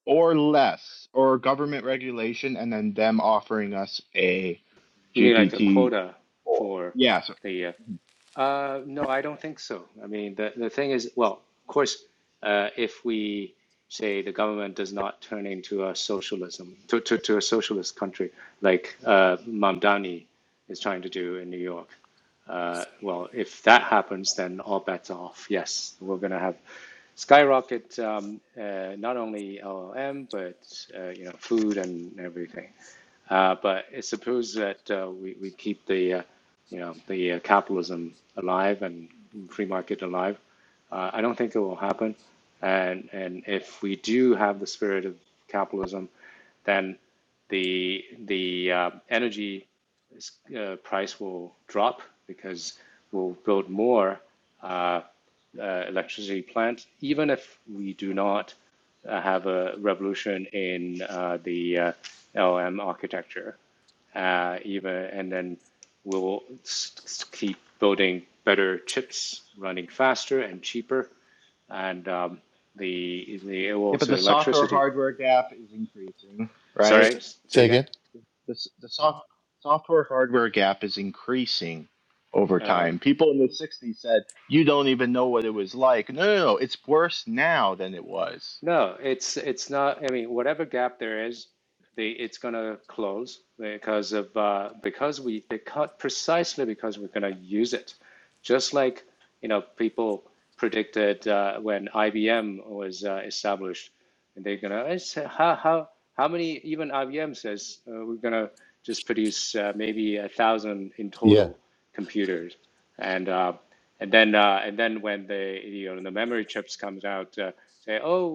S7: or less, or government regulation, and then them offering us a
S8: You mean like the
S7: GPT
S8: quota
S7: four.
S8: for
S7: Yeah, so
S8: the? Uh, uh, no, I don't think so. I mean, the the thing is, well, of course, uh, if we say the government does not turn into a socialism to to, to a socialist country like uh, Mamdani is trying to do in New York, uh, well, if that happens, then all bets are off. Yes, we're going to have skyrocket um, uh, not only LLM but uh, you know food and everything. Uh, but I suppose that uh, we, we keep the uh, you know the uh, capitalism alive and free market alive. Uh, I don't think it will happen. And and if we do have the spirit of capitalism, then the the uh, energy uh, price will drop because we'll build more uh, uh, electricity plant, even if we do not uh, have a revolution in uh, the uh, LM architecture. Uh, even and then we'll keep building better chips, running faster and cheaper, and um, the the well,
S7: yeah, but the
S8: also
S7: software
S8: electricity.
S7: hardware gap is increasing, right?
S8: Sorry,
S1: s-
S8: say
S1: say
S8: again.
S1: again?
S7: the, the soft, software hardware gap is increasing over
S8: Uh,
S7: time. People in the 60s said, you don't even know what it was like. No, no, no. It's worse now than it was.
S8: No, it's it's not. I mean, whatever gap there is, they it's gonna close because of uh, because we because precisely because we're gonna use it, just like you know people predicted uh, when IBM was uh, established, and they're gonna how how how many even IBM says uh, we're gonna just produce uh, maybe a thousand in
S1: Yeah,
S8: total computers, and uh, and then uh, and then when the you know the memory chips comes out. Uh, say, oh,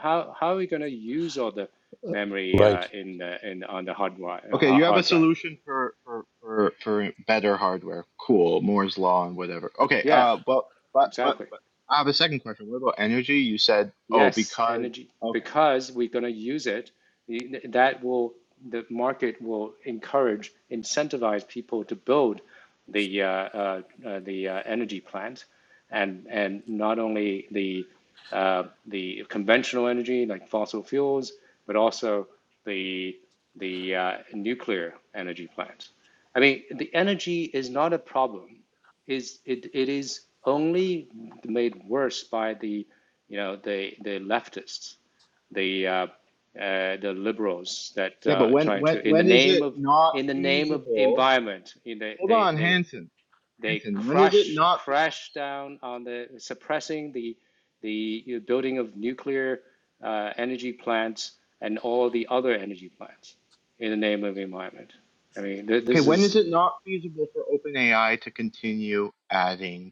S8: how, how are we going to use all the memory uh,
S1: right.
S8: in the, in on the hard
S7: Okay, you have a
S8: Hard drive?
S7: solution for, for, for, for better hardware. Cool. Moore's Law and whatever. Okay,
S8: Yeah,
S7: uh, but, but, but,
S8: exactly.
S7: but I have a second question. What about energy? You said, oh,
S8: Yes,
S7: because,
S8: energy
S7: okay.
S8: because we're going to use it. That will the market will encourage, incentivize people to build the uh, uh, uh, the uh, energy plant, and and not only the uh, the conventional energy like fossil fuels, but also the the uh, nuclear energy plants. I mean, the energy is not a problem. Is it? It is only made worse by the, you know, the the leftists, the uh, uh, the liberals that
S7: Yeah, but
S8: uh,
S7: when,
S8: trying
S7: when,
S8: to in the
S7: when is
S8: name
S7: it
S8: of
S7: not
S8: in the name of
S7: feasible?
S8: environment, you know,
S7: Hold
S8: they
S7: on,
S8: they
S7: Hanson.
S8: they
S7: Hanson, when is it
S8: crush
S7: not
S8: crash down on the suppressing the the you know, building of nuclear uh, energy plants and all the other energy plants in the name of environment. I mean, th-
S7: Okay,
S8: this
S7: when
S8: is
S7: is it not feasible for OpenAI to continue adding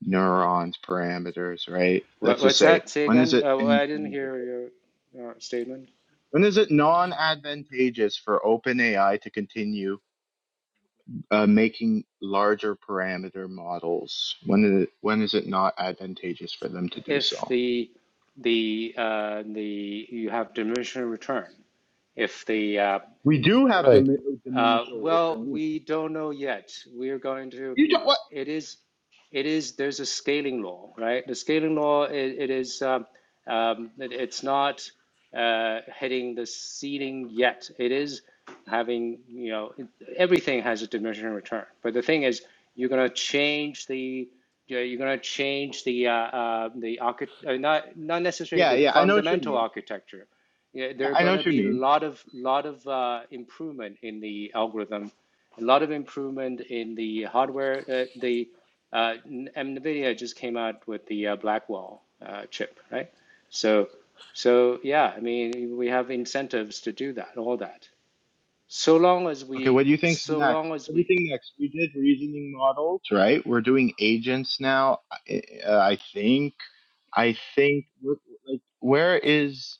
S7: neurons parameters, right?
S8: what,
S7: Let's just
S8: what's
S7: say,
S8: that? Say
S7: when is
S8: again?
S7: it
S8: Uh, well, I didn't
S7: infeasible?
S8: hear your uh, statement.
S7: When is it non advantageous for OpenAI to continue uh, making larger parameter models? When is, it, when is it not advantageous for them to do
S8: If
S7: so?
S8: the the uh, the you have diminishing return, if the uh,
S7: We do have
S1: Right,
S7: dim-
S8: Uh,
S7: diminishable
S8: well,
S7: returns.
S8: we don't know yet. We're going to.
S7: You don't, what?
S8: It is. It is. There's a scaling law, right? The scaling law. It, it is. Um, um, it, it's not uh, hitting the ceiling yet. It is having. You know, it, everything has a diminishing return. But the thing is, you're going to change the. you know, You're going to change the uh, uh, the archi- uh, not not necessarily
S7: Yeah,
S8: the
S7: yeah, I know what you
S8: fundamental
S7: mean.
S8: architecture, yeah, there
S7: Yeah,
S8: are
S7: I know
S8: going to
S7: what you
S8: be a
S7: mean.
S8: lot of lot of uh, improvement in the algorithm, a lot of improvement in the hardware. Uh, the uh, NVIDIA just came out with the uh, Blackwell uh, chip, right? So, so yeah, I mean, we have incentives to do that, all that. So long as
S7: Okay,
S8: we,
S7: what do you think's
S8: so
S7: next?
S8: long as
S7: What do
S8: we
S7: you think next? We did reasoning models, right? We're doing agents now. I, uh, I think, I think, wh- like, where is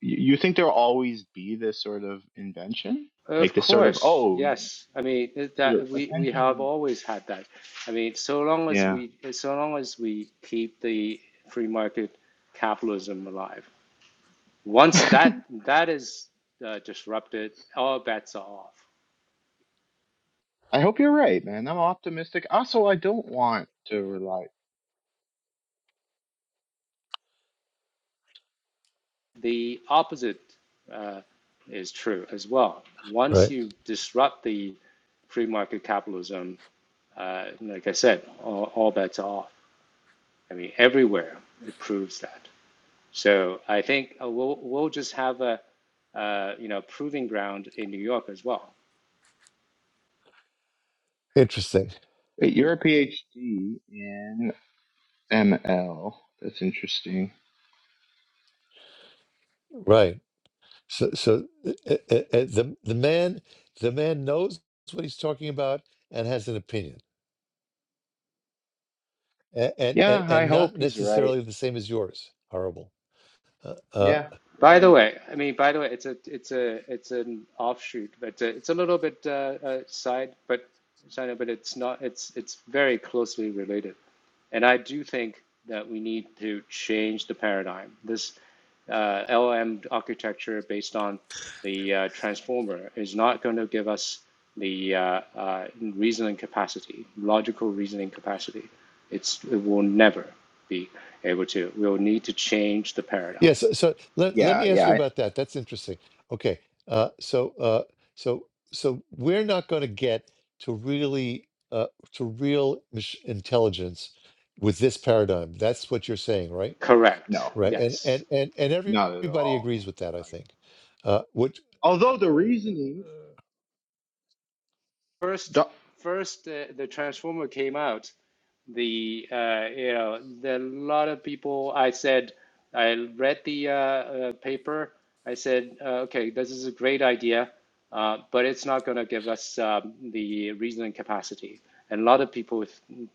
S7: you you think there'll always be this sort of invention, like
S8: Of
S7: this sort of
S8: course,
S7: oh,
S8: yes. I mean it-
S7: sort
S8: that
S7: of
S8: we we have
S7: attention?
S8: always had that. I mean, so long as
S7: Yeah,
S8: we so long as we keep the free market capitalism alive. Once that that is uh, disrupted, all bets are off.
S7: I hope you're right, man. I'm optimistic. Also, I don't want to rely.
S8: The opposite uh, is true as well. Once
S1: right.
S8: you disrupt the free market capitalism, uh, like I said, all, all bets are off. I mean, everywhere it proves that. So I think uh, we'll we'll just have a uh, you know proving ground in New York as well.
S1: Interesting.
S7: Wait, you're a PhD in ML. That's interesting.
S1: Right. So so uh, uh, uh, the the man the man knows what he's talking about and has an opinion. a- and and
S7: Yeah, I
S1: and not
S7: hope he's right.
S1: necessarily the same as yours. Horrible. Uh, uh,
S7: Yeah, yeah,
S8: By
S7: yeah.
S8: the way, I mean by the way, it's a it's a it's an offshoot, but uh, it's a little bit uh, uh, side, but side, but it's not it's it's very closely related. And I do think that we need to change the paradigm. This uh, LLM architecture based on the uh, transformer is not going to give us the uh, uh, reasoning capacity, logical reasoning capacity. It's, it will never be able to. We'll need to change the paradigm.
S1: yes. so, so let let
S7: Yeah,
S1: me ask
S7: yeah.
S1: you
S7: I,
S1: about that. That's interesting. Okay. Uh, so uh, so so we're not going to get to really uh, to real mach- intelligence with this paradigm. That's what you're saying, right?
S8: Correct.
S7: no,
S1: Right. And
S8: Yes.
S1: and and and
S7: not at
S1: everybody
S7: all.
S1: agrees with that. I
S7: Not at all.
S1: think. Uh, which
S7: Although the reasoning,
S8: first
S7: doc,
S8: first uh, the transformer came out the uh, you know the lot of people i said i read the uh, uh, paper i said uh, okay this is a great idea uh, but it's not going to give us um, the reasoning capacity and a lot of people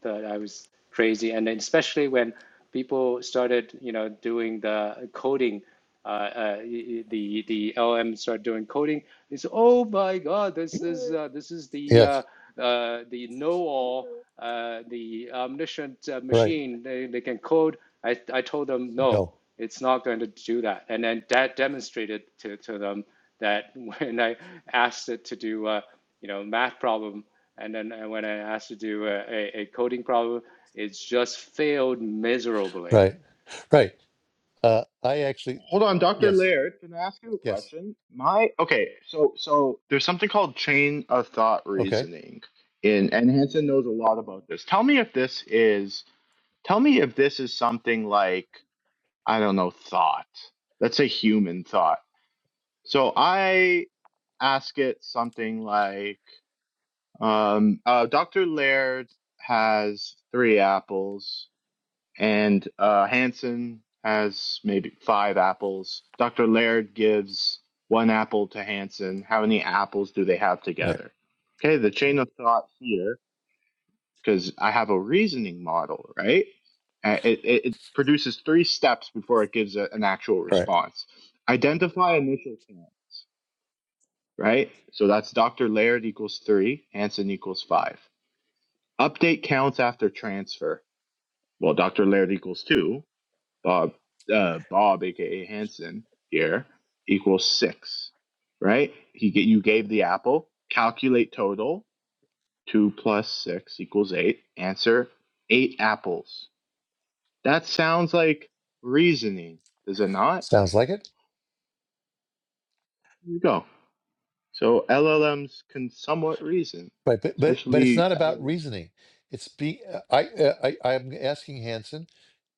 S8: thought i was crazy and then especially when people started you know doing the coding uh, uh, the the LM start doing coding. They say, "Oh my God, this is uh, this is the uh,
S1: yes.
S8: uh, the know-all, uh, the omniscient uh,
S1: Right.
S8: machine. They, they can code." I I told them, "No,
S1: No.
S8: it's not going to do that." And then that demonstrated to to them that when I asked it to do uh, you know math problem, and then uh, when I asked it to do a, a, a coding problem, it's just failed miserably
S1: Right. Right. Uh, I actually
S7: hold on, Doctor
S1: yes.
S7: Laird, can I ask you a
S1: Yes.
S7: question? My okay, so so there's something called chain of thought
S1: Okay.
S7: reasoning, in and Hanson knows a lot about this. Tell me if this is. Tell me if this is something like I don't know thought. Let's say human thought. So I ask it something like, um, uh, Doctor Laird has three apples and uh, Hanson has maybe five apples. Dr. Laird gives one apple to Hanson. How many apples do they have
S1: Right.
S7: together? Okay, the chain of thought here, because I have a reasoning model, right? Uh, It, it, it produces three steps before it gives a, an actual
S1: Right.
S7: response. Identify initial counts, right? So that's Dr. Laird equals three, Hanson equals five. Update counts after transfer. Well, Dr. Laird equals two, Bob, uh, Bob, aka Hanson here equals six, right? He get you gave the apple. Calculate total. Two plus six equals eight. Answer: eight apples. That sounds like reasoning, does it not?
S1: Sounds like it.
S7: Here you go. So LLMs can somewhat reason,
S1: Right. But but but it's
S7: especially
S1: not about
S7: LLM.
S1: reasoning. It's be uh, I uh, I I am asking Hanson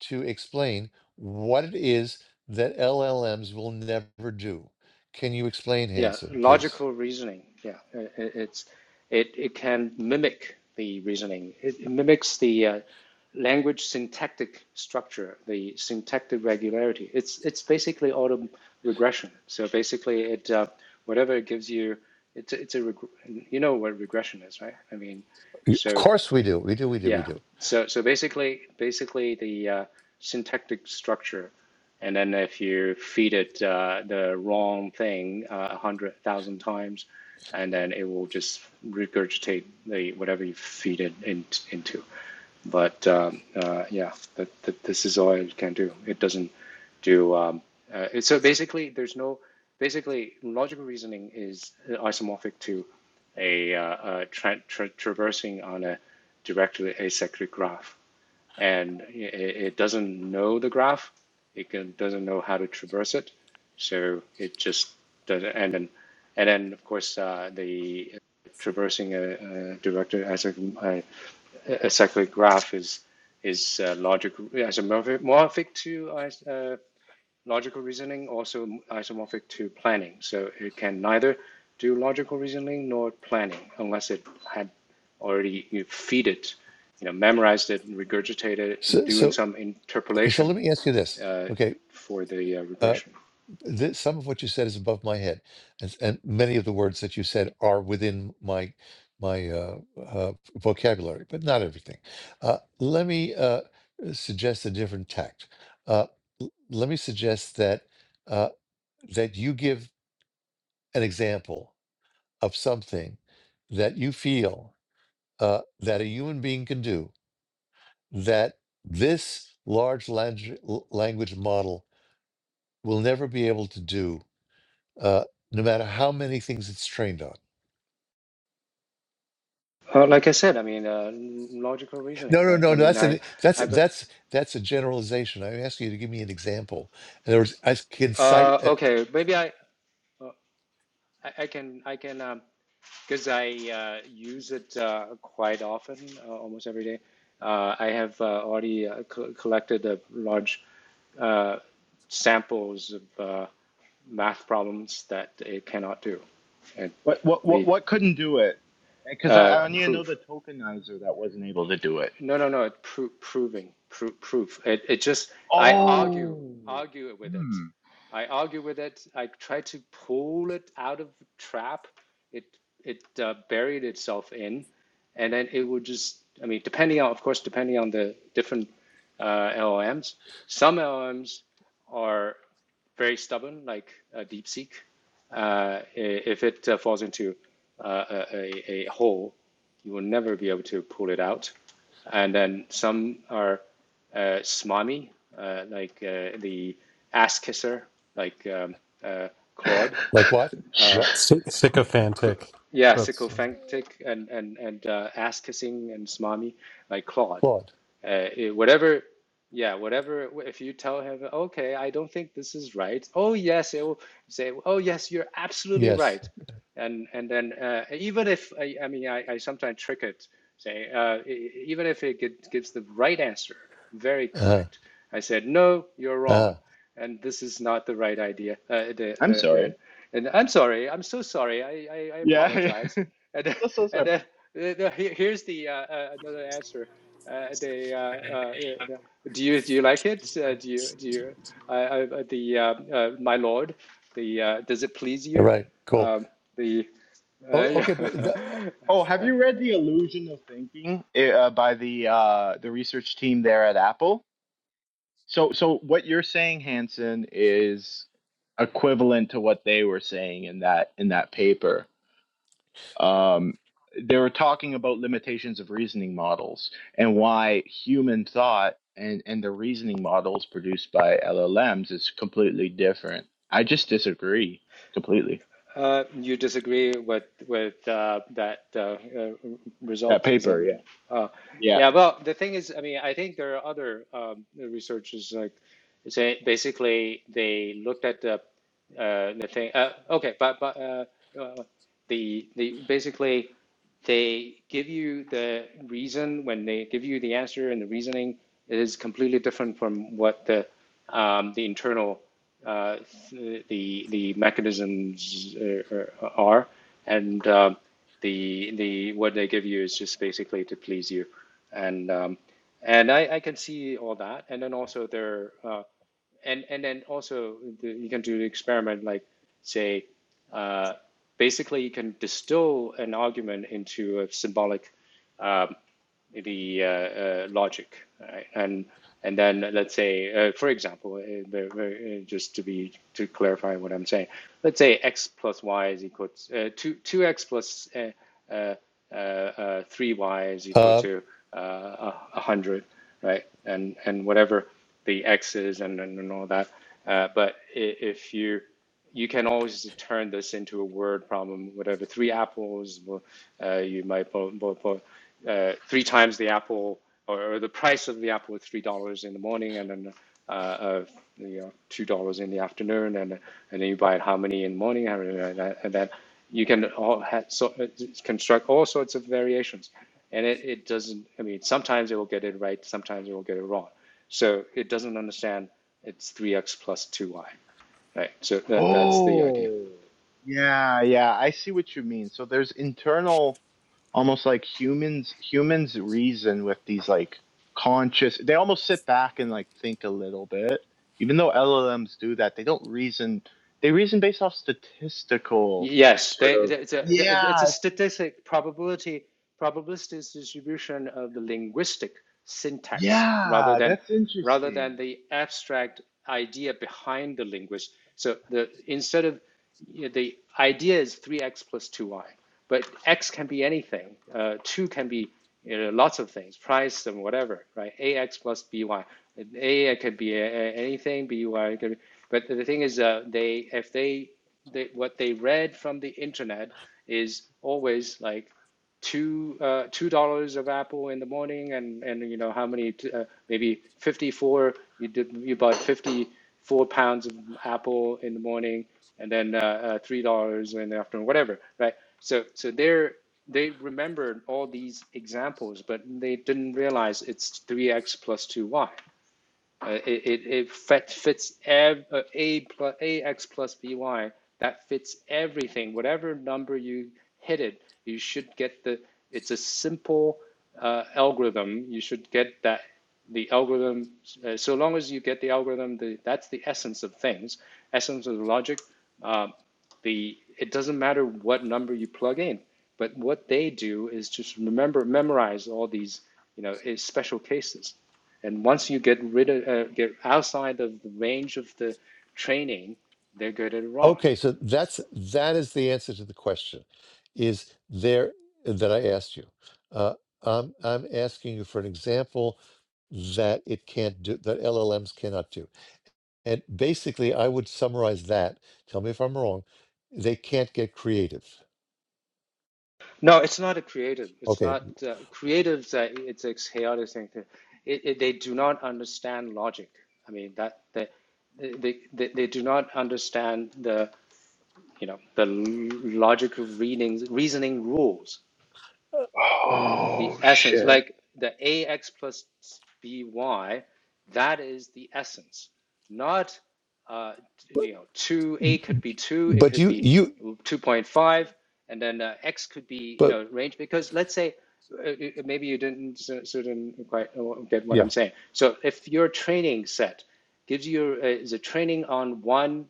S1: to explain what it is that LLMs will never do. Can you explain,
S8: yeah,
S1: Hanson, please?
S8: logical reasoning. Yeah, it, it's it it can mimic the reasoning. It, it mimics the uh, language syntactic structure, the syntactic regularity. It's it's basically auto regression. So basically, it uh, whatever it gives you, it's it's a reg- you know what regression is, right? I mean,
S1: Y- Of
S8: so
S1: course we do. We do. We do. We
S8: yeah.
S1: do.
S8: So so basically basically the uh, syntactic structure, and then if you feed it uh, the wrong thing uh, a uh, hundred thousand times, and then it will just regurgitate the whatever you feed it in, into. But um, uh, yeah, that, that this is all it can do. It doesn't do. Um, uh, it- so basically, there's no. Basically, logical reasoning is isomorphic to a, uh, uh tra- tra- traversing on a directly acyclic graph, and i it doesn't know the graph. It can, doesn't know how to traverse it, so it just does. not And then, and then of course, uh, the traversing a, a directed acyclic a cyclic graph is is uh, logical isomorphic to uh, logical reasoning, also isomorphic to planning. So it can neither do logical reasoning nor planning unless it had already you know, feed it, you know, memorized it, and regurgitated it,
S1: So
S8: doing
S1: so
S8: some
S1: okay. So
S8: interpolation
S1: let me ask you this.
S8: uh,
S1: Okay.
S8: for the uh,
S1: uh,
S8: regression.
S1: that some of what you said is above my head and, and many of the words that you said are within my my uh, uh, vocabulary but not everything uh, let me uh, suggest a different tact uh, l- let me suggest that uh, that you give an example of something that you feel uh, that a human being can do that this large language, language model will never be able to do uh, no matter how many things it's trained on.
S8: Uh, like I said, I mean, uh, logical
S1: No,
S8: reasoning,
S1: no,
S8: right? I
S1: no, no.
S8: mean,
S1: That's
S8: I,
S1: an that's
S8: I've,
S1: that's that's a generalization. I'm asking you to give me an example. In other words, I can cite
S8: uh,
S1: uh,
S8: okay, maybe I, uh, I, I can, I can. Um, because I uh, use it uh, quite often, uh, almost every day. Uh, I have uh, already uh, co- collected a large uh, samples of uh, math problems that it cannot do, and
S7: What what what
S8: the
S7: what couldn't do it? Because
S8: uh,
S7: I, I need to know
S8: proof
S7: the tokenizer that wasn't able to do it.
S8: No, no, no. It pro- proving, pro- proof. It, it just, I argue,
S7: Oh.
S8: argue with
S7: Hmm.
S8: it. I argue with it. I try to pull it out of the trap. It, it uh, buried itself in, and then it would just. I mean, depending on, of course, depending on the different uh, LLMs. Some LLMs are very stubborn, like uh, DeepSeek uh, if it uh, falls into uh, a, a, hole, you will never be able to pull it out. And then some are uh, smarmy, uh, like uh, the ass kisser, like um, uh, Claude,
S1: like what Gra-
S3: Sy- sycophantic.
S8: yeah,
S3: That's uh,
S8: sycophantic and and and uh, ass kissing and smarmy, like Claude.
S1: Claude.
S8: Uh, it- whatever, yeah, whatever. If you tell him, okay, I don't think this is right. Oh yes, it will say, oh yes, you're absolutely
S1: Yes.
S8: right. And and then uh, even if I, I mean I, I sometimes trick it, say uh, e- e- even if it gives the right answer, very
S1: Uh,
S8: correct. I said no, you're
S1: uh,
S8: wrong and this is not the right idea. Uh, the,
S7: I'm
S8: the,
S7: sorry.
S8: the, and I'm sorry. I'm so sorry. I, I, I
S7: Yeah. yeah.
S8: apologize. And
S7: so so
S8: and
S7: sorry.
S8: then the, the, here- here's the uh, uh, another answer. Uh, the, uh, uh, the do you do you like it? Uh, do you do you I, I, uh, the uh, uh, my lord? The uh, does it please
S1: Right.
S8: you?
S1: Cool.
S8: Um, the uh,
S1: Oh, okay, but th-
S8: yeah.
S7: Oh, have you read The Illusion of Thinking eh, uh, by the uh, the research team there at Apple? So so what you're saying, Hanson, is equivalent to what they were saying in that in that paper. Um, they were talking about limitations of reasoning models and why human thought and and the reasoning models produced by LLMs is completely different. I just disagree completely.
S8: Uh, you disagree with with uh, that uh, uh,
S7: That
S8: result? Is that
S7: paper,
S8: what? You,
S7: yeah.
S8: oh,
S7: Yeah.
S8: yeah. Well, the thing is, I mean, I think there are other um, researchers like say basically they looked at the uh, the thing. Uh, okay, but but uh, uh, the the basically they give you the reason when they give you the answer and the reasoning it is completely different from what the um, the internal uh, the the mechanisms uh, uh, are and um, the the what they give you is just basically to please you and um, and I, I can see all that and then also their uh, and and then also the, you can do the experiment like say uh, basically you can distill an argument into a symbolic um, the uh, uh, logic, right? And and then let's say, uh, for example, uh, uh, just to be to clarify what I'm saying, let's say x plus y is equal to uh, two two x plus uh, uh, uh, uh, three y is
S1: uh,
S8: equal
S1: uh,
S8: to uh, a hundred, right? And and whatever the x is and and, all that. Uh, but if you you can always turn this into a word problem. Whatever three apples, well, uh, you might put, put, put uh, three times the apple, or, or the price of the apple is three dollars in the morning, and then uh, uh, you know two dollars in the afternoon, and and then you buy it how many in the morning, how many, and that, and that you can all ha so, uh, construct all sorts of variations, and it, it doesn't. I mean, sometimes it will get it right, sometimes it will get it wrong. So it doesn't understand it's 3x plus 2y. Right. So that that's the idea.
S7: Oh, yeah, yeah. I see what you mean. So there's internal, almost like humans, humans reason with these like conscious, they almost sit back and like think a little bit. Even though LLMs do that, they don't reason, they reason based off statistical
S8: Yes,
S7: sort
S8: they,
S7: of.
S8: it's a it's a
S7: Yeah,
S8: statistic probability probabilistic distribution of the linguistic syntax rather
S7: yeah,
S8: than
S7: that's
S8: rather
S7: interesting.
S8: than the abstract idea behind the language. So the instead of you know, the idea is 3x plus 2y, but x can be anything. Uh, 2 can be you know, lots of things, price and whatever, right? ax plus b y, a A could be a, a- anything, by could be, but the thing is, uh, they if they, they what they read from the internet is always like two uh, two dollars of apple in the morning and and you know how many uh, maybe 54 you did you bought 54 pounds of apple in the morning and then uh, uh, three dollars in the afternoon whatever right so so they're they remembered all these examples but they didn't realize it's 3x plus 2y uh, it it, it fit, fits ev- uh, a plus ax plus by that fits everything whatever number you hit it you should get the it's a simple uh, algorithm you should get that the algorithm uh, so long as you get the algorithm the, that's the essence of things essence of logic uh, the it doesn't matter what number you plug in but what they do is just remember memorize all these you know eh, special cases and once you get rid of, uh, get outside of the range of the training, they're good at it wrong.
S1: okay. So that's that is the answer to the question. Is there that I asked you? Uh, I'm I'm asking you for an example that it can't do that LLMs cannot do. And basically, I would summarize that. Tell me if I'm wrong. They can't get creative.
S8: No, it's not a creative. It's
S1: Okay.
S8: not uh, creatives. Uh, it's a chaotic thing. It, it, they do not understand logic. I mean that they, they they they do not understand the you know the l- logic of readings reasoning rules.
S1: Uh,
S8: the
S7: Oh,
S8: essence,
S7: shit.
S8: like the ax plus by, that is the essence, not uh,
S1: But,
S8: you know two a could be two, it
S1: but
S8: could
S1: you,
S8: be
S1: you,
S8: two point five, and then uh, x could be you
S1: but
S8: know range because let's say uh, uh, maybe you didn't so- so didn't quite get what
S1: yeah.
S8: I'm saying. So if your training set gives you uh, is a training on one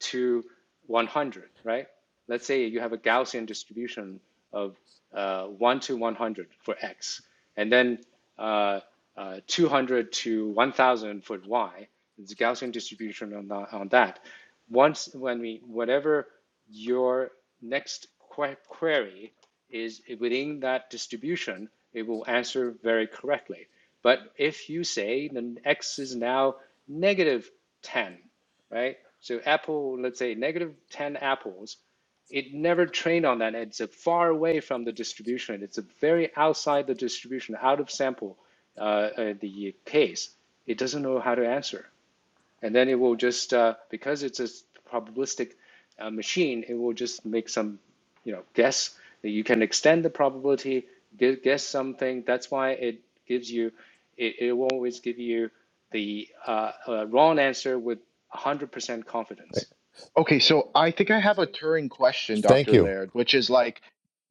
S8: to 100, right? Let's say you have a Gaussian distribution of uh, 1 to 100 for x, and then uh, uh, 200 to 1000 for y. It's a Gaussian distribution on, tha- on that. Once, when we, whatever your next que- query is within that distribution, it will answer very correctly. But if you say then x is now negative 10 right? So apple, let's say negative 10 apples, it never trained on that. It's a far away from the distribution. It's a very outside the distribution, out of sample, uh, uh, the case. It doesn't know how to answer and then it will just uh, because it's a probabilistic uh, machine, it will just make some you know guess that you can extend the probability, gu- guess something. That's why it gives you it, it will always give you the uh, uh, wrong answer with 100%
S1: Eh,
S8: confidence.
S7: Okay, so I think I have a Turing question,
S1: Thank
S7: Dr.
S1: you.
S7: Laird, which is like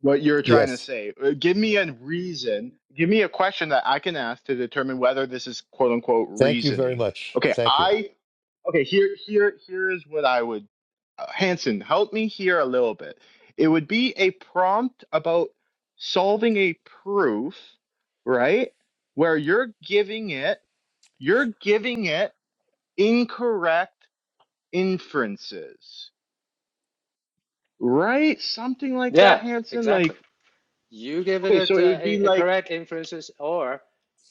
S7: what you're trying to
S1: Yes.
S7: say. Uh, Give me a reason, give me a question that I can ask to determine whether this is quote unquote
S1: Thank you very
S7: reasoning.
S1: much.
S7: Okay,
S1: Thank you.
S7: I okay, here here here is what I would uh, Hanson, help me here a little bit. It would be a prompt about solving a proof, right? Where you're giving it, you're giving it incorrect inferences Right? Something like that,
S8: Yeah,
S7: Hanson.
S8: exactly.
S7: Like,
S8: you give
S7: okay,
S8: it
S7: so
S8: a,
S7: it would be
S8: a, a
S7: like
S8: correct inferences, or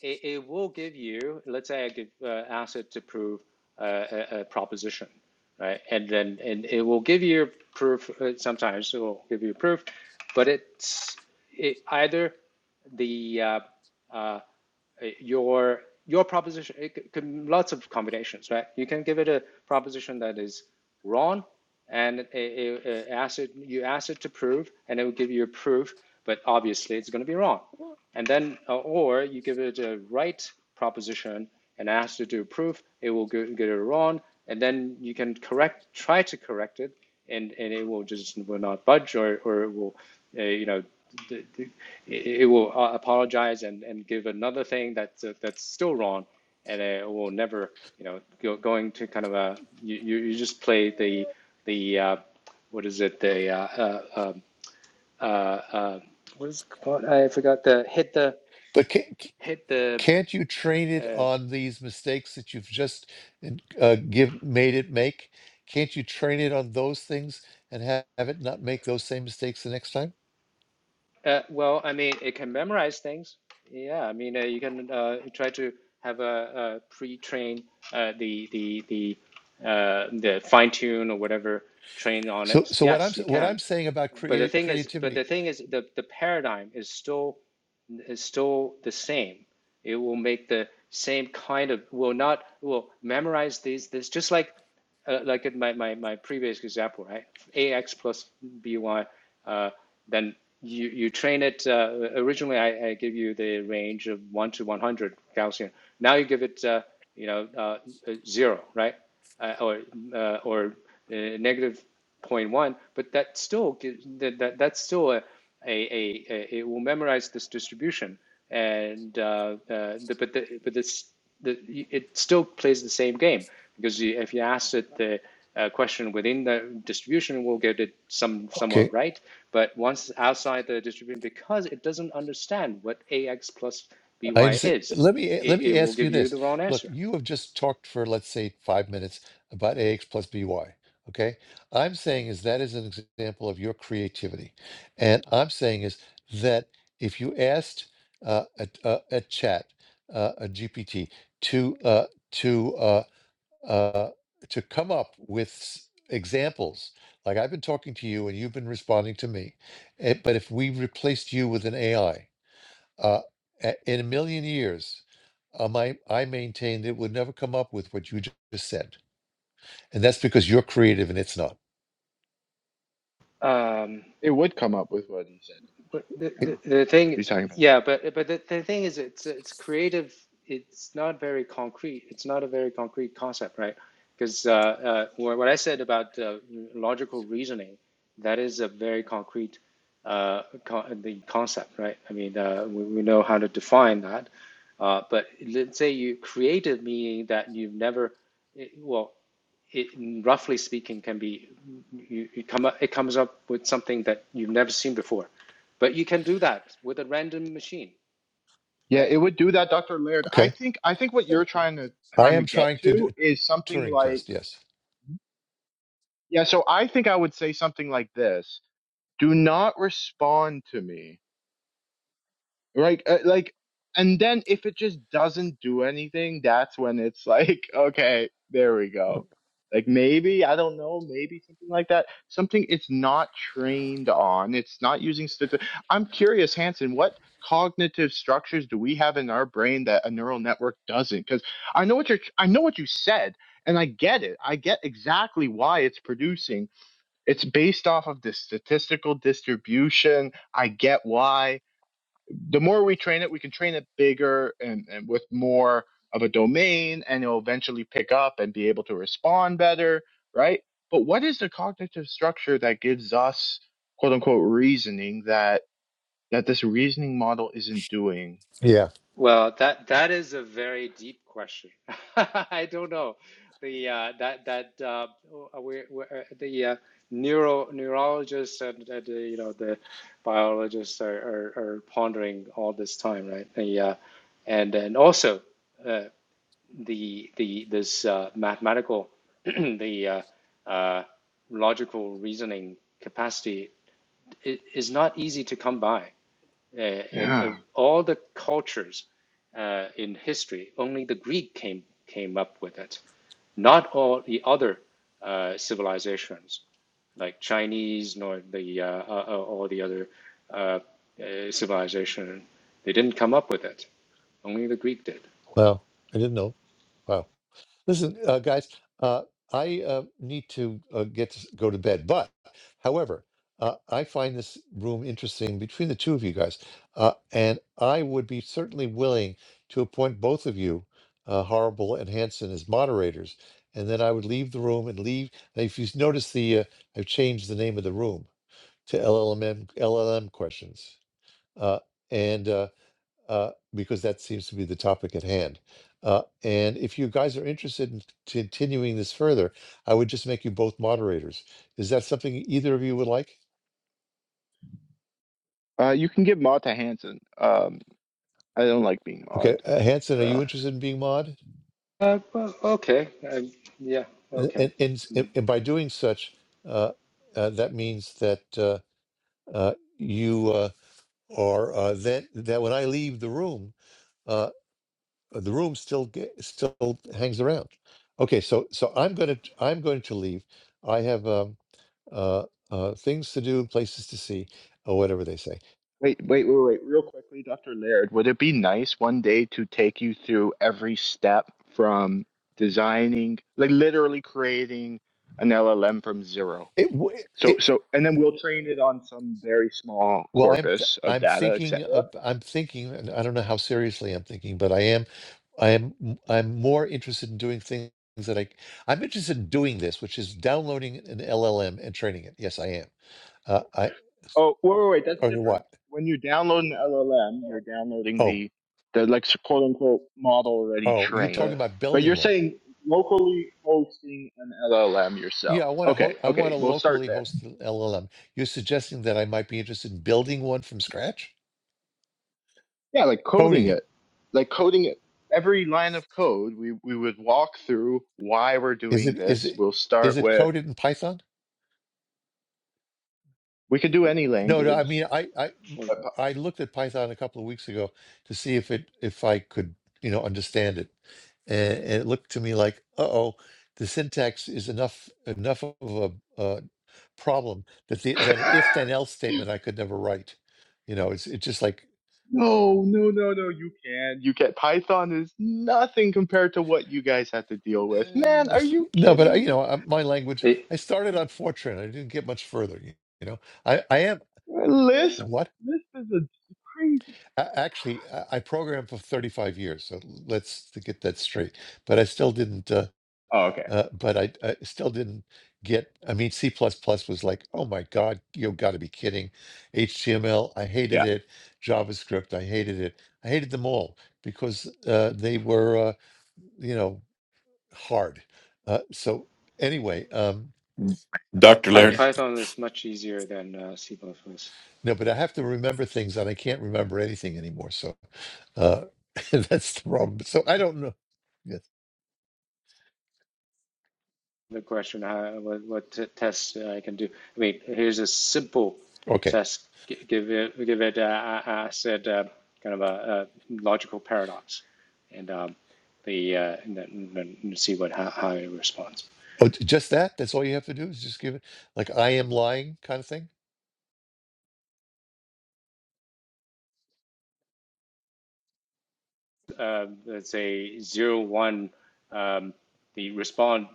S8: it, it will give you, let's say I give, uh, ask it to prove uh, a, a proposition, right? And then and it will give you proof, uh, sometimes it will give you proof, but it's it, either the uh, uh, uh, your your proposition it c- lots of combinations right you can give it a proposition that is wrong and it, it, it ask it, you ask it to prove and it will give you a proof but obviously it's going to be wrong and then uh, or you give it a right proposition and ask it to do a proof it will go- get it wrong and then you can correct try to correct it and, and it will just will not budge or, or it will uh, you know the, the it, will uh, apologize and, and give another thing that's uh, that's still wrong, and it will never, you know, go, going to kind of a you, you just play the the uh, what is it the uh, uh, um, uh, uh, what is it called? I forgot the hit the
S1: But can,
S8: hit the
S1: can't you train it
S8: uh,
S1: on these mistakes that you've just uh, give made it make? Can't you train it on those things and have, have it not make those same mistakes the next time?
S8: uh, well. I mean, it can memorize things. Yeah, I mean, uh, you can uh, try to have a, a pre-train uh, the the the uh, the fine tune or whatever train on
S1: So,
S8: it.
S1: so what I'm
S8: Yes, you
S1: s- what
S8: can.
S1: I'm saying about
S8: But the
S1: create
S8: thing is, but
S1: creativity.
S8: the thing is, the, the paradigm is still is still the same. It will make the same kind of will not will memorize these this just like uh, like in my, my my previous example, right? Ax plus by, uh, then you you train it. Uh, originally, I, I give you the range of one to one hundred Gaussian. Now you give it uh, you know uh, uh, zero, right? uh, or uh, or uh, negative zero point 0.1, but that still that, that that's still a, a, a, a it will memorize this distribution and uh, uh, the, but the, but this the, it still plays the same game because you, if you ask it the uh, question within the distribution, we'll get it some
S1: Okay.
S8: somewhat right. But once outside the distribution, because it doesn't understand what ax plus
S1: I
S8: by
S1: understand.
S8: is,
S1: Let me eh, let
S8: it, it
S1: me
S8: will
S1: ask you
S8: give you
S1: this.
S8: the wrong
S1: Look,
S8: answer.
S1: you have just talked for let's say five minutes about AX plus BY. Okay, I'm saying is that is an example of your creativity, and I'm saying is that if you asked uh, a, a, a chat, uh, a GPT, to uh, to uh, uh, to come up with s- examples, like I've been talking to you and you've been responding to me, eh, but if we replaced you with an AI. Uh, a- in a million years, uh, my, I maintained it would never come up with what you ju- just said. And that's because you're creative and it's not.
S8: Um,
S7: it would come up with what he said.
S8: But the,
S7: Yeah. What
S1: It-
S8: the
S7: are
S8: the thing
S7: you
S8: is,
S7: talking about?
S8: yeah, but but the, the thing is, it's it's creative. It's not very concrete. It's not a very concrete concept, right? Because uh, uh, what what I said about uh, logical reasoning, that is a very concrete uh, con- the concept, right? I mean, uh, we, we know how to define that. Uh, but let's say you creative meaning that you've never, it, well, it roughly speaking can be you, you come up, it comes up with something that you've never seen before but you can do that with a random machine,
S7: Yeah,
S8: right?
S7: it would do that, Dr. Laird. I
S1: okay.
S7: think I think what you're trying to
S1: I
S7: trying to
S1: am
S7: get
S1: trying to do
S7: to
S1: a
S7: is something
S1: Turing
S7: like
S1: test. Yes.
S7: yeah, so I think I would say something like this. Do not respond to me. right? Uh, like, and then if it just doesn't do anything, that's when it's like, okay, there we go. Like maybe, I don't know, maybe something like that. Something it's not trained on. It's not using stati- I'm curious, Hanson, what cognitive structures do we have in our brain that a neural network doesn't? Because I know what you're, I know what you said, and I get it. I get exactly why it's producing. It's based off of this statistical distribution. I get why the more we train it, we can train it bigger and, and with more of a domain, and it'll eventually pick up and be able to respond better, right? But what is the cognitive structure that gives us quote unquote reasoning that that this reasoning model isn't doing?
S1: Yeah.
S8: Well, that that is a very deep question. I don't know. The uh, that that uh, we, uh, the uh, neuro neurologists and, and uh, you know the biologists are, are, are pondering all this time, right? The uh, and and also uh, the the this uh, mathematical the uh, uh, logical reasoning capacity is not easy to come by uh, and,
S7: Yeah.
S8: and all the cultures uh, in history, only the Greek came came up with it. Not all the other uh, civilizations, like Chinese, nor the uh, uh, uh, all the other uh, uh, civilization, they didn't come up with it. Only the Greek did.
S1: Wow. I didn't know. Wow. Listen, uh, guys, uh, I uh, need to uh, get to, s- go to bed. But, however, uh, I find this room interesting between the two of you guys, uh, and I would be certainly willing to appoint both of you, uh, Horrible and Hanson, as moderators. And then I would leave the room and leave. and If you notice, the uh, I've changed the name of the room to LLM LLM questions, uh, and uh, uh, because that seems to be the topic at hand. Uh, and if you guys are interested in continuing this further, I would just make you both moderators. Is that something either of you would like?
S7: Uh, you can give mod to Hanson. Um, I don't like being mod.
S1: Okay, uh, Hanson, are
S7: Uh,
S1: you interested in being mod?
S8: Uh, well, okay, uh, yeah,
S1: Uh,
S8: okay.
S1: And and
S8: I
S1: and
S8: mean,
S1: and by doing such, uh, uh, that means that uh, uh, you uh, are uh, then that when I leave the room, uh, the room still ge- still hangs around. Okay, so so I'm gonna I'm going to leave. I have. um, uh, uh, things to do, places to see, or whatever they say.
S7: Wait, wait, wait, wait. Real quickly, Dr. Laird, would it be nice one day to take you through every step from designing, like literally creating an LLM from zero?
S1: It, w-
S7: So,
S1: it
S7: so, and then we'll train it on some very small
S1: well, I'm th-
S7: corpus of
S1: I'm
S7: data, et
S1: thinking
S7: cetera.
S1: of I'm thinking, and I don't know how seriously I'm thinking, but I am I am m- I'm more interested in doing things that I I'm interested in doing this, which is downloading an LLM and training it. Yes, I am. Uh, I
S7: Oh, wait, wait, wait, that's
S1: okay,
S7: different.
S1: what?
S7: When you download an LLM, you're downloading
S1: Oh,
S7: the, the like quote unquote model already
S1: oh, you're
S8: uh,
S1: talking
S7: trained.
S8: I
S1: about
S7: But
S1: building
S7: you're
S1: one.
S7: saying locally hosting an LLM yourself.
S1: Yeah, I want to.
S7: Okay,
S1: Ho- I want
S7: okay,
S1: to
S7: we'll start
S1: locally
S7: there.
S1: host an LLM. You're suggesting that I might be interested in building one from scratch,
S7: Yeah, like
S1: coding
S7: coding
S1: it.
S7: it, like coding it. Every line of code, we, we would walk through why we're
S1: Is
S7: doing
S1: it is
S7: this.
S1: it
S7: We'll
S1: is
S7: start
S1: it
S7: with,
S1: coded in Python?
S7: we could do any
S1: No, no.
S8: mean,
S1: I
S7: language.
S1: mean, I I
S8: well,
S7: but
S1: I looked at Python a couple of weeks ago to see if it if I could you know understand it, and, and it looked to me like, uh oh, the syntax is enough enough of a uh, problem that the
S7: Py-
S1: that an if then else statement I could never write. You know, it's it's just like
S7: no, no, no, no, you can't. You can't. Python is nothing compared to what you guys had to deal with.
S1: eh,
S7: Man, are you
S1: no, but I-
S7: kidding
S1: you
S7: me?
S1: know, I- my language.
S8: hey,
S1: I started on Fortran. I didn't get much further. You you know, I I am
S7: Uh, Lisp?
S1: what?
S7: Lisp is a crazy.
S1: A- Actually, I I programmed for 35 years, so let's to get that straight. But I still didn't. Uh,
S7: Oh, okay.
S1: uh, but I, I still didn't get. I mean, C++ plus plus was like, oh my God, you got to be kidding. HTML, I hated
S7: Yeah.
S1: it. JavaScript, I hated it. I hated them all because uh, they were, uh, you know, hard. Uh, so anyway, um,
S9: Dr.
S8: Py-
S9: Laird.
S1: yes,
S8: Python is much easier than uh, C++.
S1: no, but I have to remember things, and I can't remember anything anymore. So uh, that's the problem. So I don't know.
S8: the question how, what, what t- tests I can do. I mean, here's a simple
S1: Okay.
S8: test. G- Give it, give it. Uh, uh, uh, I, said uh, kind of a, a logical paradox, and um, the uh, and then, and see what how, how it responds.
S1: Oh, j- just that? That's all you have to do is just give it like I am lying kind of thing?
S8: Uh, let's say zero one. Um, the respond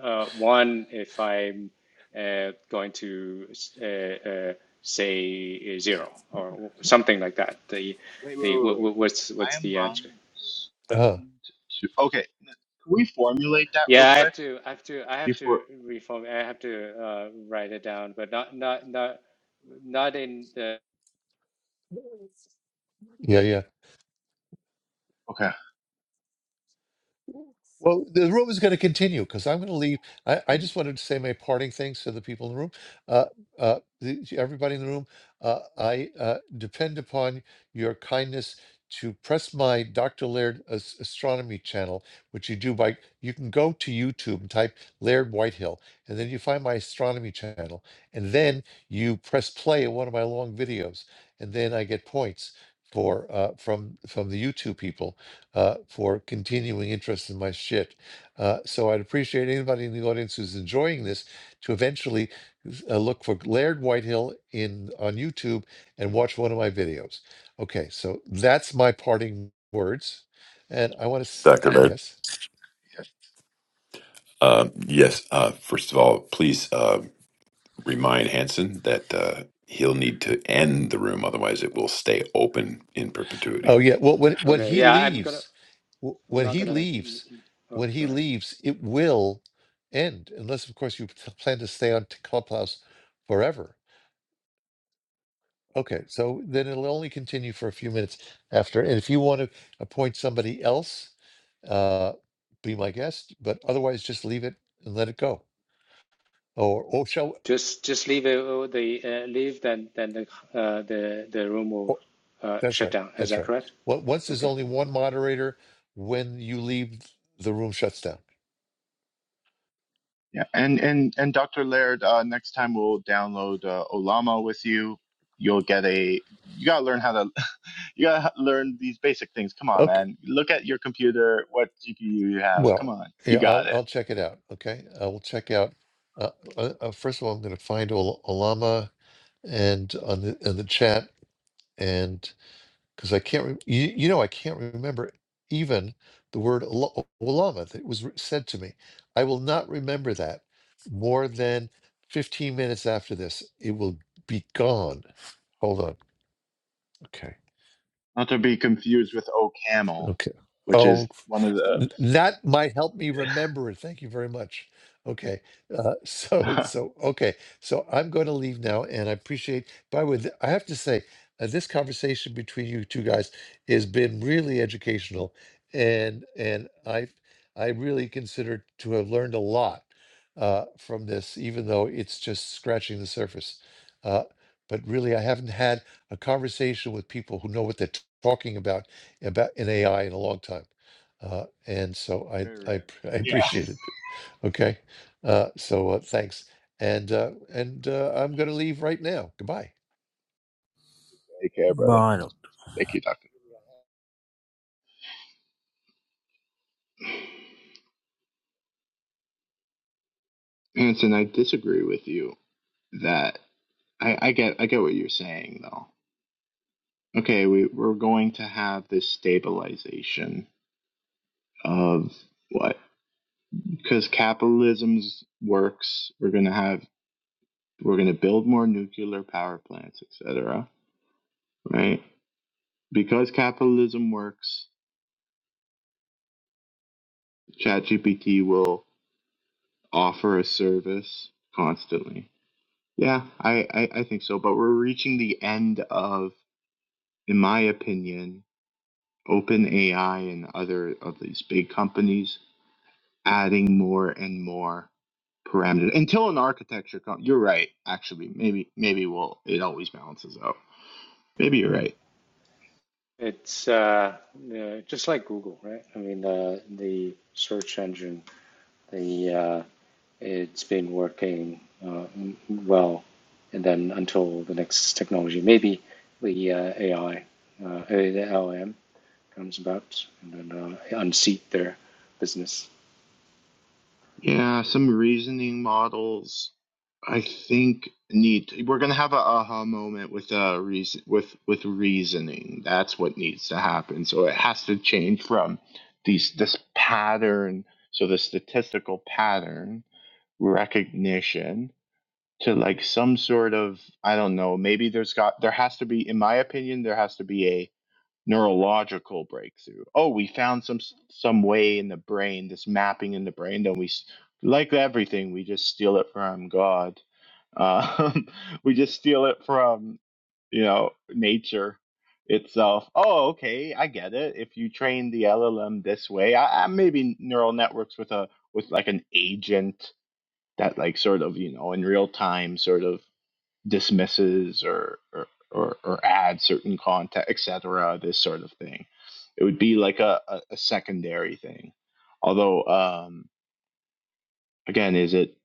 S8: uh, one if I'm uh, going to uh, uh, say zero or something like that. The
S7: Wait, wait,
S8: the
S7: wait,
S8: what,
S7: wait.
S8: what's
S7: I
S8: what's
S7: am
S8: the
S7: lying.
S8: answer?
S1: Uh,
S7: Respond to. Okay. Can we formulate that real
S8: Yeah, I have
S7: quick
S8: to, I have to, I have to
S7: before?
S8: reform. I have to uh, write it down, but not, not, not, not in the.
S1: yeah, yeah.
S7: Okay.
S1: Well, the room is going to continue because I'm going to leave. I, I just wanted to say my parting things to the people in the room. Uh, uh, the, to everybody in the room, uh, I uh, depend upon your kindness to press my Dr. Laird as- astronomy channel, which you do by, you can go to YouTube and type Laird Whitehill, and then you find my astronomy channel. And then you press play on one of my long videos, and then I get points for uh, from from the YouTube people uh, for continuing interest in my shit. Uh, so I'd appreciate anybody in the audience who's enjoying this to eventually uh, look for Laird Whitehill in on YouTube and watch one of my videos. Okay, so that's my parting words, and I want to
S9: Dr. Laird.
S1: yes.
S9: Um, yes. Uh, first of all, please uh, remind Hanson that uh, he'll need to end the room, otherwise, it will stay open in perpetuity.
S1: Oh yeah. Well, when when
S8: Okay,
S1: he
S8: yeah, I'm gonna,
S1: leaves, w-
S8: I'm
S1: when
S8: not
S1: he
S8: gonna.
S1: leaves,
S8: Oh,
S1: when
S8: go
S1: he
S8: ahead.
S1: leaves, it will end, unless of course you p- plan to stay on t- Clubhouse forever Okay, so then it'll only continue for a few minutes after. And if you want to appoint somebody else, uh, be my guest, but otherwise just leave it and let it go. Or, or shall,
S8: Just, just leave it. oh, The uh, leave, then, then the, uh, the, the room will
S1: or,
S8: uh,
S1: that's
S8: shut
S1: right,
S8: down. Is
S1: that's
S8: that
S1: right.
S8: correct?
S1: Well, once there's
S8: Okay.
S1: only one moderator, when you leave, the room shuts down.
S7: Yeah, and and and Dr. Laird, uh, next time we'll download uh, Olama with you. You'll get a. You gotta learn how to. You gotta learn these basic things. Come on,
S1: Okay,
S7: man. Look at your computer. What GPU you have? Come
S1: well,
S7: on, you
S1: yeah,
S7: got
S1: I'll,
S7: it.
S1: I'll check it out. Okay, I will check out. Uh, uh, uh, first of all, I'm going to find Ol- Olama and on the, in the chat, and. because I can't. Re- you, you know, I can't remember even the word ul- ulama that was re- said to me. I will not remember that more than fifteen minutes after this. It will be gone. Hold on. Okay.
S7: Not to be confused with OCaml,
S1: Okay.
S7: which is
S1: Oh,
S7: one of the
S1: n- that might help me remember it. Thank you very much. Okay. Uh, so, so, okay. So I'm going to leave now and I appreciate, by the way, th- I have to say, uh, this conversation between you two guys has been really educational and, and I, I really consider to have learned a lot uh, from this, even though it's just scratching the surface. Uh, but really, I haven't had a conversation with people who know what they're t- talking about about in AI in a long time. Uh, and so I,
S7: very
S1: I
S7: rare.
S1: p- I
S7: Yeah.
S1: appreciate it. Okay. Uh, so uh, thanks. And uh, and uh, I'm going to leave right now. Goodbye.
S7: Take care, brother.
S6: bye doctor.
S7: Thank you, Doctor. Anson, I disagree with you that I, I get I get what you're saying though. Okay, we, we're going to have this stabilization of what because capitalism works we're going to have we're going to build more nuclear power plants etc right because capitalism works chatgpt will offer a service constantly yeah I, I i think so but we're reaching the end of in my opinion OpenAI and other of these big companies adding more and more parameter until an architecture comes. You're right, actually. Maybe maybe well, it always balances out. Maybe you're right.
S8: It's uh, uh, just like Google, right? I mean, uh, the search engine, the uh, it's been working uh, well. And then until the next technology, maybe the uh, AI, uh, uh, the LM comes about and then uh, unseat their business.
S7: Yeah, some reasoning models I think need to, we're gonna have an aha moment with uh reason with with reasoning. That's what needs to happen. So it has to change from these this pattern, so the statistical pattern recognition to like some sort of I don't know, maybe there's got there has to be in my opinion there has to be a neurological breakthrough. Oh, we found some some way in the brain, this mapping in the brain. Then we, s- like everything, we just steal it from God. Um, we just steal it from you know nature itself. Oh, okay, I get it. If you train the LLM this way, I, I maybe neural networks with a with like an agent that like sort of you know in real time sort of dismisses or or, or, or add certain content, et cetera. This sort of thing. It would be like a, a, a secondary thing. Although, um, again, is it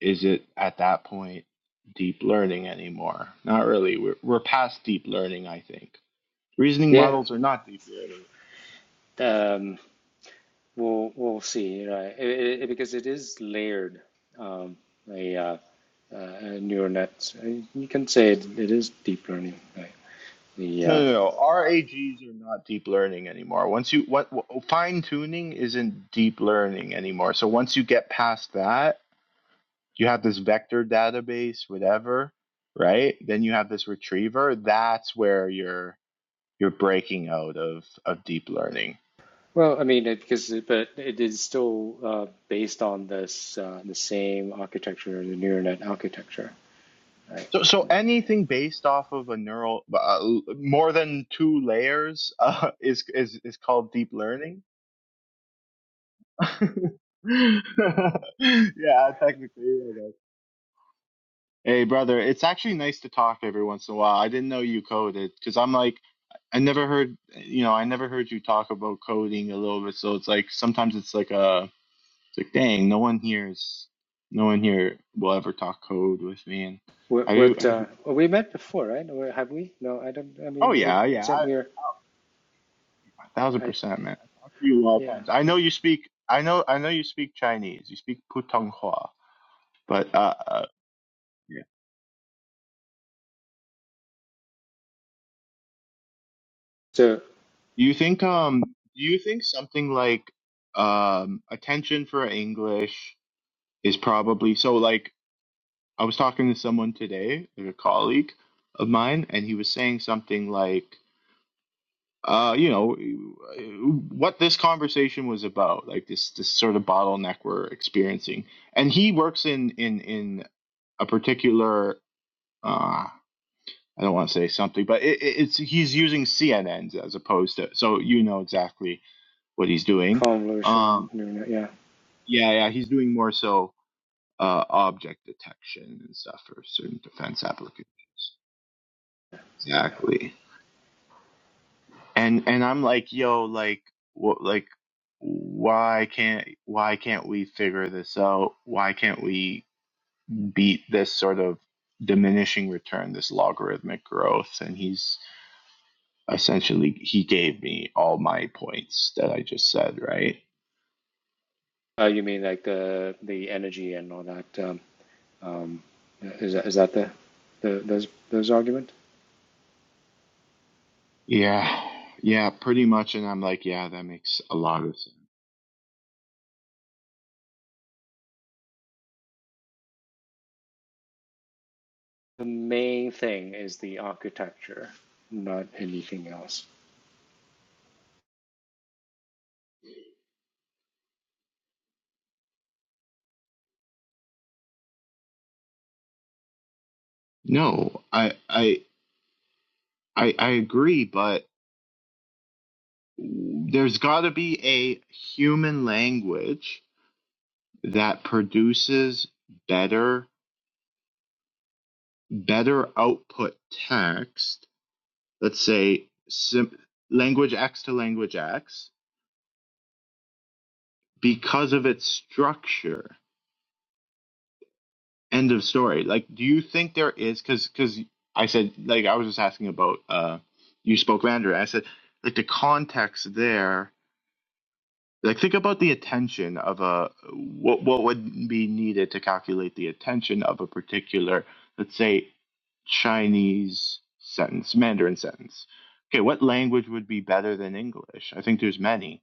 S7: is it at that point deep learning anymore? Not really. We're we're past deep learning, I think. Reasoning
S8: Yeah,
S7: models are not deep learning.
S8: um, we'll we'll see, right? It, it, because it is layered. Um, a, uh, uh, a neural net, you can say it, it is deep learning, right? The uh,
S7: No, no, no. RAGs are not deep learning anymore. Once you what what fine tuning isn't deep learning anymore. So once you get past that, you have this vector database whatever right then you have this retriever that's where you're you're breaking out of of deep learning
S8: Well, I mean, it, because it- but it is still uh, based on this uh, the same architecture, the neural net architecture, right?
S7: so so anything based off of a neural uh, more than two layers uh, is is is called deep learning yeah technically I Hey, brother, it's actually nice to talk every once in a while. I didn't know you coded because I'm like, I never heard, you know, I never heard you talk about coding a little bit. So it's like sometimes it's like uh it's like dang, no one hears, no one here will ever talk code with me. And
S8: What,
S7: I, do-
S8: what
S7: I
S8: uh,
S7: do-
S8: well, we met before, right? Or have we? No, I don't. I
S7: oh
S8: mean, it
S7: yeah, yeah,
S8: said
S7: I,
S8: we're.
S7: a thousand
S8: I I
S7: percent,
S8: think-
S7: man. I talk to you all the
S8: yeah.
S7: times. I know you speak, I know, I know you speak Chinese. You speak Putonghua, but uh, uh,
S8: So
S7: Do you think um do you think something like um attention for English is probably so like I was talking to someone today, like a colleague of mine, and he was saying something like uh you know what this conversation was about, like this this sort of bottleneck we're experiencing. And he works in in in a particular uh I don't want to say something, but it, it- it's he's using CNNs as opposed to so you know exactly what he's doing.
S8: convolutional
S7: Um,
S8: neural net. Yeah.
S7: yeah, yeah, he's doing more so uh, object detection and stuff for certain defense applications. Exactly. And and I'm like, yo, like, what, like, why can't why can't we figure this out? Why can't we beat this sort of diminishing return, this logarithmic growth? And he's essentially he gave me all my points that I just said, right?
S8: Uh, you mean like the the energy and all that? Um, um, is that is that the the those those argument?
S7: Yeah. Yeah, pretty much. And I'm like, yeah, that makes a lot of sense.
S8: The main thing is the architecture, not anything else.
S7: No, I I I, I agree, but there's got to be a human language that produces better better output text. Let's say sim- language X to language X because of its structure. End of story. Like, do you think there is? Because because I said like I was just asking about uh you spoke Mandarin. I said like the context there Like think about the attention of a what what would be needed to calculate the attention of a particular, let's say, Chinese sentence, Mandarin sentence. Okay, what language would be better than English? I think there's many.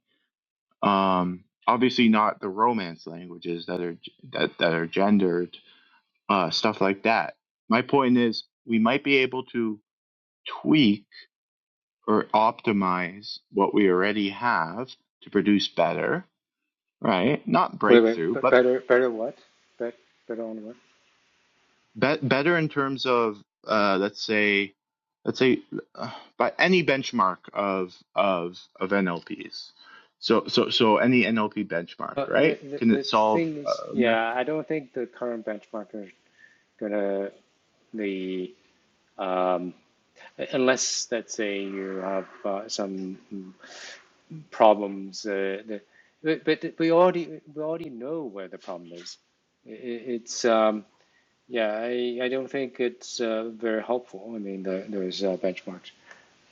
S7: Um, obviously, not the Romance languages that are that that are gendered, uh, stuff like that. My point is, we might be able to tweak or optimize what we already have to produce better, right? Not
S8: Wait, wait,
S7: breakthrough,
S8: but
S7: but
S8: better, better what? Bet, better on what?
S7: be- better in terms of uh, let's say let's say uh, by any benchmark of of of NLPs. So so so any NLP benchmark,
S8: Uh,
S7: right?
S8: the, the,
S7: Can
S8: the
S7: it solve?
S8: thing is,
S7: Uh, math?
S8: yeah, I don't think the current benchmark is gonna the um, unless let's say you have uh, some problems. Uh, the, but, but we already we already know where the problem is. I i- it's um, yeah, I, I don't think it's uh, very helpful. I mean, the, those uh, benchmarks,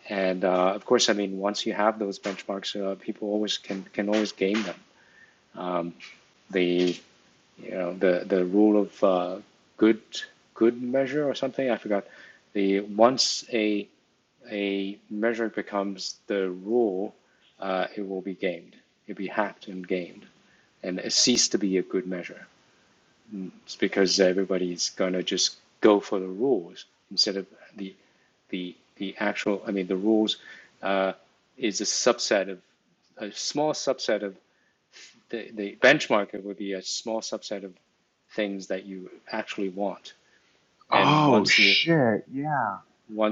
S8: and uh, of course, I mean, once you have those benchmarks, uh, people always can can always game them um, the you know the the rule of uh, good good measure or something. I forgot. The once a a measure becomes the rule, uh, it will be gamed. It'll be hacked and gamed, and it cease to be a good measure. It's because everybody's gonna just go for the rules instead of the the the actual. I mean, the rules uh, is a subset of a small subset of the, the benchmark. It would be a small subset of things that you actually want. And
S7: oh
S8: once you
S7: shit! Yeah,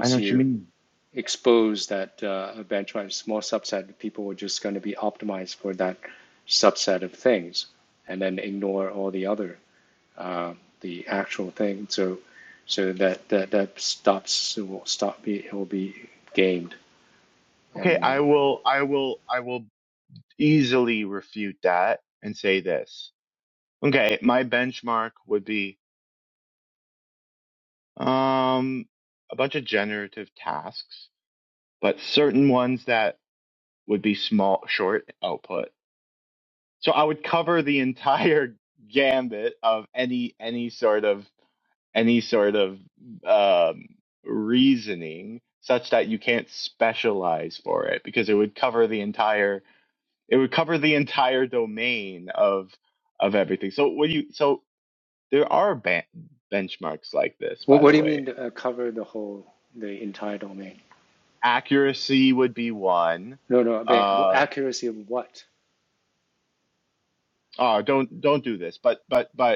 S7: I know what you
S8: you
S7: mean.
S8: expose that uh, a bench small subset of people are just going to be optimized for that subset of things, and then ignore all the other uh, the actual thing. So so that that that stops it will stop be it will be gamed.
S7: Okay,
S8: And
S7: I will I will I will easily refute that and say this. Okay, my benchmark would be um a bunch of generative tasks but certain ones that would be small, short output. So I would cover the entire gambit of any any sort of any sort of um, reasoning such that you can't specialize for it because it would cover the entire it would cover the entire domain of of everything. So when you so there are ban benchmarks like this
S8: what
S7: by
S8: what
S7: the
S8: do you
S7: way.
S8: mean to, uh, cover the whole the entire domain?
S7: Accuracy would be one.
S8: No, no, but well,
S7: Uh
S8: accuracy of what?
S7: oh, don't don't do this. But but but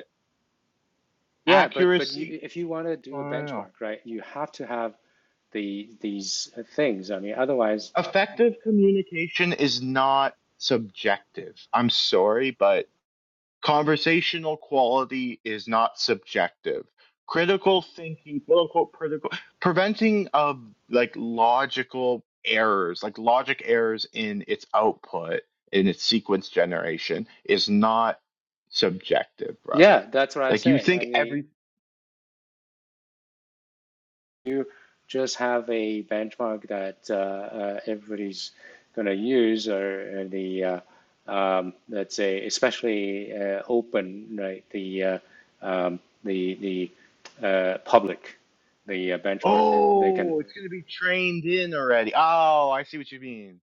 S8: Yeah, but but you,
S7: accuracy
S8: if you want to
S7: I
S8: do a
S7: don't know.
S8: benchmark, right, you have to have the these things. I mean, otherwise,
S7: effective communication is not subjective i'm sorry but conversational quality is not subjective critical thinking quote unquote critical preventing of like logical errors like logic errors in its output in its sequence generation is not subjective brother
S8: yeah, that's what I
S7: like you
S8: say. I
S7: think
S8: mean,
S7: every
S8: you just have a benchmark that uh, uh, everybody's going to use, or uh, the uh, um, let's say, especially uh, open, right? The uh, um, the the uh, public, the uh, benchmark. They can
S7: oh it's going to be trained in already oh i see what you mean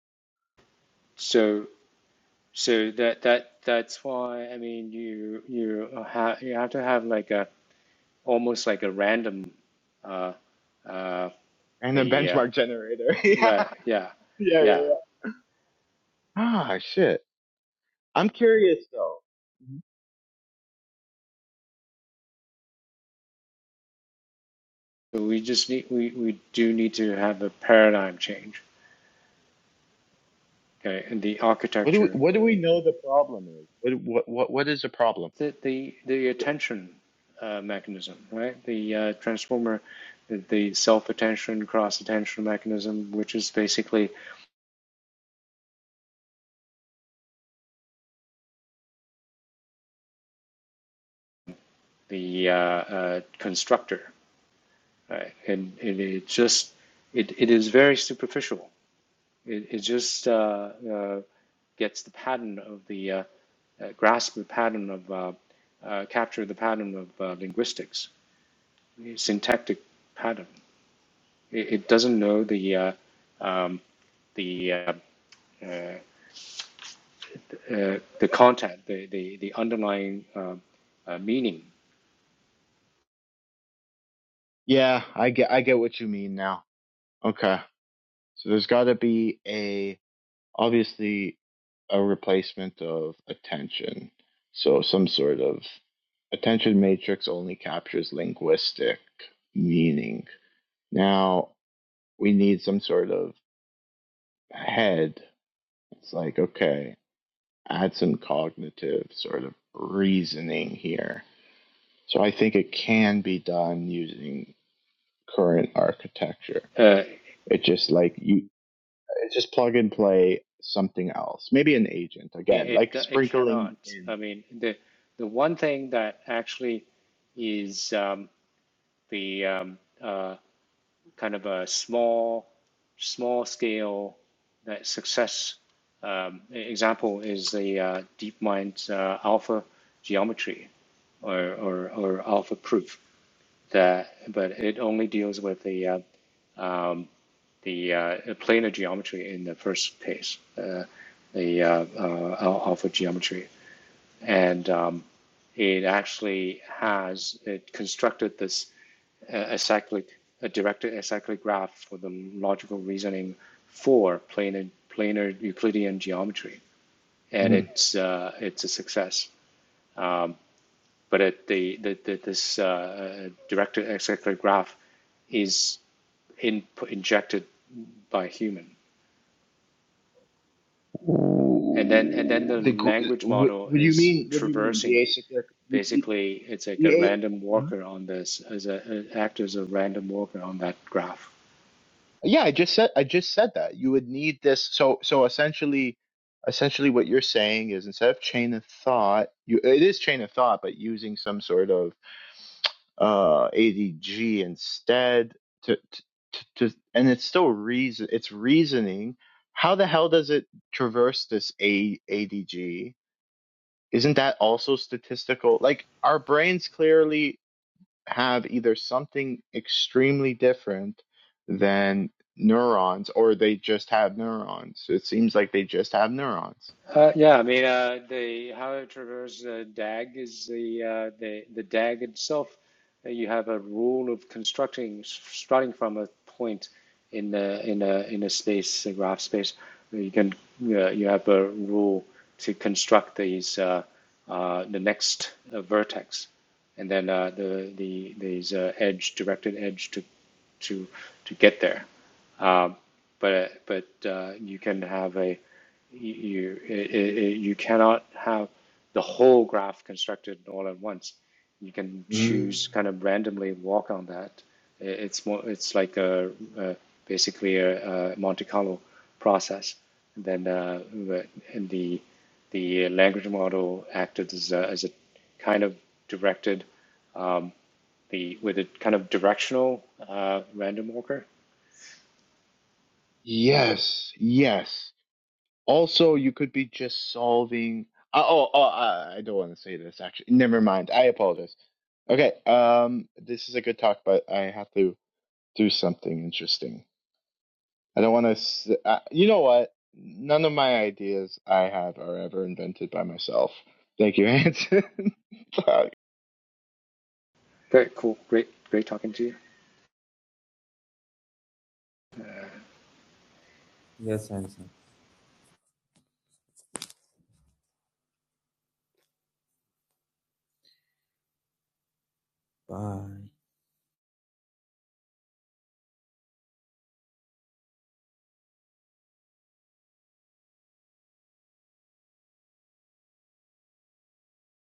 S8: so so that that that's why I mean you you have you have to have like a almost like a random. Uh, uh,
S7: Random
S8: the uh,
S7: benchmark generator. yeah.
S8: right yeah
S7: Yeah, yeah,
S8: yeah
S7: yeah. Ah, shit. I'm curious though.
S8: So we just need we, we do need to have a paradigm change okay and the
S7: What do we,
S8: architecture
S7: what do we know the problem is? What what what what is the problem?
S8: the the, the attention uh, mechanism right the uh, transformer the self attention cross attention mechanism which is basically the uh, uh, constructor right and, and it just it, it is very superficial it, it just uh, uh, gets the pattern of the uh, uh, grasp the pattern of, uh, uh, capture the pattern of uh, linguistics, syntactic pattern. It, it doesn't know the uh, um, the uh, uh, uh, the content, the the, the underlying uh, uh, meaning.
S7: Yeah, I get I get what you mean now. Okay. So there's got to be a obviously a replacement of attention. So some sort of attention matrix only captures linguistic meaning. Now we need some sort of head. It's like okay, Add some cognitive sort of reasoning here. So I think it can be done using current architecture.
S8: Uh,
S7: It just like you it's just plug and play something else. Maybe an agent
S8: it,
S7: again,
S8: it
S7: like
S8: it cannot.
S7: sprinkling
S8: I
S7: in
S8: mean, the the one thing that actually is um, the um, uh, kind of a small small scale that success um, example is the uh, DeepMind's uh, alpha geometry or, or, or alpha proof that but it only deals with the uh, um, the uh, planar geometry in the first case uh, the uh, uh, alpha geometry and um, it actually has it constructed this a cyclic, a directed acyclic graph for the logical reasoning for planar, planar Euclidean geometry, and
S7: Mhm.
S8: it's uh, it's a success. Um, but it, the, the, the this uh, uh, directed acyclic graph is in, injected by a human, and then and then
S7: Ooh,
S8: the
S7: the uh,
S8: language
S7: what,
S8: model
S7: what do you
S8: is
S7: mean? What do you mean? The
S8: traversing.
S7: acyclic the, the,
S8: Basically, it's like a
S7: the a-
S8: random walker on this, as a, it acts as a random walker on that graph.
S7: Yeah, I just said I just said that. You would need this so so essentially essentially what you're saying is instead of chain of thought, you it is chain of thought, but using some sort of uh ADG instead to to, to to- and it's still reason it's reasoning. How the hell does it traverse this A ADG? Isn't that also statistical? Like our brains clearly have either something extremely different than neurons or they just have neurons. It seems like they just have neurons.
S8: Uh, yeah, I mean, uh, the how it traverses uh, DAG is the uh, the the DAG itself. uh, You have a rule of constructing s- starting from a point in a in a in a space, a graph space. You can uh, you have a rule to construct these uh, uh, the next uh, vertex, and then uh, the the these uh, edge directed edge to to to get there. Um, but but uh, you can have a you it, it, you cannot have the whole graph constructed all at once. You can
S7: Mm.
S8: choose kind of randomly walk on that. I- It's more it's like a, a basically a, a Monte Carlo process. And then uh, the- and the the language model acted as a, as a kind of directed um, the with a kind of directional uh, random walker
S7: Yes, yes. Also, you could be just solving. Uh, oh, oh, uh, I don't want to say this actually. Never mind. I apologize. Okay, um, this is a good talk, but I have to do something interesting. I don't want to. Uh, you know what? None of my ideas I have are ever invented by myself. Thank you, Hanson. uh,
S8: Great, cool. Great, great talking to you.
S6: Yes, handsome. Bye.